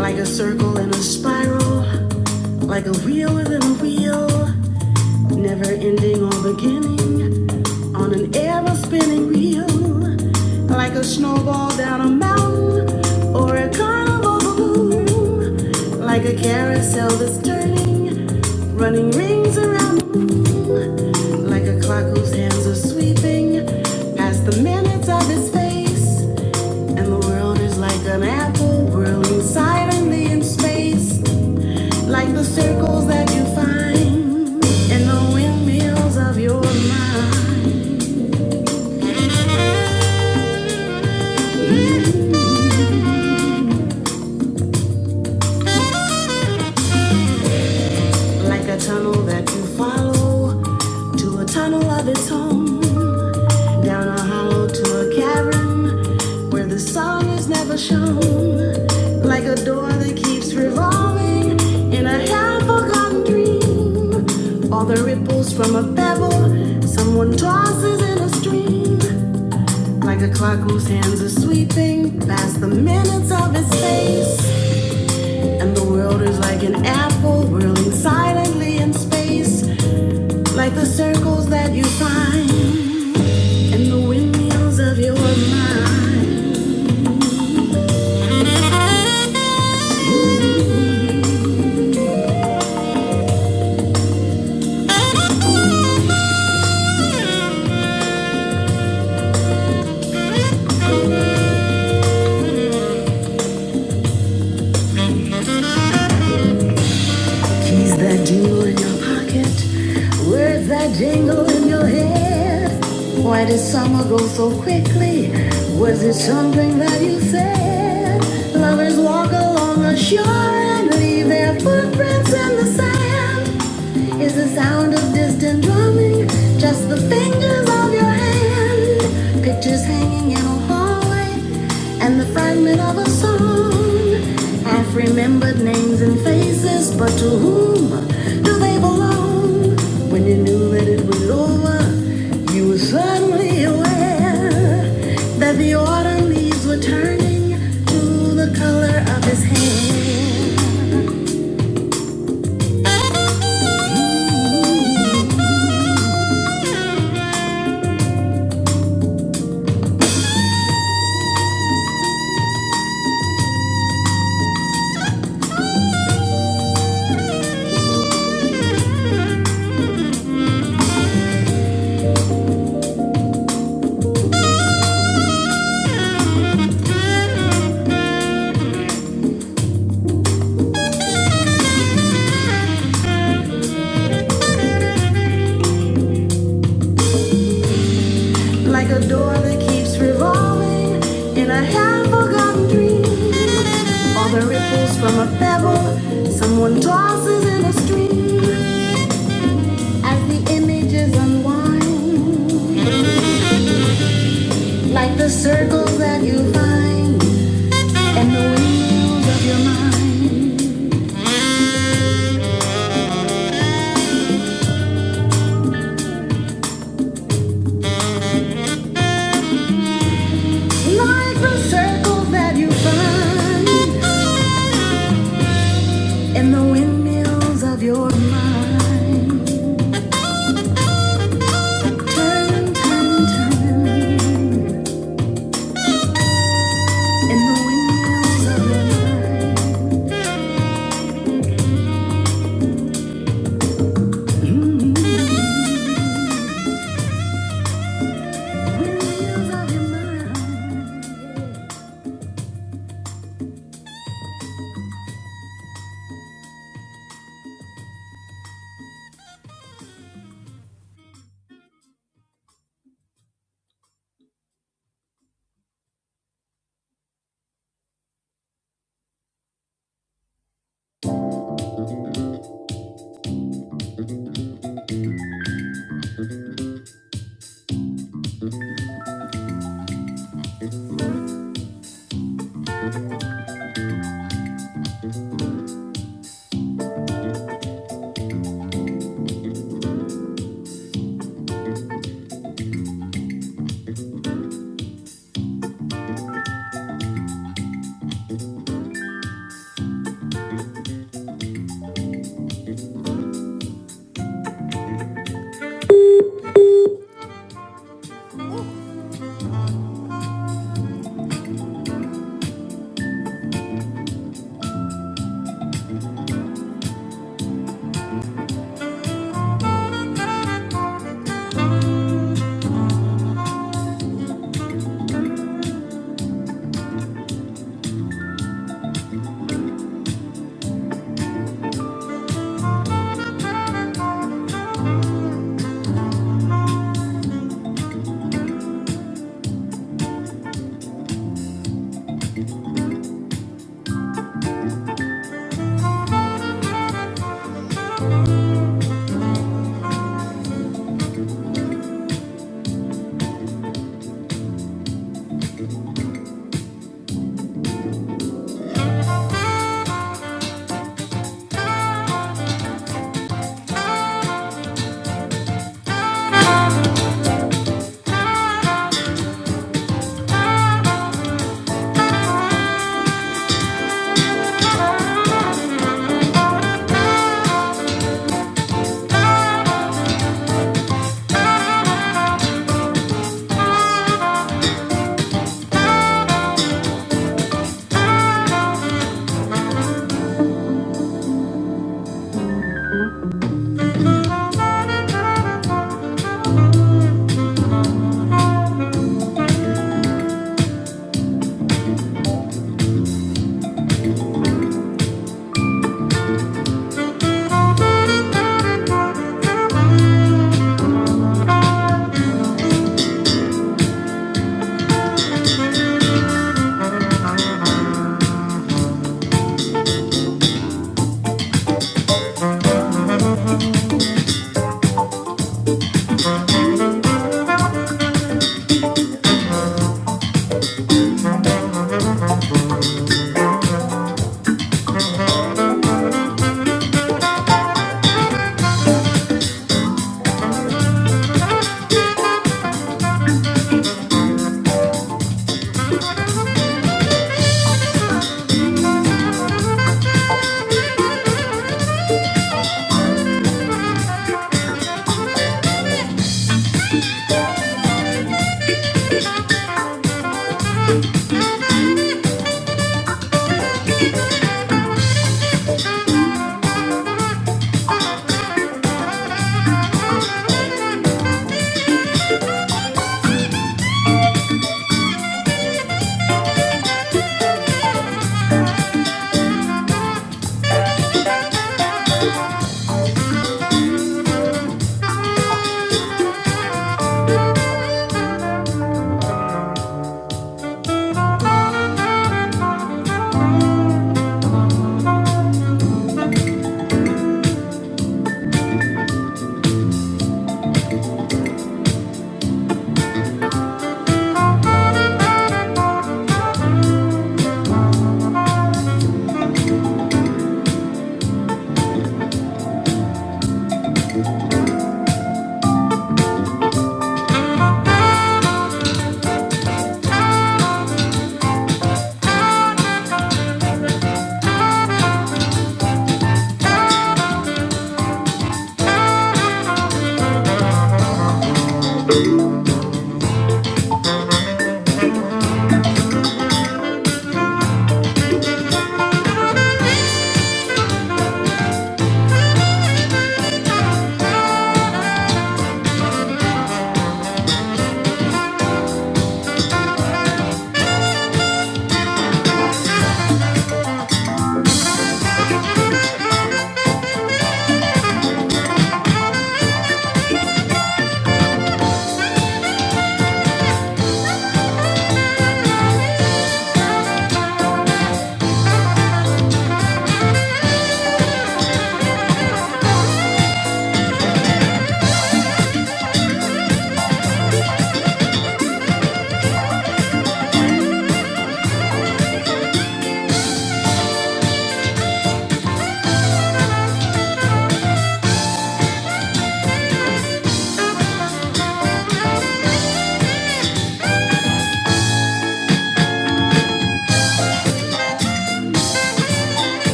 S5: Like a circle in a spiral, like a wheel within a wheel, never ending or beginning. on an ever spinning wheel, like a snowball down a mountain or a carnival balloon, like a carousel that's turning, running rings around the moon, like a clock whose hands are sweeping past the minutes of his face, and the world is like an apple whirling silently in space, like the circles that you find and you follow to a love home. Down a hollow to a cavern where the sun is never shown. Like a door that keeps revolving, and everything will that you said. Lovers walk along the shore and leave their footprints in the sand. Is the sound of distant drumming just the fingers of your hand? Pictures hanging in a hallway and the fragment of a song. Half remembered names and faces, but to whom do they belong? Like a door that keeps revolving in a half forgotten dream. All the ripples from a pebble someone tosses in a stream as the images unwind. Like the circles that you find and the wheels of your mind. Like the circles that you find and the windmills of your mind. Turn, turn, turn. In the windmills of your mind. Windmills of your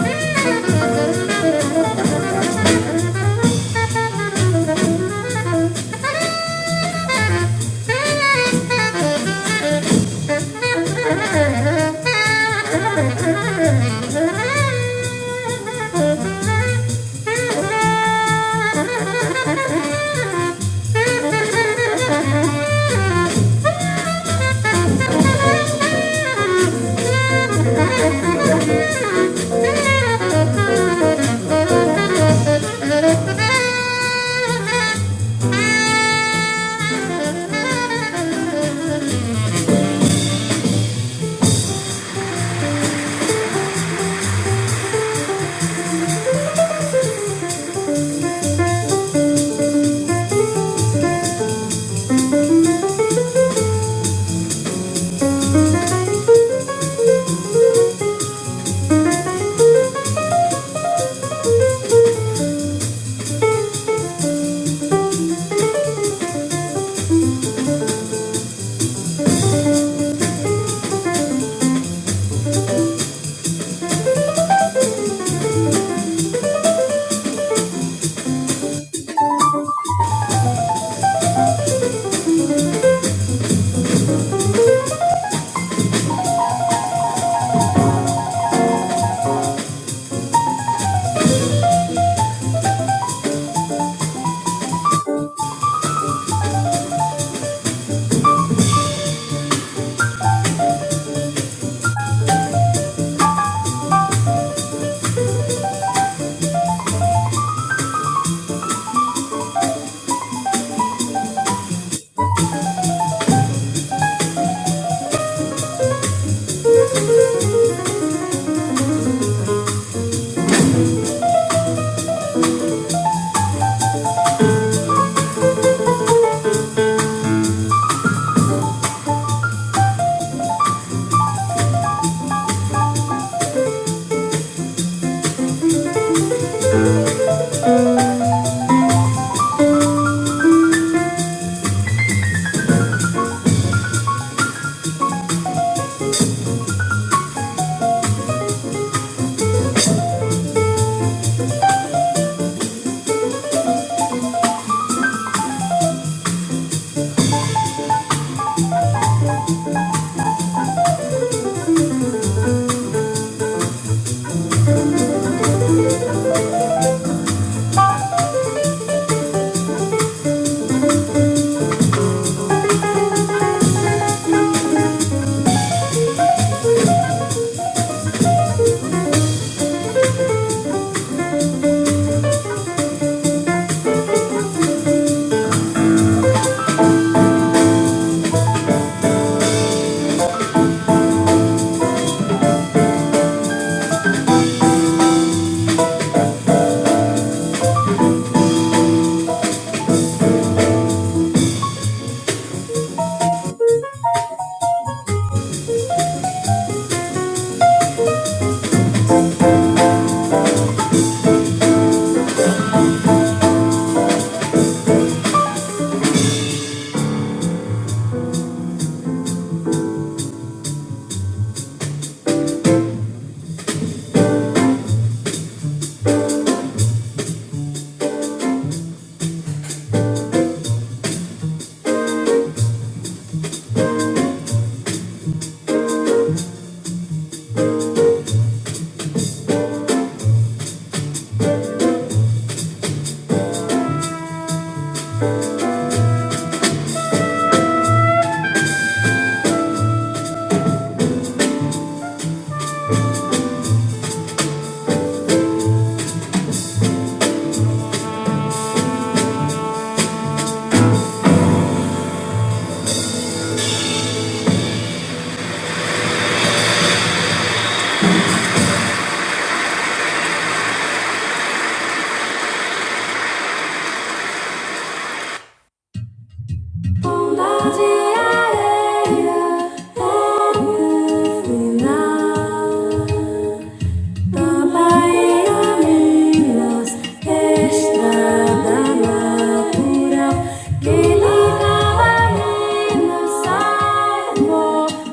S5: mind. Thank you.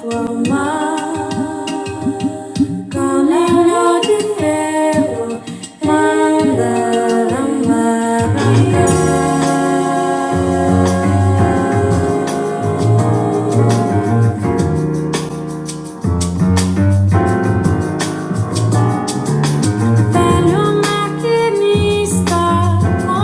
S5: Roma, and the Roma, Já não há de brincar.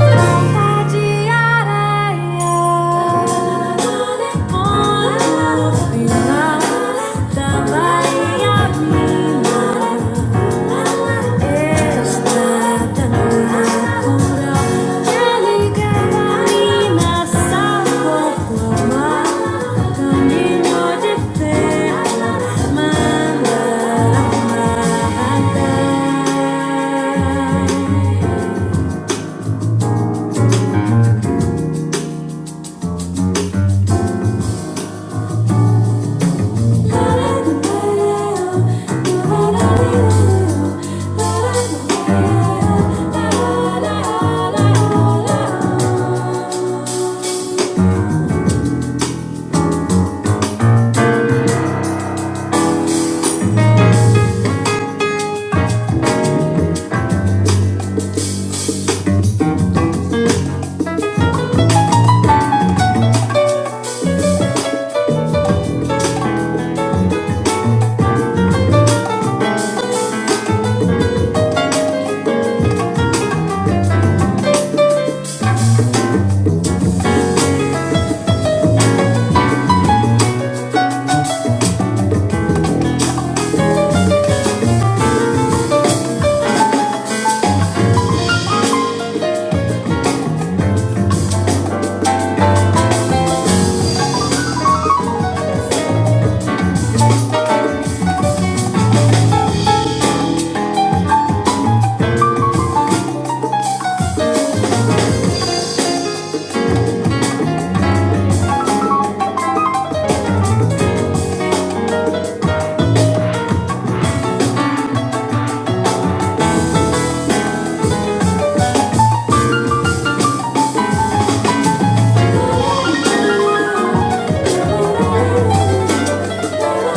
S5: Thank you Thank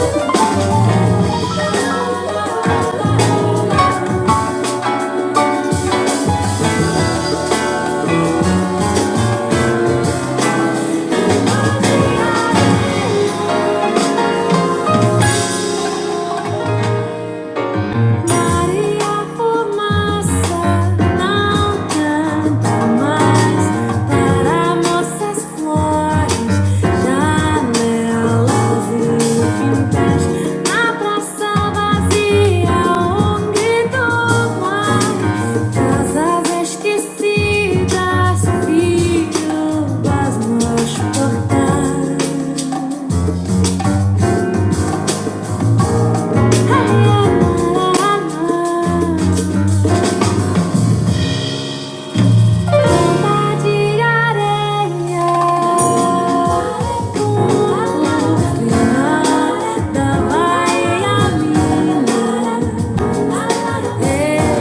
S5: you. Maria Fumaça não canta mais para moças flores, janelas e quintais. Na praça vazia, um grito vai, casas esquecidas, filhos nos portais. Ai, ai, Tumba de areia, o mar da Miami,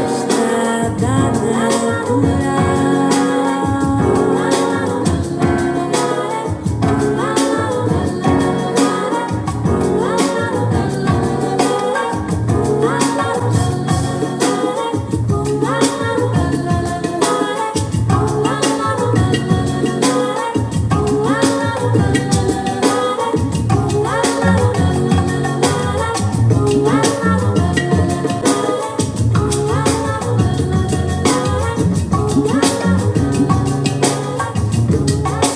S5: estrada natural. Thank you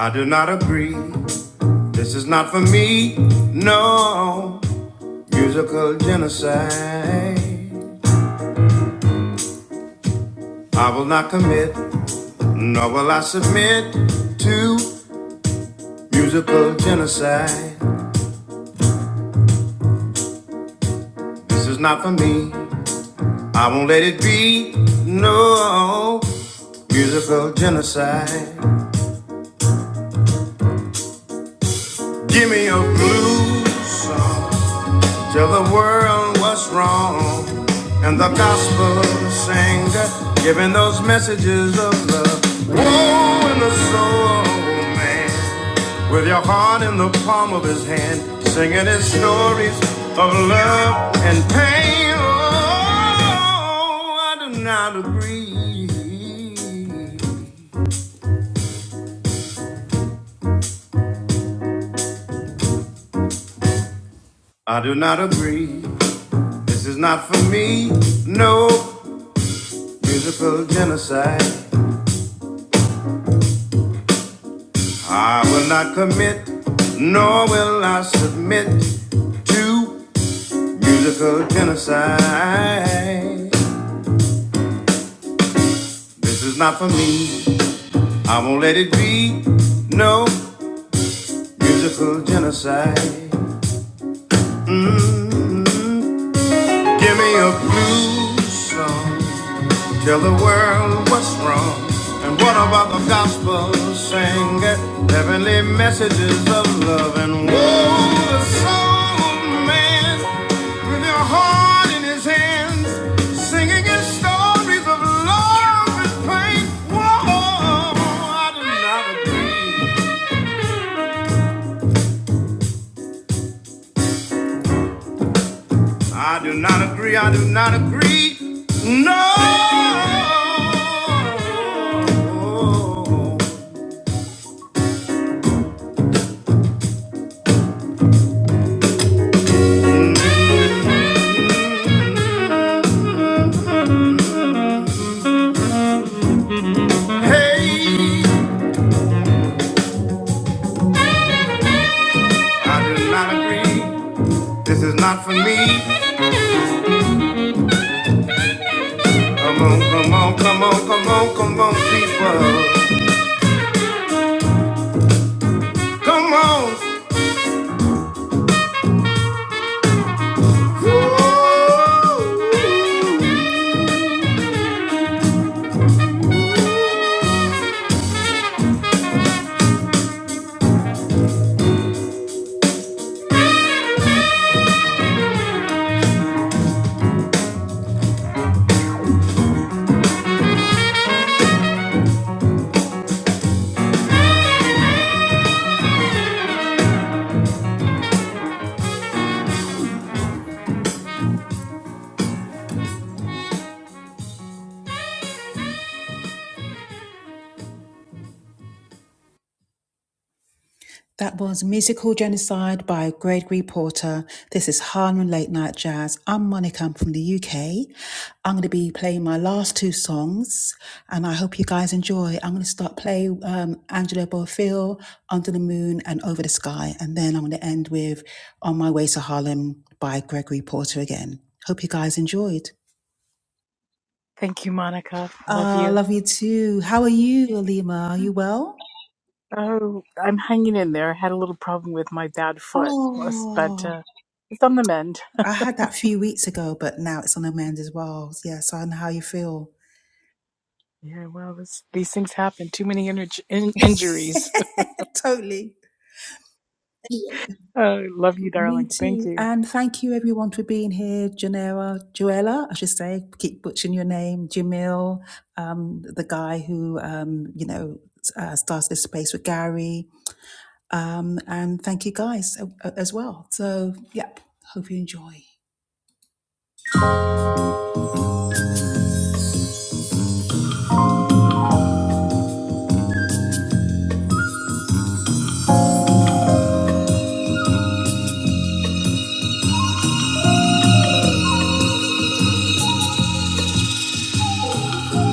S5: I do not agree. This is not for me. No musical genocide. I will not commit, nor will I submit to musical genocide. This is not for me. I won't let it be no musical genocide. Give me a blues song. Till the world was wrong and the gospel singer giving those messages of love. Woe in the soul, man, with your heart in the palm of his hand, singing his stories of love and pain. Oh, I do not agree. I do not agree. This is not for me. No musical genocide. I will not commit, nor will I submit to musical genocide. This is not for me. I won't let it be. No musical genocide. mm Give me a blues song. Tell the world what's wrong and what about the gospel sing Heavenly messages of love and woe the soul of man with your heart in his hands singing his stories of love and pain. Whoa, I do not agree. I do not agree. I do not agree. No. Hey. I do not agree. This is not for me. Come on, come on, come on, come on, come on, people. Come on. That was Musical Genocide by Gregory Porter. This is Harlem Late Night Jazz. I'm Monica. I'm from the UK. I'm going to be playing my last two songs, and I hope you guys enjoy. I'm going to start playing um, Angelo Boff.
S3: Thank you, Monica. Love you. Oh, I'm hanging in there. I had a little problem with my bad foot, was- but uh, it's on the mend. Yeah, well, this, these things happen. Too many inj- in- injuries.
S5: Totally.
S3: Oh, love you,
S5: me
S3: darling. Thank
S5: Too.
S3: you.
S5: And thank you, being here, Janera, Joella, I should say, keep butchering your name, Jamil, um, the guy who, um, you know, s- uh, started this space with Gary. And thank you guys a- as well. So, yep, hope you enjoy.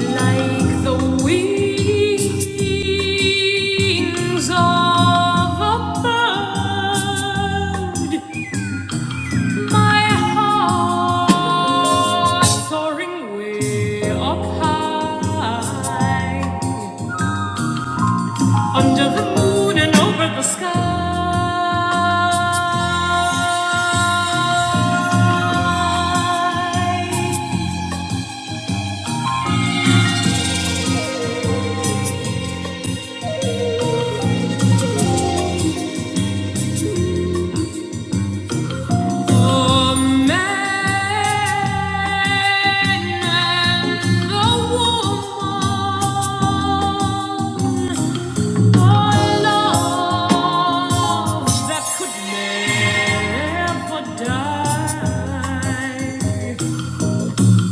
S5: Like the wings of a bird, my heart soaring way up high. Under the moon and over the sky, the man and the woman, a love that could never die.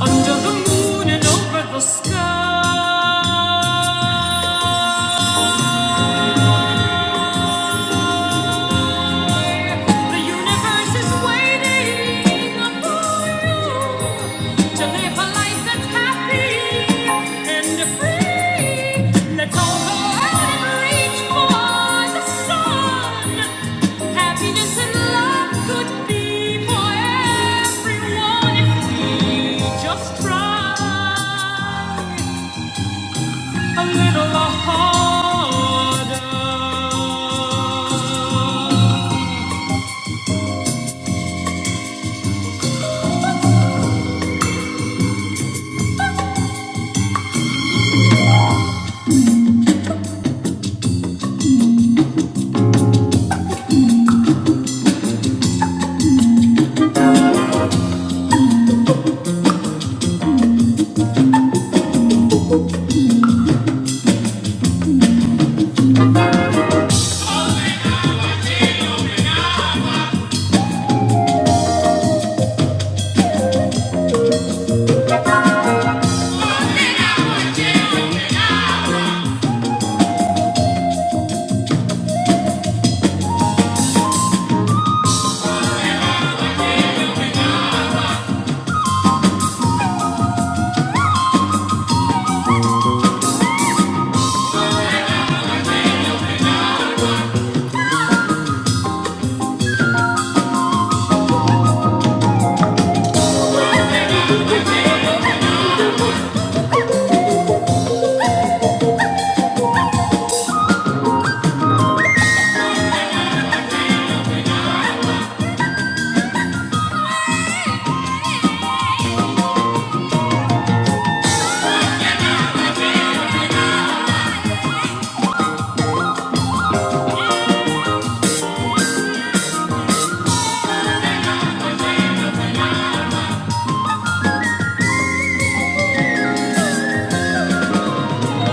S5: Under the moon and over the sky, the universe is waiting for you to live a life that's happy. and free. Let's all go out and reach for the sun. Happiness and love could be for everyone if we just try a little harder.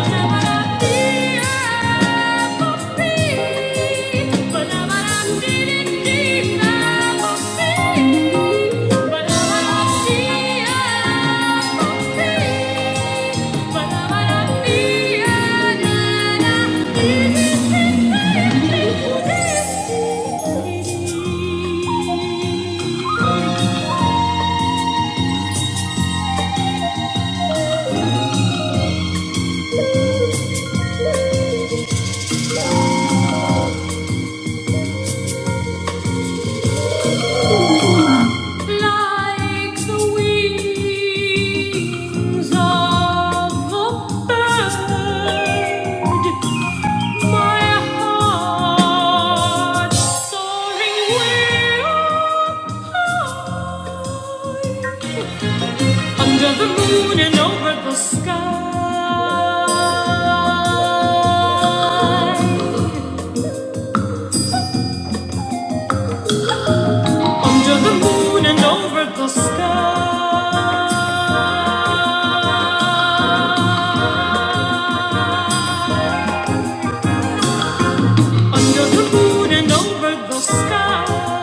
S5: Never fear. Like the wings of a bird. My heart soaring way under the moon and over the sky. Under the moon and over the sky. Under the moon and over the sky.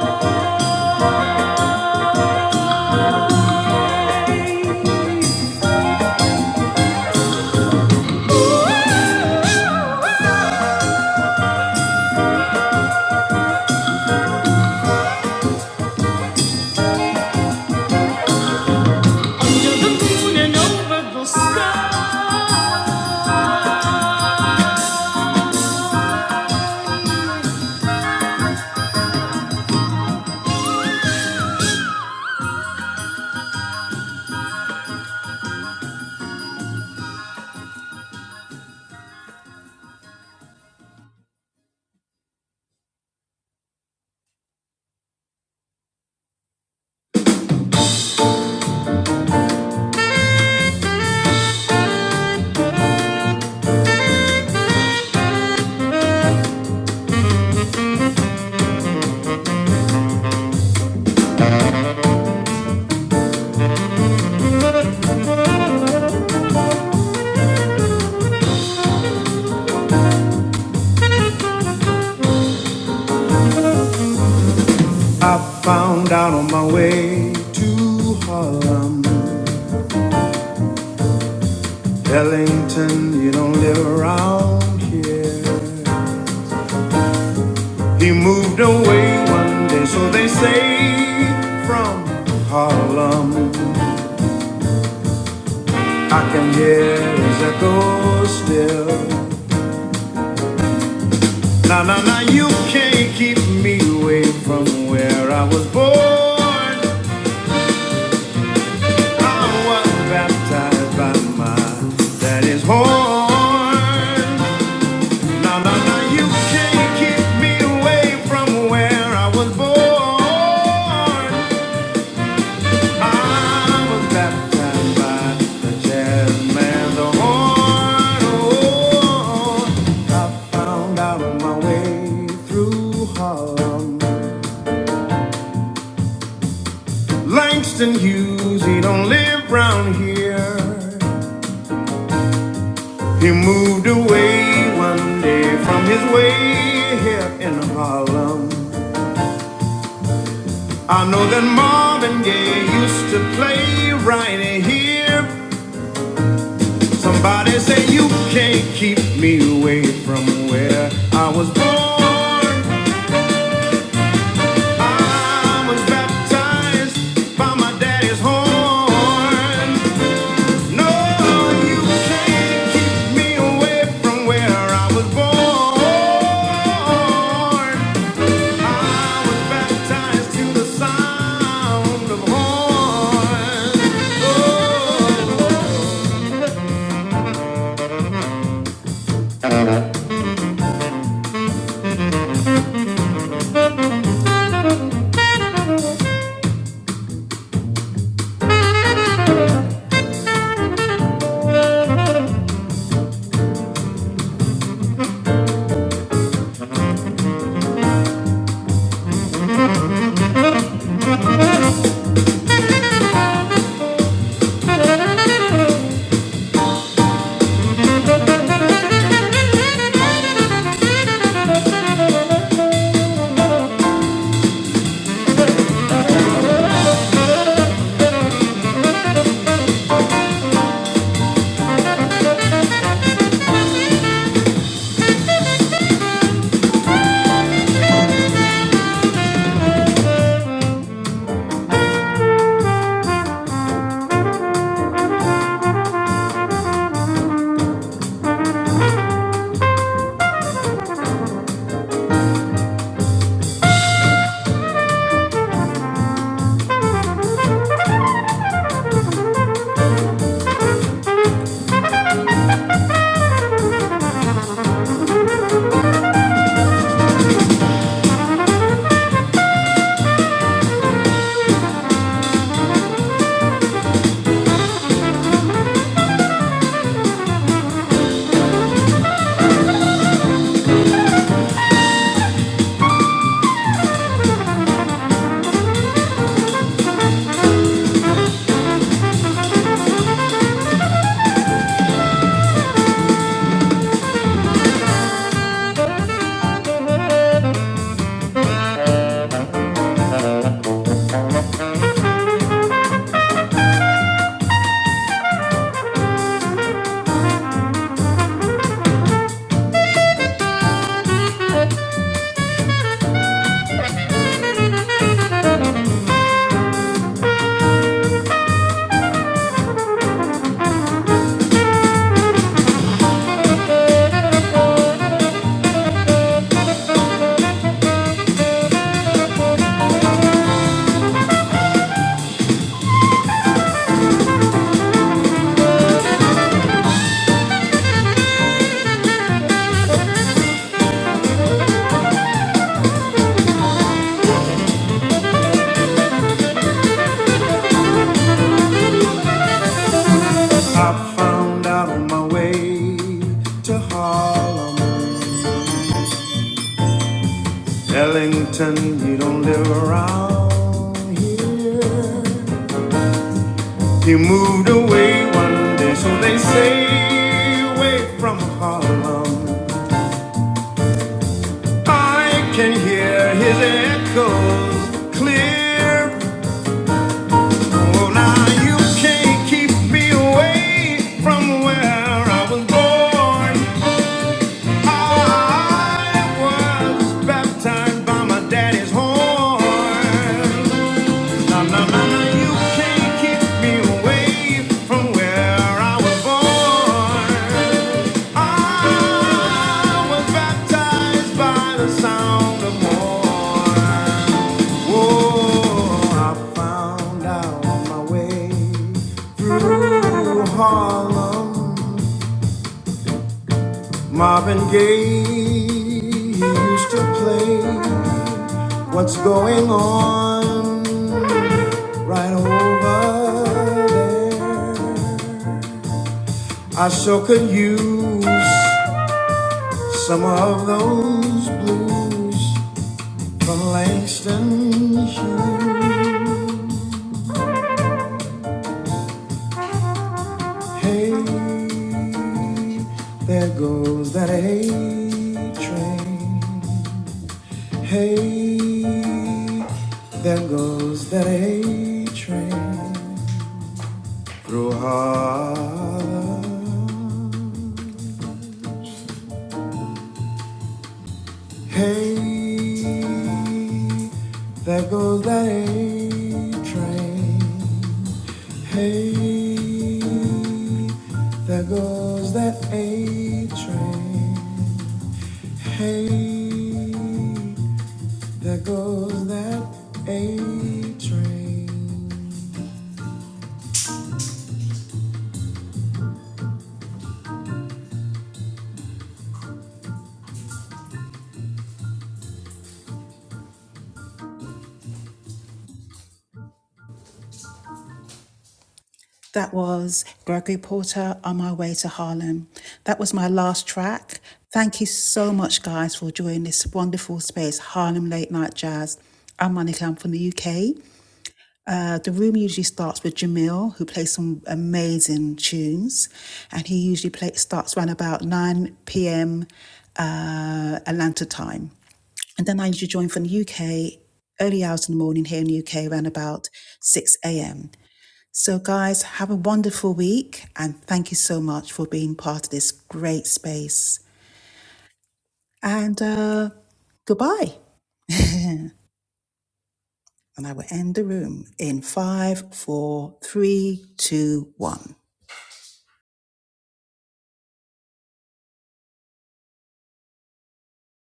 S5: I found out on my way to Harlem, Ellington. You don't live around here. He moved away one day, so they say, from Harlem. I can hear his echo still. Now, now, now, you can't keep me away from where I was born. I was baptized by my daddy's horn. Now, now, now, you can't keep me away from where I was born. Langston Hughes, he don't live round here. He moved away one day from his way here in Harlem. I know that Marvin Gaye used to play right here Somebody say you can't keep me away from where I was born. I was baptized by my daddy's horn. No, you can't keep me away from where I was born. I was baptized to the sound of horns. Oh, I found out on my way to Harlem. Ellington, you don't live around here. You moved away one day, so they say, away from Harlem. I can hear his echoes clear. Oh, now you can't keep me away from where I was born. I was baptized by my daddy's horn. No, no, no, no, you can't keep me away from where I was born. I was baptized by the sound of horn. Oh, I found out my way through Harlem. Marvin Gaye he used to play What's Going On right over there. I sure could use some of those blues from Langston Hughes. Hey, there goes that A train. Hey, there goes that A train through Harlem. Hey, there goes that A train. Hey, there goes that A train. Hey, there goes that A train. Way to Harlem. That was my last track. Thank you so much, guys, for joining this late night. Johnny Our room usually starts with Jamil, who plays some amazing tunes, and he usually play, starts around about 9 p.m. Atlanta time.